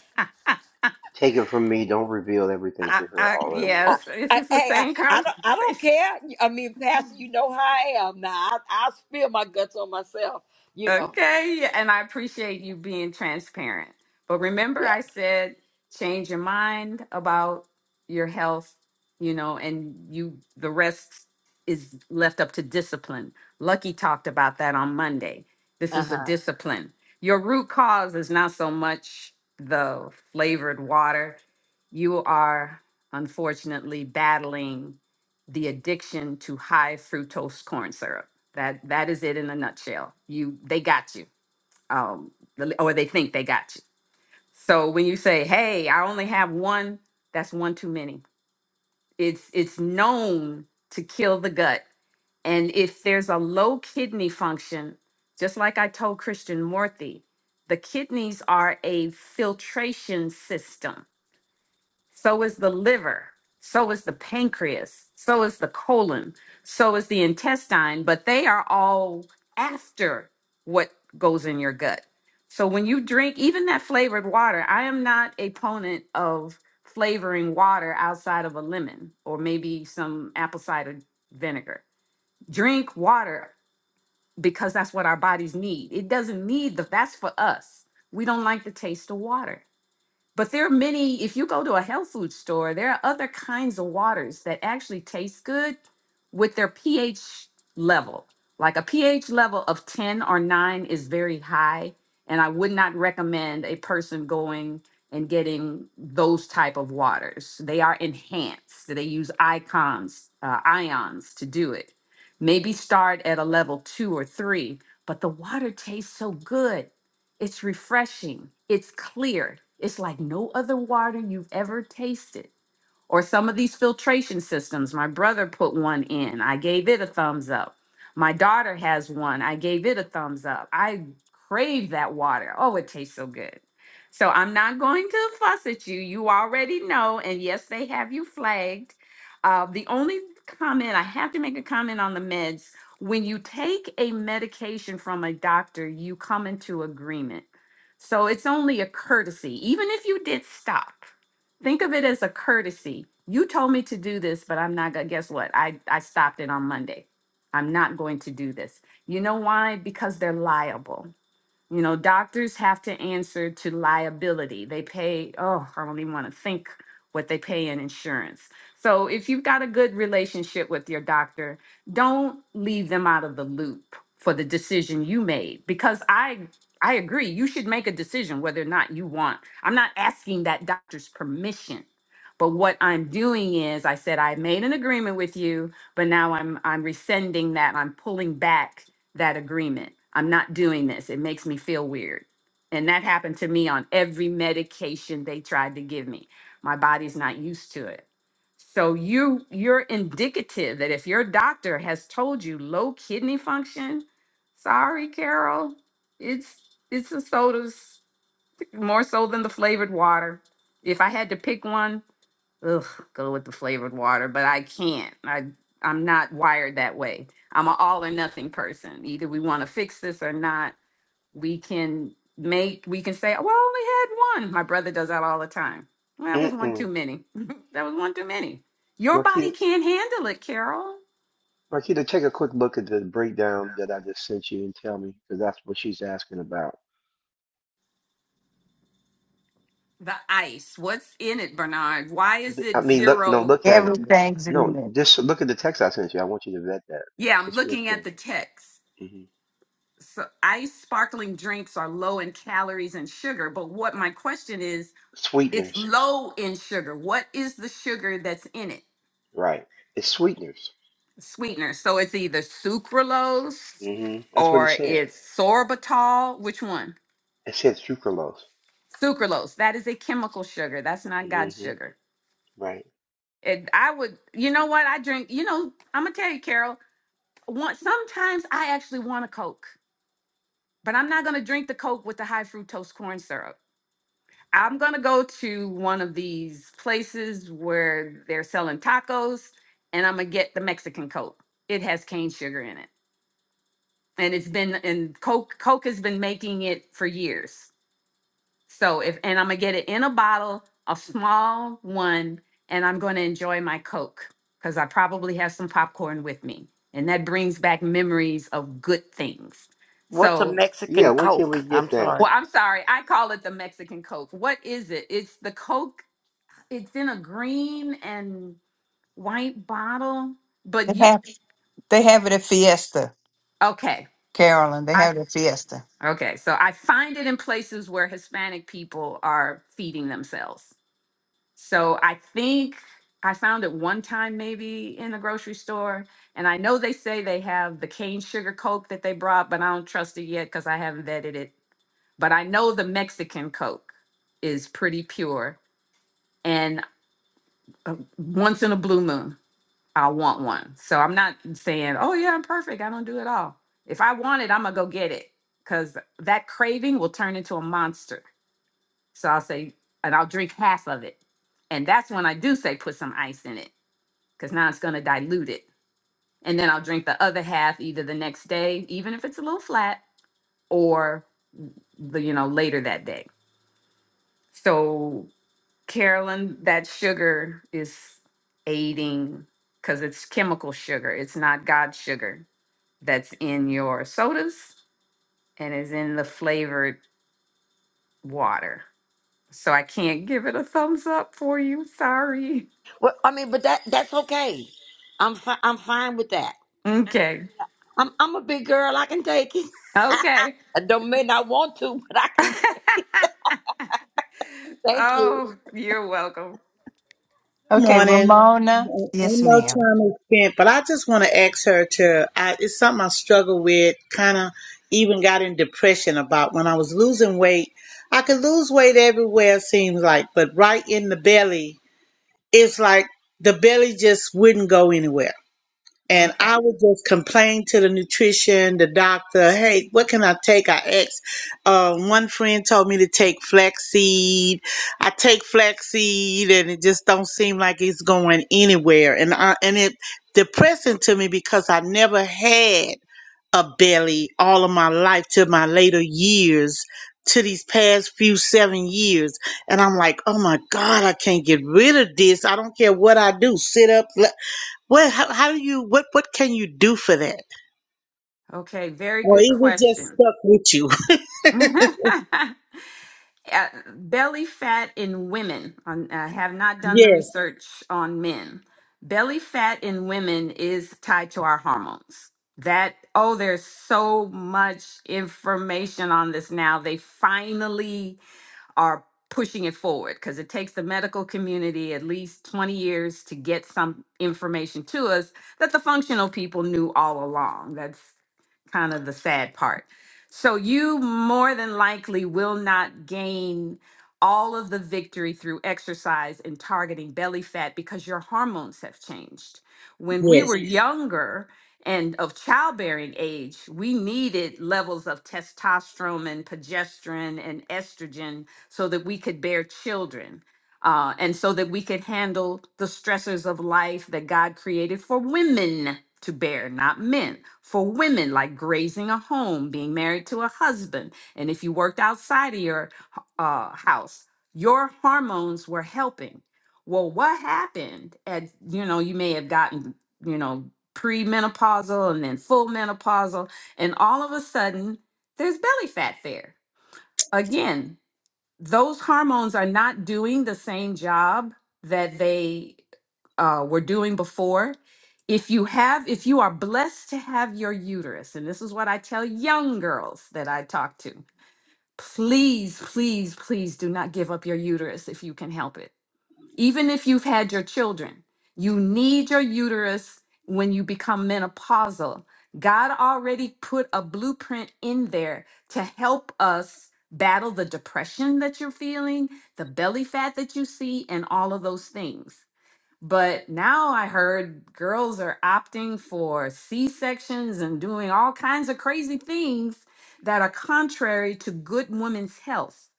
Take it from me. Don't reveal everything I, to her I, all at I, yes, this I, is the hey, I, same [laughs] I don't, I conversation don't care. I mean, Pastor, you know how I am now. I, I spill my guts on myself. You know, Okay, and I appreciate you being transparent. But remember, yeah. I said change your mind about your health, you know, and you the rest is left up to discipline. Lucky talked about that on Monday. This Uh is a huh. discipline. Your root cause is not so much the flavored water. You are unfortunately battling the addiction to high fructose corn syrup that that is it in a nutshell. You they got you, um, the- or they think they got you. So when you say, "Hey, I only have one," that's one too many. It's it's known to kill the gut, and if there's a low kidney function, just like I told Christian Morthy, the kidneys are a filtration system so is the liver, so is the pancreas, so is the colon, so is the intestine, but they are all after what goes in your gut. So when you drink even that flavored water, I am not a opponent of flavoring water outside of a lemon or maybe some apple cider vinegar. Drink water because that's what our bodies need. It doesn't need the that's for us. We don't like the taste of water. But there are many, if you go to a health food store, there are other kinds of waters that actually taste good with their pH level. Like a pH level of 10 or 9 is very high, and I would not recommend a person going and getting those type of waters. They are enhanced. They use icons, uh, ions to do it. Maybe start at a level 2 or 3, but the water tastes so good it's refreshing. It's clear. It's like no other water you've ever tasted. Or some of these filtration systems. My brother put one in. I gave it a thumbs up. My daughter has one. I gave it a thumbs up. I crave that water. Oh, it tastes so good. So I'm not going to fuss at you. You already know. And yes, they have you flagged. Uh, the only comment I have to make a comment on the meds when you take a medication from a doctor, you come into agreement. So it's only a courtesy, even if you did stop. Think of it as a courtesy. You told me to do this, but I'm not gonna. Guess what? I I stopped it on Monday. I'm not going to do this. You know why? Because they're liable. You know, doctors have to answer to liability. They pay, oh, I don't even want to think what they pay in insurance. So if you've got a good relationship with your doctor, don't leave them out of the loop for the decision you made because I I agree you should make a decision whether or not you want. I'm not asking that doctor's permission. But what I'm doing is I said I made an agreement with you, but now I'm I'm rescinding that. I'm pulling back that agreement. I'm not doing this. It makes me feel weird. And that happened to me on every medication they tried to give me. My body's not used to it. So you you're indicative that if your doctor has told you low kidney function, sorry Carol, it's it's the sodas more so than the flavored water. If I had to pick one, ugh, go with the flavored water, but I can't. I I'm not wired that way. I'm an all or nothing person. Either we want to fix this or not. We can make we can say, well, I only had one. My brother does that all the time. Well, that once. was one too Mm-mm. many. [laughs] that was one too many. Your body Marquita, can't handle it, Carol. Marquita, take a quick look at the breakdown that I just sent you and tell me, because that's what she's asking about. The ice. What's in it, Bernard? Why is Th- I it mean, look, no, zero? look at it. Everything's in No, there. just look at the text I sent you. I want you to vet that. Yeah, I'm It's real looking at strong. the text. hmm So ice sparkling drinks are low in calories and sugar, but what my question is it's Sweeteners. low in sugar. What is the sugar that's in it? Right. It's sweeteners. Sweetener. So it's either sucralose hmm That's what it or said. it's sorbitol. Which one? It said sucralose. Sucralose. That is a chemical sugar. That's not God's hmm sugar. Right. And I would, you know what? I drink, you know, I'm going to tell you, Carol, one, sometimes I actually want a Coke, but I'm not going to drink the Coke with the high fructose corn syrup. I'm gonna go to one of these places where they're selling tacos, and I'm gonna get the Mexican Coke. It has cane sugar in it, and it's been and Coke Coke has been making it for years. So if and I'm gonna get it in a bottle, a small one, and I'm gonna enjoy my Coke because I probably have some popcorn with me, and that brings back memories of good things. What's a So, Yeah, Mexican where can Coke? we get I'm that? sorry. well, I'm sorry, I call it the Mexican Coke. What is it? It's the Coke It's in a green and white bottle, but They you have, they have it at Fiesta, okay. Carolyn. They I have it at Fiesta. okay, so I find it in places where Hispanic people are feeding themselves. So I think I found it one time maybe in a grocery store. And I know they say they have the cane sugar Coke that they brought, but I don't trust it yet because I haven't vetted it. But I know the Mexican Coke is pretty pure and uh, once in a blue moon. I want one. So I'm not saying, oh yeah, I'm perfect. I don't do it all. If I want it, I'm gonna go get it. Cause that craving will turn into a monster. So I'll say, and I'll drink half of it. And that's when I do say put some ice in it, because now it's gonna dilute it. And then I'll drink the other half either the next day, even if it's a little flat, or the, you know, later that day. So Carolyn, that sugar is aiding because it's chemical sugar. It's not God's sugar that's in your sodas and is in the flavored water. So I can't give it a thumbs up for you. Sorry. Well, I mean, but that that's okay. I'm fi- I'm fine with that. Okay. I'm I'm a big girl. I can take it. [laughs] Okay. I don't may not want to, but I can take. [laughs] Thank you. oh, you're welcome. Good Okay, morning. Ramona. Ain't Yes, no ma'am. time is spent, but I just want to ask her to. I, it's something I struggle with, kind of even got in depression about when I was losing weight. I could lose weight everywhere, it seems like, but right in the belly, it's like the belly just wouldn't go anywhere. And Okay. I would just complain to the nutrition, the doctor, hey, what can I take? I asked. Um, one friend told me to take flaxseed. I take flaxseed and it just don't seem like it's going anywhere. And I, and it depressing to me because I never had a belly all of my life to my later years to these past few seven years. And I'm like, oh my God, I can't get rid of this. I don't care what I do. Sit up. What? How, how do you? What? What can you do for that? Okay. Very Or good is it just question. stuck with you? [laughs] uh, belly fat in women. on- I have not [laughs] done the yes. research on men. Belly fat in women is tied to our hormones. That, oh, there's so much information on this now. They finally are pushing it forward because it takes the medical community at least 20 years to get some information to us that the functional people knew all along. That's kind of the sad part. So you more than likely will not gain all of the victory through exercise and targeting belly fat because your hormones have changed. When we Yes. were Yeah. younger and of childbearing age, we needed levels of testosterone and progesterone and estrogen so that we could bear children uh, and so that we could handle the stressors of life that God created for women to bear, not men. For women, like grazing a home, being married to a husband, and if you worked outside of your uh, house, your hormones were helping. Well, what happened? At you know, you may have gotten you know premenopausal and then full menopausal, and all of a sudden there's belly fat there again those hormones are not doing the same job that they uh, were doing before. If you have, if you are blessed to have your uterus, and this is what I tell young girls that I talk to, please, please, please do not give up your uterus if you can help it even if you've had your children, you need your uterus when you become menopausal. God already put a blueprint in there to help us battle the depression that you're feeling, the belly fat that you see, and all of those things. But now I heard girls are opting for C sections and doing all kinds of crazy things that are contrary to good women's health.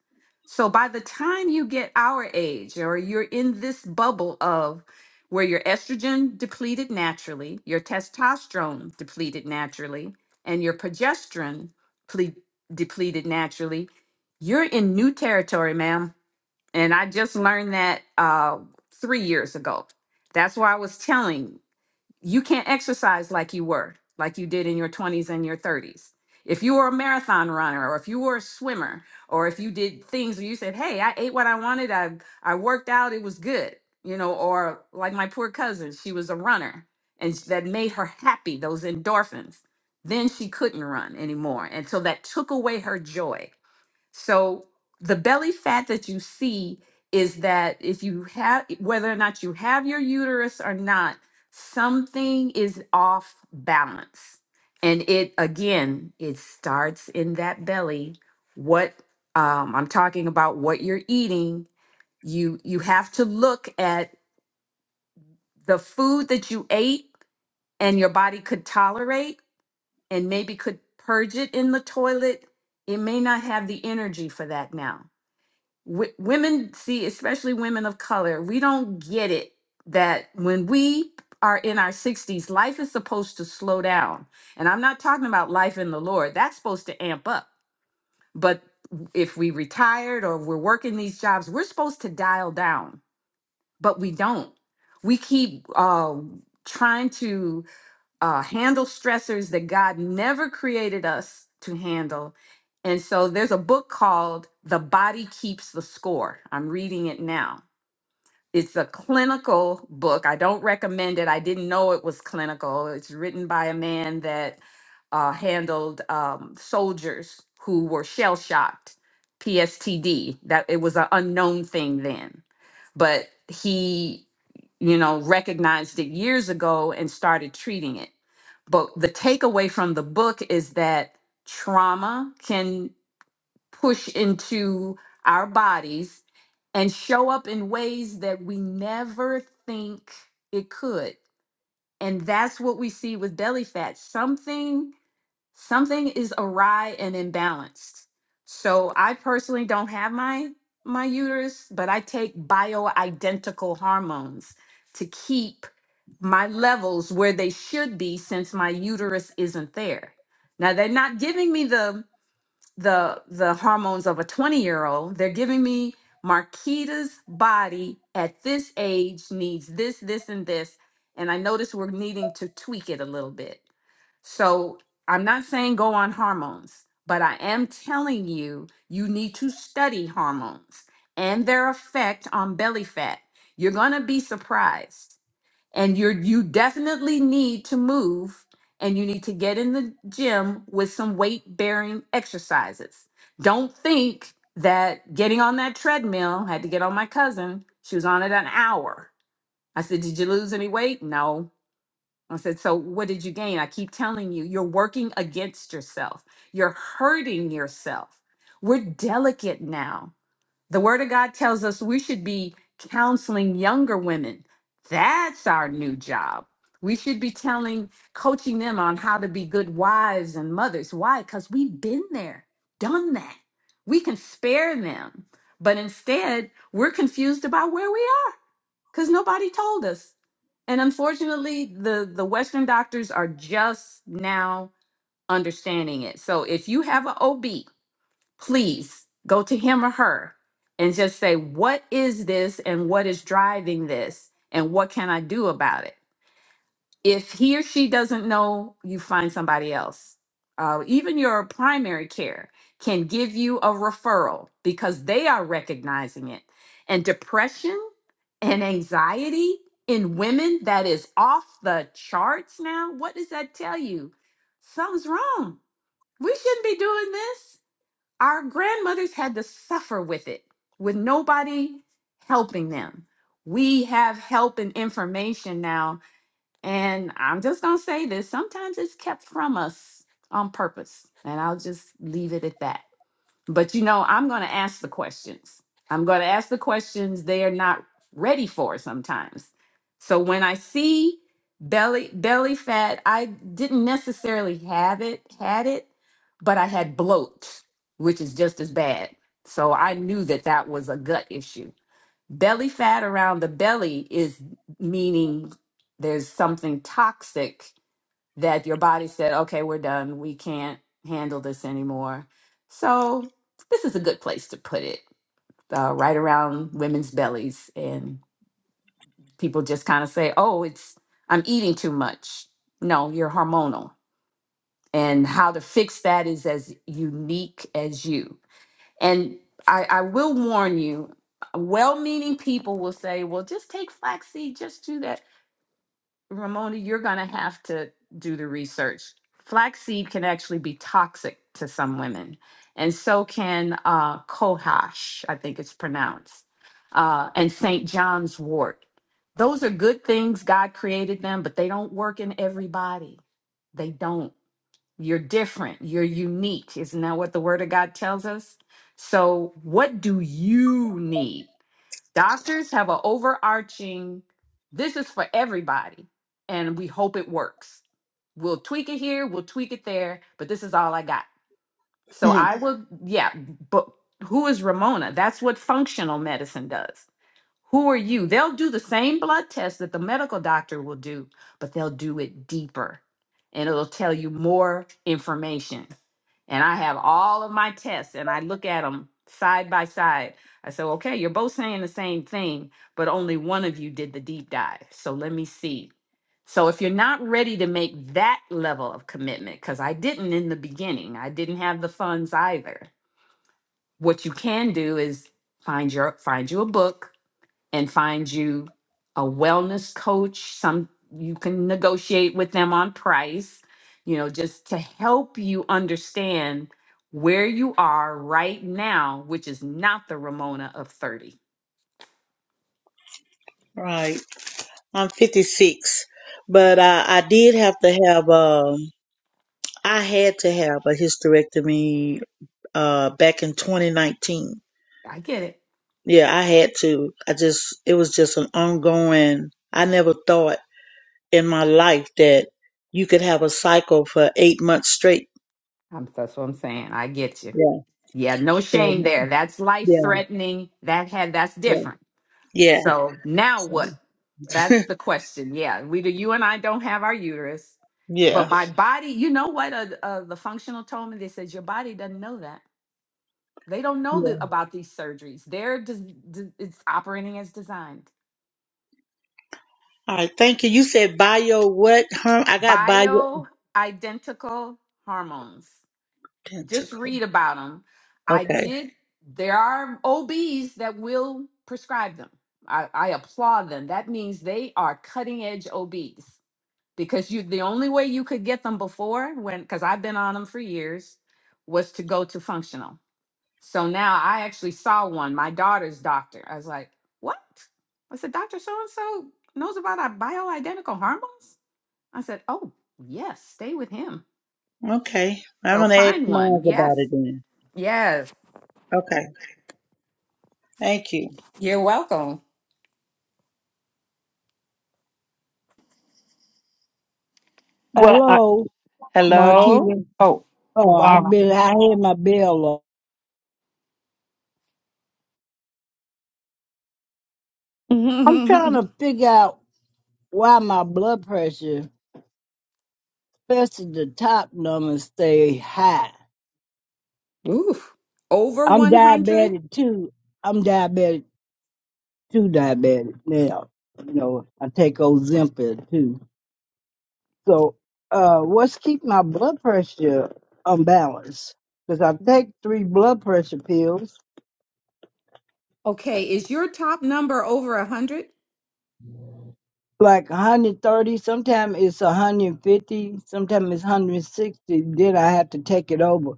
So by the time you get our age or you're in this bubble of where your estrogen depleted naturally, your testosterone depleted naturally, and your progesterone ple- depleted naturally, you're in new territory, ma'am. And I just learned that uh, three years ago. That's why I was telling you can't exercise like you were, like you did in your 20s and your 30s. If you were a marathon runner or if you were a swimmer or if you did things where you said, hey, I ate what I wanted, I, I worked out, it was good, you know, or like my poor cousin, she was a runner and s- that made her happy, those endorphins. Then she couldn't run anymore. And so that took away her joy so the belly fat that you see is that if you have, whether or not you have your uterus or not, something is off balance. And it, again, it starts in that belly. What um, I'm talking about, what you're eating, you you have to look at the food that you ate and your body could tolerate and maybe could purge it in the toilet. It may not have the energy for that now w- women see especially women of color we don't get it that when we are in our 60s life is supposed to slow down and i'm not talking about life in the lord that's supposed to amp up but if we retired or we're working these jobs we're supposed to dial down but we don't we keep uh, trying to uh, handle stressors that God never created us to handle. And so there's a book called The Body Keeps the Score. I'm reading it now. It's a clinical book. I don't recommend it. I didn't know it was clinical. It's written by a man that uh, handled um, soldiers who were shell shocked, PSTD. That it was an unknown thing then, but he, you know, recognized it years ago and started treating it but the takeaway from the book is that trauma can push into our bodies and show up in ways that we never think it could. And that's what we see with belly fat. Something something is awry and imbalanced. So I personally don't have my my uterus, but I take bioidentical hormones to keep my levels where they should be since my uterus isn't there. Now they're not giving me the the the hormones of a 20 year old they're giving me marquita's body at this age needs this this and this and i notice we're needing to tweak it a little bit so i'm not saying go on hormones but i am telling you you need to study hormones and their effect on belly fat you're going to be surprised and you're you definitely need to move and you need to get in the gym with some weight bearing exercises don't think that getting on that treadmill I had to get on my cousin she was on it an hour i said did you lose any weight no i said so what did you gain i keep telling you you're working against yourself you're hurting yourself we're delicate now the Word of God tells us we should be counseling younger women. That's our new job. We should be telling, coaching them on how to be good wives and mothers. Why? Because we've been there, done that. We can spare them. But instead, we're confused about where we are because nobody told us. And unfortunately, the, the Western doctors are just now understanding it. So if you have an OB please go to him or her and just say, What is this and what is driving this? And what can I do about it? If he or she doesn't know, you find somebody else. Uh, even your primary care can give you a referral because they are recognizing it. And depression and anxiety in women that is off the charts now. What does that tell you? Something's wrong. We shouldn't be doing this our grandmothers had to suffer with it with nobody helping them. We have help and information now. And I'm just going to say this sometimes it's kept from us on purpose. And I'll just leave it at that. But you know, I'm going to ask the questions. I'm going to ask the questions they are not ready for sometimes. So when I see belly belly fat, I didn't necessarily have it had it, but I had bloat, which is just as bad. So I knew that that was a gut issue. Belly fat around the belly is meaning there's something toxic that your body said, okay, we're done. We can't handle this anymore. So, this is a good place to put it, uh, right around women's bellies. And people just kind of say, oh, it's, I'm eating too much. No, you're hormonal. And how to fix that is as unique as you. And I, I will warn you, well meaning people will say, well, just take flaxseed, just do that. Ramona, you're going to have to do the research. Flaxseed can actually be toxic to some women, and so can uh, Kohash, I think it's pronounced, uh, and St. John's wort. Those are good things. God created them, but they don't work in everybody. They don't. You're different. You're unique. Isn't that what the Word of God tells us? So, what do you need? Doctors have an overarching, this is for everybody, and we hope it works. We'll tweak it here, we'll tweak it there, but this is all I got. So Hmm. I will, yeah, but who is Ramona? That's what functional medicine does. Who are you? They'll do the same blood test that the medical doctor will do, but they'll do it deeper and it'll tell you more information. And I have all of my tests and I look at them side by side. I say, okay, you're both saying the same thing, but only one of you did the deep dive. So let me see. So if you're not ready to make that level of commitment, because I didn't in the beginning, I didn't have the funds either. What you can do is find your find you a book and find you a wellness coach some you can negotiate with them on price you know just to help you understand where you are right now which is not the ramona of 30 Right. I'm 56, but I, I did have to have. Um, I had to have a hysterectomy. Uh, back in 2019. i get it Yeah, I had to. I just. It was just an ongoing. I never thought in my life that you could have a cycle for eight months straight. I'm, that's what i'm saying i get you Yeah. yeah no so, shame there that's life Yeah. threatening that had that's Yeah. different Yeah. So now So, what? That's the question. Yeah, we do. You and I don't have our uterus, but [laughs] my body. You know what? Uh, uh, the functional told me. They said your body doesn't know that. They don't know yeah. that about these surgeries. They're just it's operating as designed. All right, thank you. You said bio what, huh? I got bio Bio identical hormones. Just identical. read about them. I Okay, did. There are OBs that will prescribe them. I, I applaud them. That means they are cutting edge OBs because you the only way you could get them before when because I've been on them for years was to go to functional. So now I actually saw one, my daughter's doctor. I was like, what? I said, Dr. So and so knows about our bioidentical hormones? I said, oh, yes, stay with him. okay. I'm So gonna ask find one. Miles about Yes. it then. Yes. Okay, thank you. You're welcome. Hello, Oh, Marquita. Oh, Oh, Barbara. I've been, I had my bell off. [laughs] I'm trying Ooh, to figure out why my blood pressure, especially the top numbers, stay high. over I'm 100? diabetic too. I'm diabetic too, diabetic now. You know, I take Ozempic too. So, uh, what's keep my blood pressure unbalanced? Because I take three blood pressure pills Okay. Is your top number over 100? like 130 sometimes it's 150 sometimes it's 160 then i have to take it over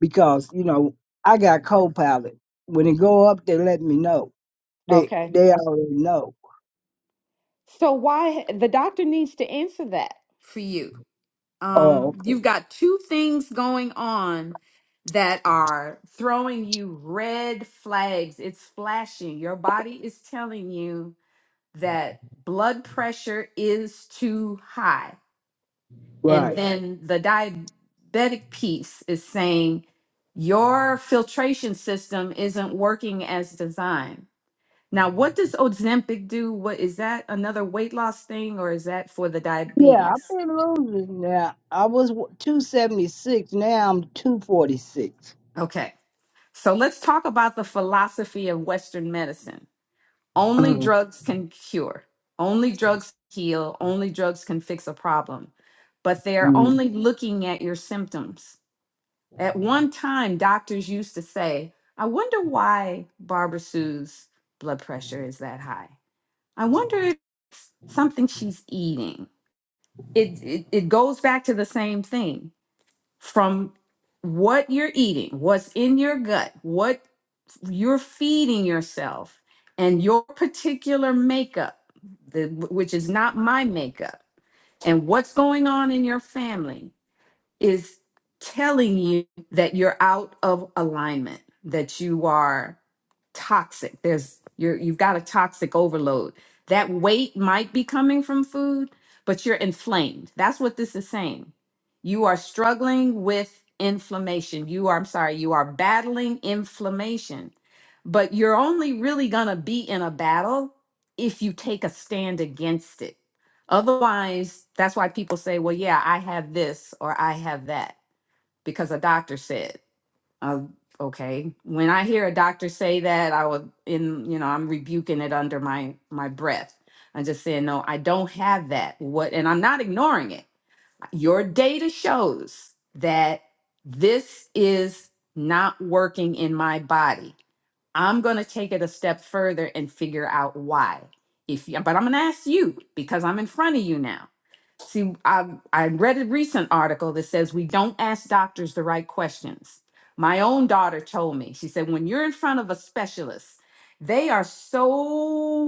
because you know i got co-pilot when it go up they let me know they Okay. they already know So why the doctor needs to answer that? for you. oh Um, okay. you've got two things going on that are throwing you red flags. It's flashing. Your body is telling you that blood pressure is too high. And right then the diabetic piece is saying your filtration system isn't working as designed. Now, what does Ozempic do? What is that another weight loss thing or is that for the yeah diabetes? i've been losing now i was 276 now i'm 246 Okay. So let's talk about the philosophy of Western medicine. Only Mhm. drugs can cure. Only drugs heal. Only drugs can fix a problem. But they are Mhm. only looking at your symptoms. At one time, doctors used to say, I wonder why Barbara Sue's blood pressure is that high. I wonder if something she's eating. it, it it goes back to the same thing from what you're eating what's in your gut what you're feeding yourself and your particular makeup the, which is not my makeup and what's going on in your family is telling you that you're out of alignment, that you are toxic. There's you're you've got a toxic overload. That weight might be coming from food, but you're inflamed. That's what this is saying. You are struggling with inflammation. You are I'm sorry, you are battling inflammation. But you're only really going to be in a battle if you take a stand against it Otherwise, that's why people say, well, yeah, I have this or I have that because a doctor said. Uh, okay. When I hear a doctor say that, I would, in, you know, I'm rebuking it under my, my breath. I'm just saying, no, I don't have that. What, and I'm not ignoring it. Your data shows that this is not working in my body. I'm going to take it a step further and figure out why. If you, but I'm going to ask you because I'm in front of you now See, I I read a recent article that says we don't ask doctors the right questions. My own daughter told me. She said when you're in front of a specialist, they are so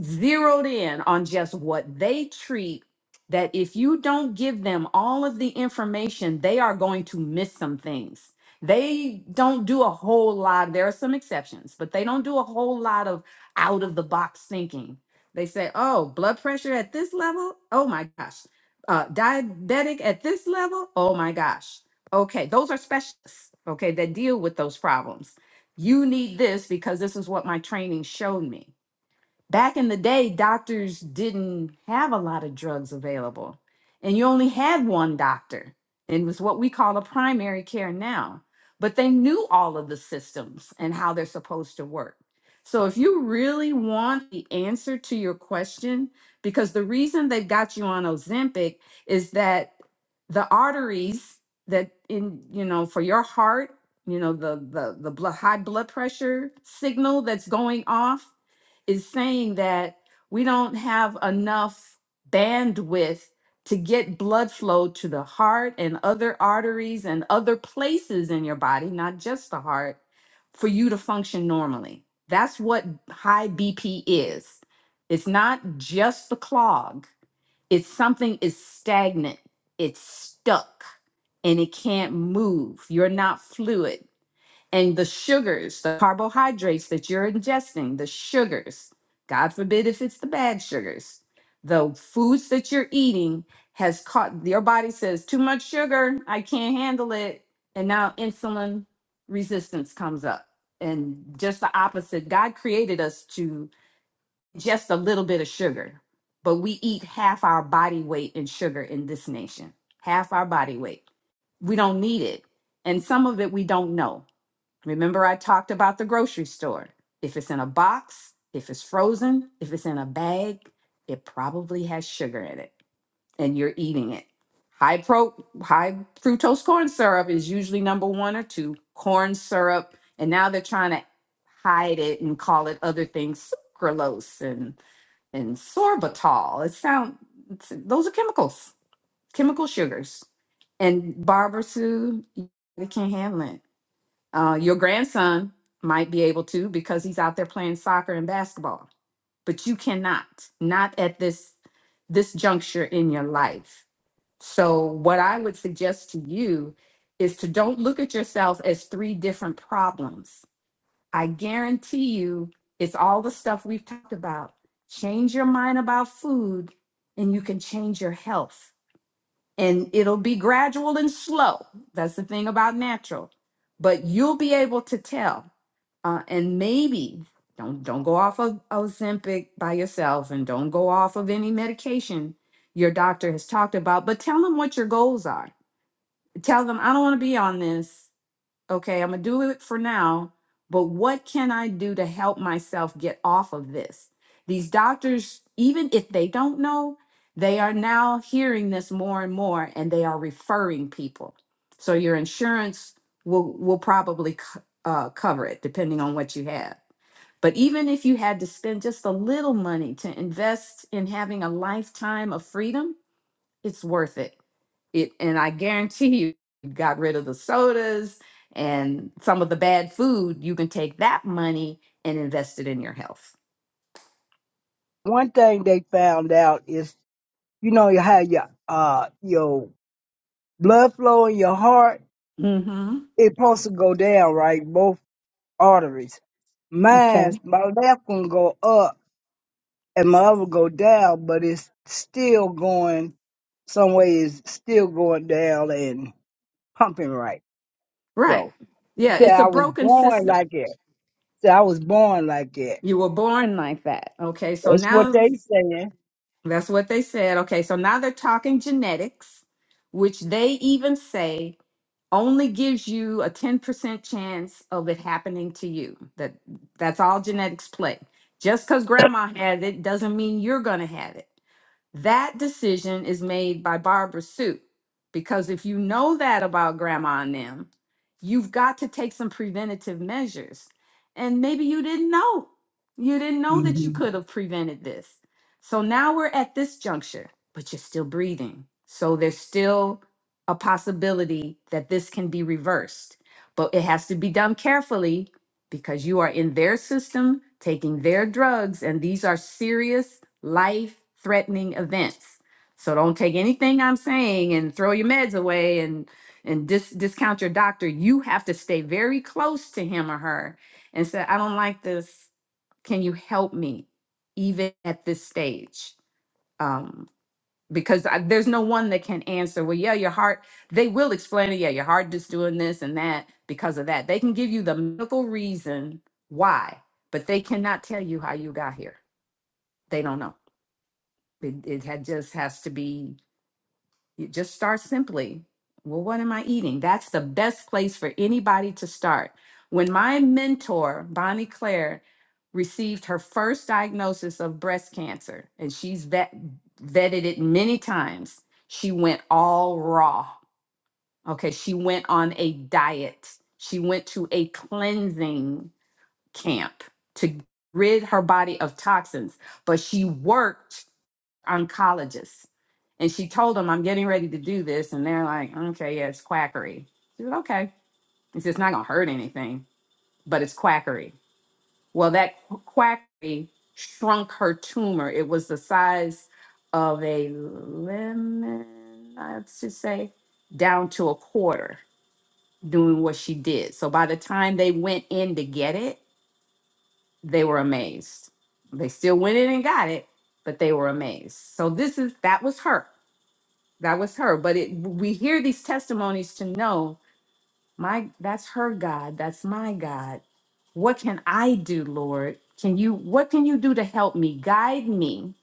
zeroed in on just what they treat that if you don't give them all of the information they are going to miss some things they don't do a whole lot there are some exceptions but they don't do a whole lot of out of the box thinking they say oh blood pressure at this level oh my gosh uh, diabetic at this level oh my gosh okay those are specialists okay that deal with those problems you need this because this is what my training showed me Back in the day, doctors didn't have a lot of drugs available, and you only had one doctor. and It was what we call a primary care now. But they knew all of the systems and how they're supposed to work. So if you really want the answer to your question, because the reason they've got you on Ozempic is that the arteries that in you know for your heart you know the the the blood, high blood pressure signal that's going off is saying that we don't have enough bandwidth to get blood flow to the heart and other arteries and other places in your body, not just the heart, for you to function normally. That's what high BP is. It's not just the clog, it's something is stagnant, it's stuck, and it can't move. You're not fluid and the sugars, the carbohydrates that you're ingesting, the sugars, God forbid if it's the bad sugars, the foods that you're eating has caught your body says too much sugar, I can't handle it, and now insulin resistance comes up. And just the opposite, God created us to just a little bit of sugar, but we eat half our body weight in sugar in this nation. Half our body weight. We don't need it. And some of it we don't know Remember, I talked about the grocery store. If it's in a box, if it's frozen, if it's in a bag, it probably has sugar in it and you're eating it. High pro high fructose corn syrup is usually number 1 or 2. Corn syrup and now they're trying to hide it and call it other things sucralose and and sorbitol. It sound it's- those are chemicals, chemical sugars. And Barbara Sue, we can't handle it uh, your grandson might be able to because he's out there playing soccer and basketball, but you cannot, not at this this juncture in your life. So what I would suggest to you is to don't look at yourself as three different problems. I guarantee you it's all the stuff we've talked about. Change your mind about food and you can change your health. And it'll be gradual and slow. That's the thing about natural. But you'll be able to tell uh, and maybe don't don't go off of Ozempic by yourself, and don't go off of any medication your doctor has talked about. But tell them what your goals are. Tell them I don't want to be on this. Okay, I'm gonna do it for now. But what can I do to help myself get off of this? These doctors, even if they don't know, they are now hearing this more and more, and they are referring people. So your insurance will will probably co- uh, cover it, depending on what you have but even if you had to spend just a little money to invest in having a lifetime of freedom, it's worth it. It and I guarantee you, you got rid of the sodas and some of the bad food, you can take that money and invest it in your health. one thing they found out is you know how your uh your blood flow in your heart hmm it supposed to go down right Both. arteries. Mine, Okay. my left one go up and my other go down, but it's still going some way. is still going down and pumping right. Right. So Yeah, it's yeah, a I was broken born system. like it. So I was born like it. You were born like that. Okay, so That's what now they saying. that's what they said. Okay, so now they're talking genetics, which they even say only gives you a 10% chance of it happening to you. That that's all genetics play. Just because grandma has it doesn't mean you're gonna have it. That decision is made by Barbara Sue. Because if you know that about grandma and them, you've got to take some preventative measures. And maybe you didn't know. You didn't know that you hmm could have prevented this. So now we're at this juncture, but you're still breathing. So there's still a possibility that this can be reversed, but it has to be done carefully because you are in their system taking their drugs, and these are serious life threatening events. So don't take anything I'm saying and throw your meds away and and dis- discount your doctor. You have to stay very close to him or her and say, I don't like this. Can you help me even at this stage? Um, because I, there's no one that can answer, well, yeah, your heart, they will explain it. Yeah, your heart just doing this and that because of that. They can give you the medical reason why, but they cannot tell you how you got here. They don't know. It, it had just has to be, you just start simply. Well, what am I eating? That's the best place for anybody to start. When my mentor, Bonnie Claire, received her first diagnosis of breast cancer, and she's vet, vetted it many times, she went all raw. Okay, she went on a diet, she went to a cleansing camp to rid her body of toxins, but she worked oncologist. And she told him, I'm getting ready to do this. And they're like, okay, yeah, it's quackery. She said, okay. He said, it's not going to hurt anything, but it's quackery. Well, that qu- quackery shrunk her tumor. It was the size of a lemon, I should say, down to a quarter doing what she did. So by the time they went in to get it, they were amazed. They still went in and got it, but they were amazed. So this is, that was her that was her but it we hear these testimonies to know my that's her god that's my god what can i do lord can you what can you do to help me guide me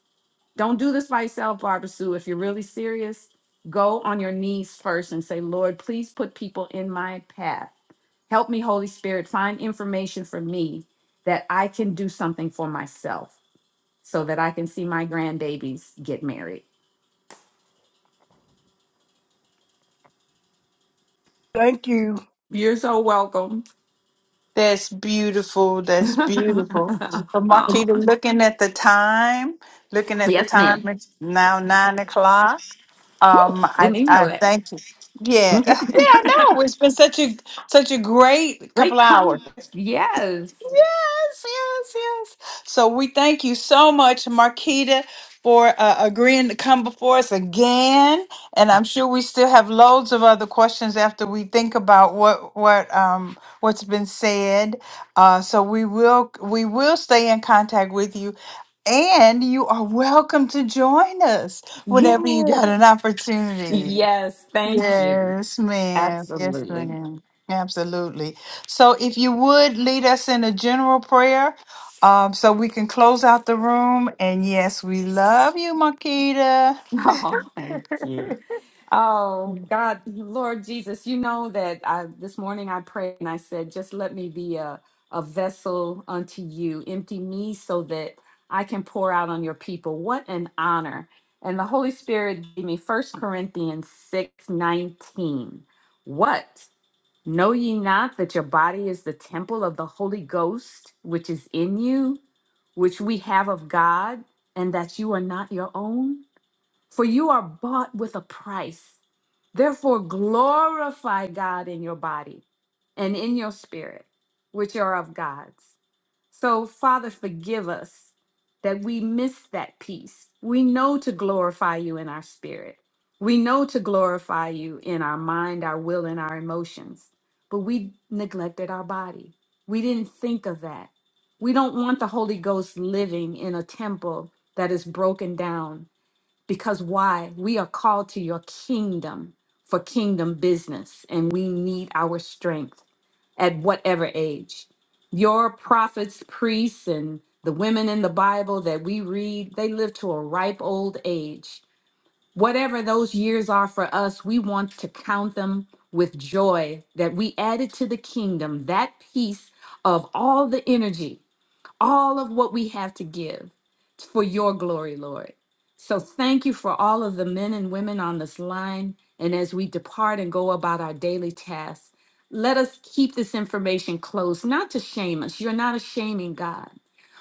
don't do this by yourself barbara sue if you're really serious go on your knees first and say lord please put people in my path help me holy spirit find information for me that i can do something for myself so that i can see my grandbabies get married Thank you. you're so welcome That's beautiful. [laughs] That's beautiful. So, oh, Marquita, looking at the time, looking at the yes, ma'am. time, it's now nine o'clock. Woo, Um, I, didn't even know I that. thank you. Yeah, [laughs] yeah, Okay. I know. It's been such a such a great Great couple hours. context. Yes. Yes, yes, yes. So we thank you so much, Marquita, for uh, agreeing to come before us again. And I'm sure we still have loads of other questions after we think about what what um what's been said. Uh, so we will we will stay in contact with you. And you are welcome to join us whenever you Yes. got an opportunity. Yes. Thank you. Yes, ma'am. Yes, Absolutely. [laughs] ma'am. Absolutely. So if you would lead us in a general prayer, um, so we can close out the room. And yes, we love you, Marquita. Oh, thank you. Oh, God, Lord Jesus, you know that I, this morning I prayed and I said, just let me be a, a vessel unto you. Empty me so that I can pour out on your people. What an honor. And the Holy Spirit gave me First Corinthians 6 19. What? Know ye not that your body is the temple of the Holy Ghost, which is in you, which we have of God, and that you are not your own? For you are bought with a price. Therefore, glorify God in your body and in your spirit, which are of God's. So, Father, forgive us that we miss that piece. We know to glorify you in our spirit, we know to glorify you in our mind, our will, and our emotions, but we neglected our body. We didn't think of that. We don't want the Holy Ghost living in a temple that is broken down because why? We are called to your kingdom for kingdom business, and we need our strength at whatever age. Your prophets, priests, and the women in the Bible that we read, they live to a ripe old age. Whatever those years are for us, we want to count them with joy that we added to the kingdom that piece of all the energy all of what we have to give for your glory, Lord. So thank you for all of the men and women on this line. And as we depart and go about our daily tasks, let us keep this information close, not to shame us. You're not a shaming God,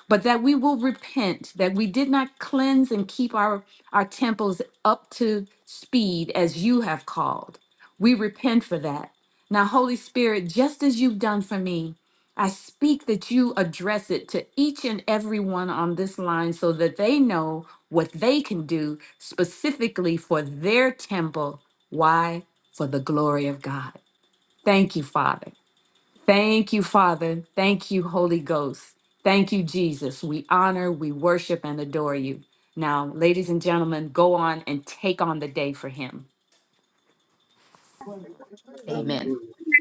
but that we will repent that we did not cleanse and keep our our temples up to speed as you have called we repent for that now holy spirit just as you've done for me i speak that you address it to each and every one on this line so that they know what they can do specifically for their temple why for the glory of god thank you father Thank you, Father. Thank you, Holy Ghost. Thank you, Jesus. We honor, we worship, and adore you. Now, ladies and gentlemen, go on and take on the day for him. Amen.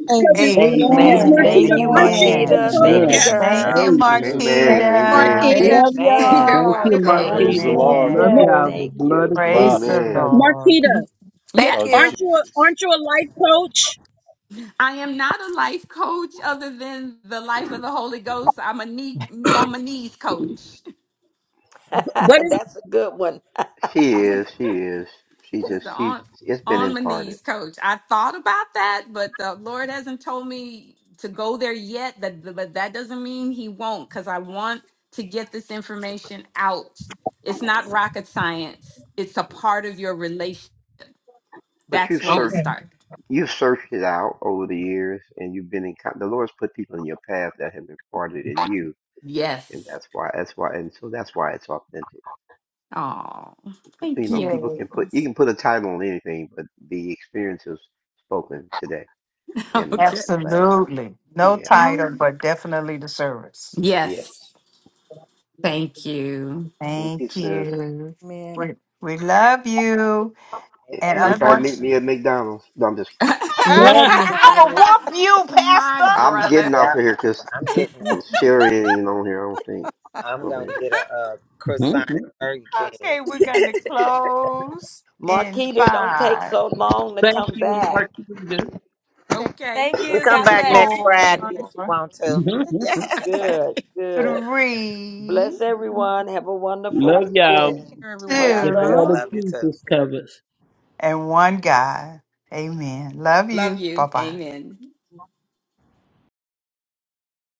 Amen. Cousin, I Amen. mean, Miss Amen. Amen. Thank Marquita, you, aren't you a Amen. Amen. Marquita. Thank you, Amen. Amen. coach? In the Yes. Thank name you, girl. of But that's Jesus Amen. just how Thank Amen. Christ. I you, know Amen. Marquita. Marquita. Hey, Love We [laughs] love Amen. you're Thank y'all. you, you. welcome. Have a Praise the Marquita. blessed Lord. Love Amen. Ma- y'all. day. The Thank the love blood you. of of Praise Christ Jesus the Blessed Amen. covers. Lord. Marquita, Yes, Thank because of you. aren't you a, Jesus. aren't you a life coach? I am not a life coach other than the life of the Holy Ghost. I'm a knee on my knees coach. [laughs] What is? That's a good one. She is. She is. She It's just. the She's. on It's been on my imparted. knees coach. I thought about that, but the Lord hasn't told me to go there yet. That but but that doesn't mean He won't, because I want to get this information out. It's not rocket science. It's a part of your relation. But That's you've where you okay? searched. start. You've searched it out over the years, and you've been in. con- The Lord's put people in your path that have imparted in you, and Yes. that's why. That's why. And so that's why it's authentic. Oh, But, you thank know, you. people can put. You Yes. can put a title on anything, but the experience is spoken today [laughs] and, la- okay. and last time. Absolutely. No Yeah. title, Um. but definitely the service. Yes. Yes. Thank you. Thank Thank you, sis. you. Amen. We, we love you. And Love Everybody you. meet unfortunately, me at McDonald's. No, I'm just [laughs] kidding. [laughs] Love you. I'm going to [laughs] whoop [laughs] you, my Pastor. I'm getting brother. off Yeah, of here because I'm getting a, Sherry ain't on here, I don't think. I'm Oh, going to man. get a, a croissant at Burger King. Okay, You we're going to close in Marquita, don't take five, so long to Thank come you, back. Marquita. take, Okay. Thank can you. [laughs] Come God take back care, bless. next Friday everyone. if you four, want to. [laughs] [laughs] Good, good. three, Bless everyone. Have a wonderful Love Take y'all. weekend. care, everyone. Much God The bless. blood love. of two, Love you too. Jesus covers. and one, God. Amen. Love Love you. Bye you. bye. Amen.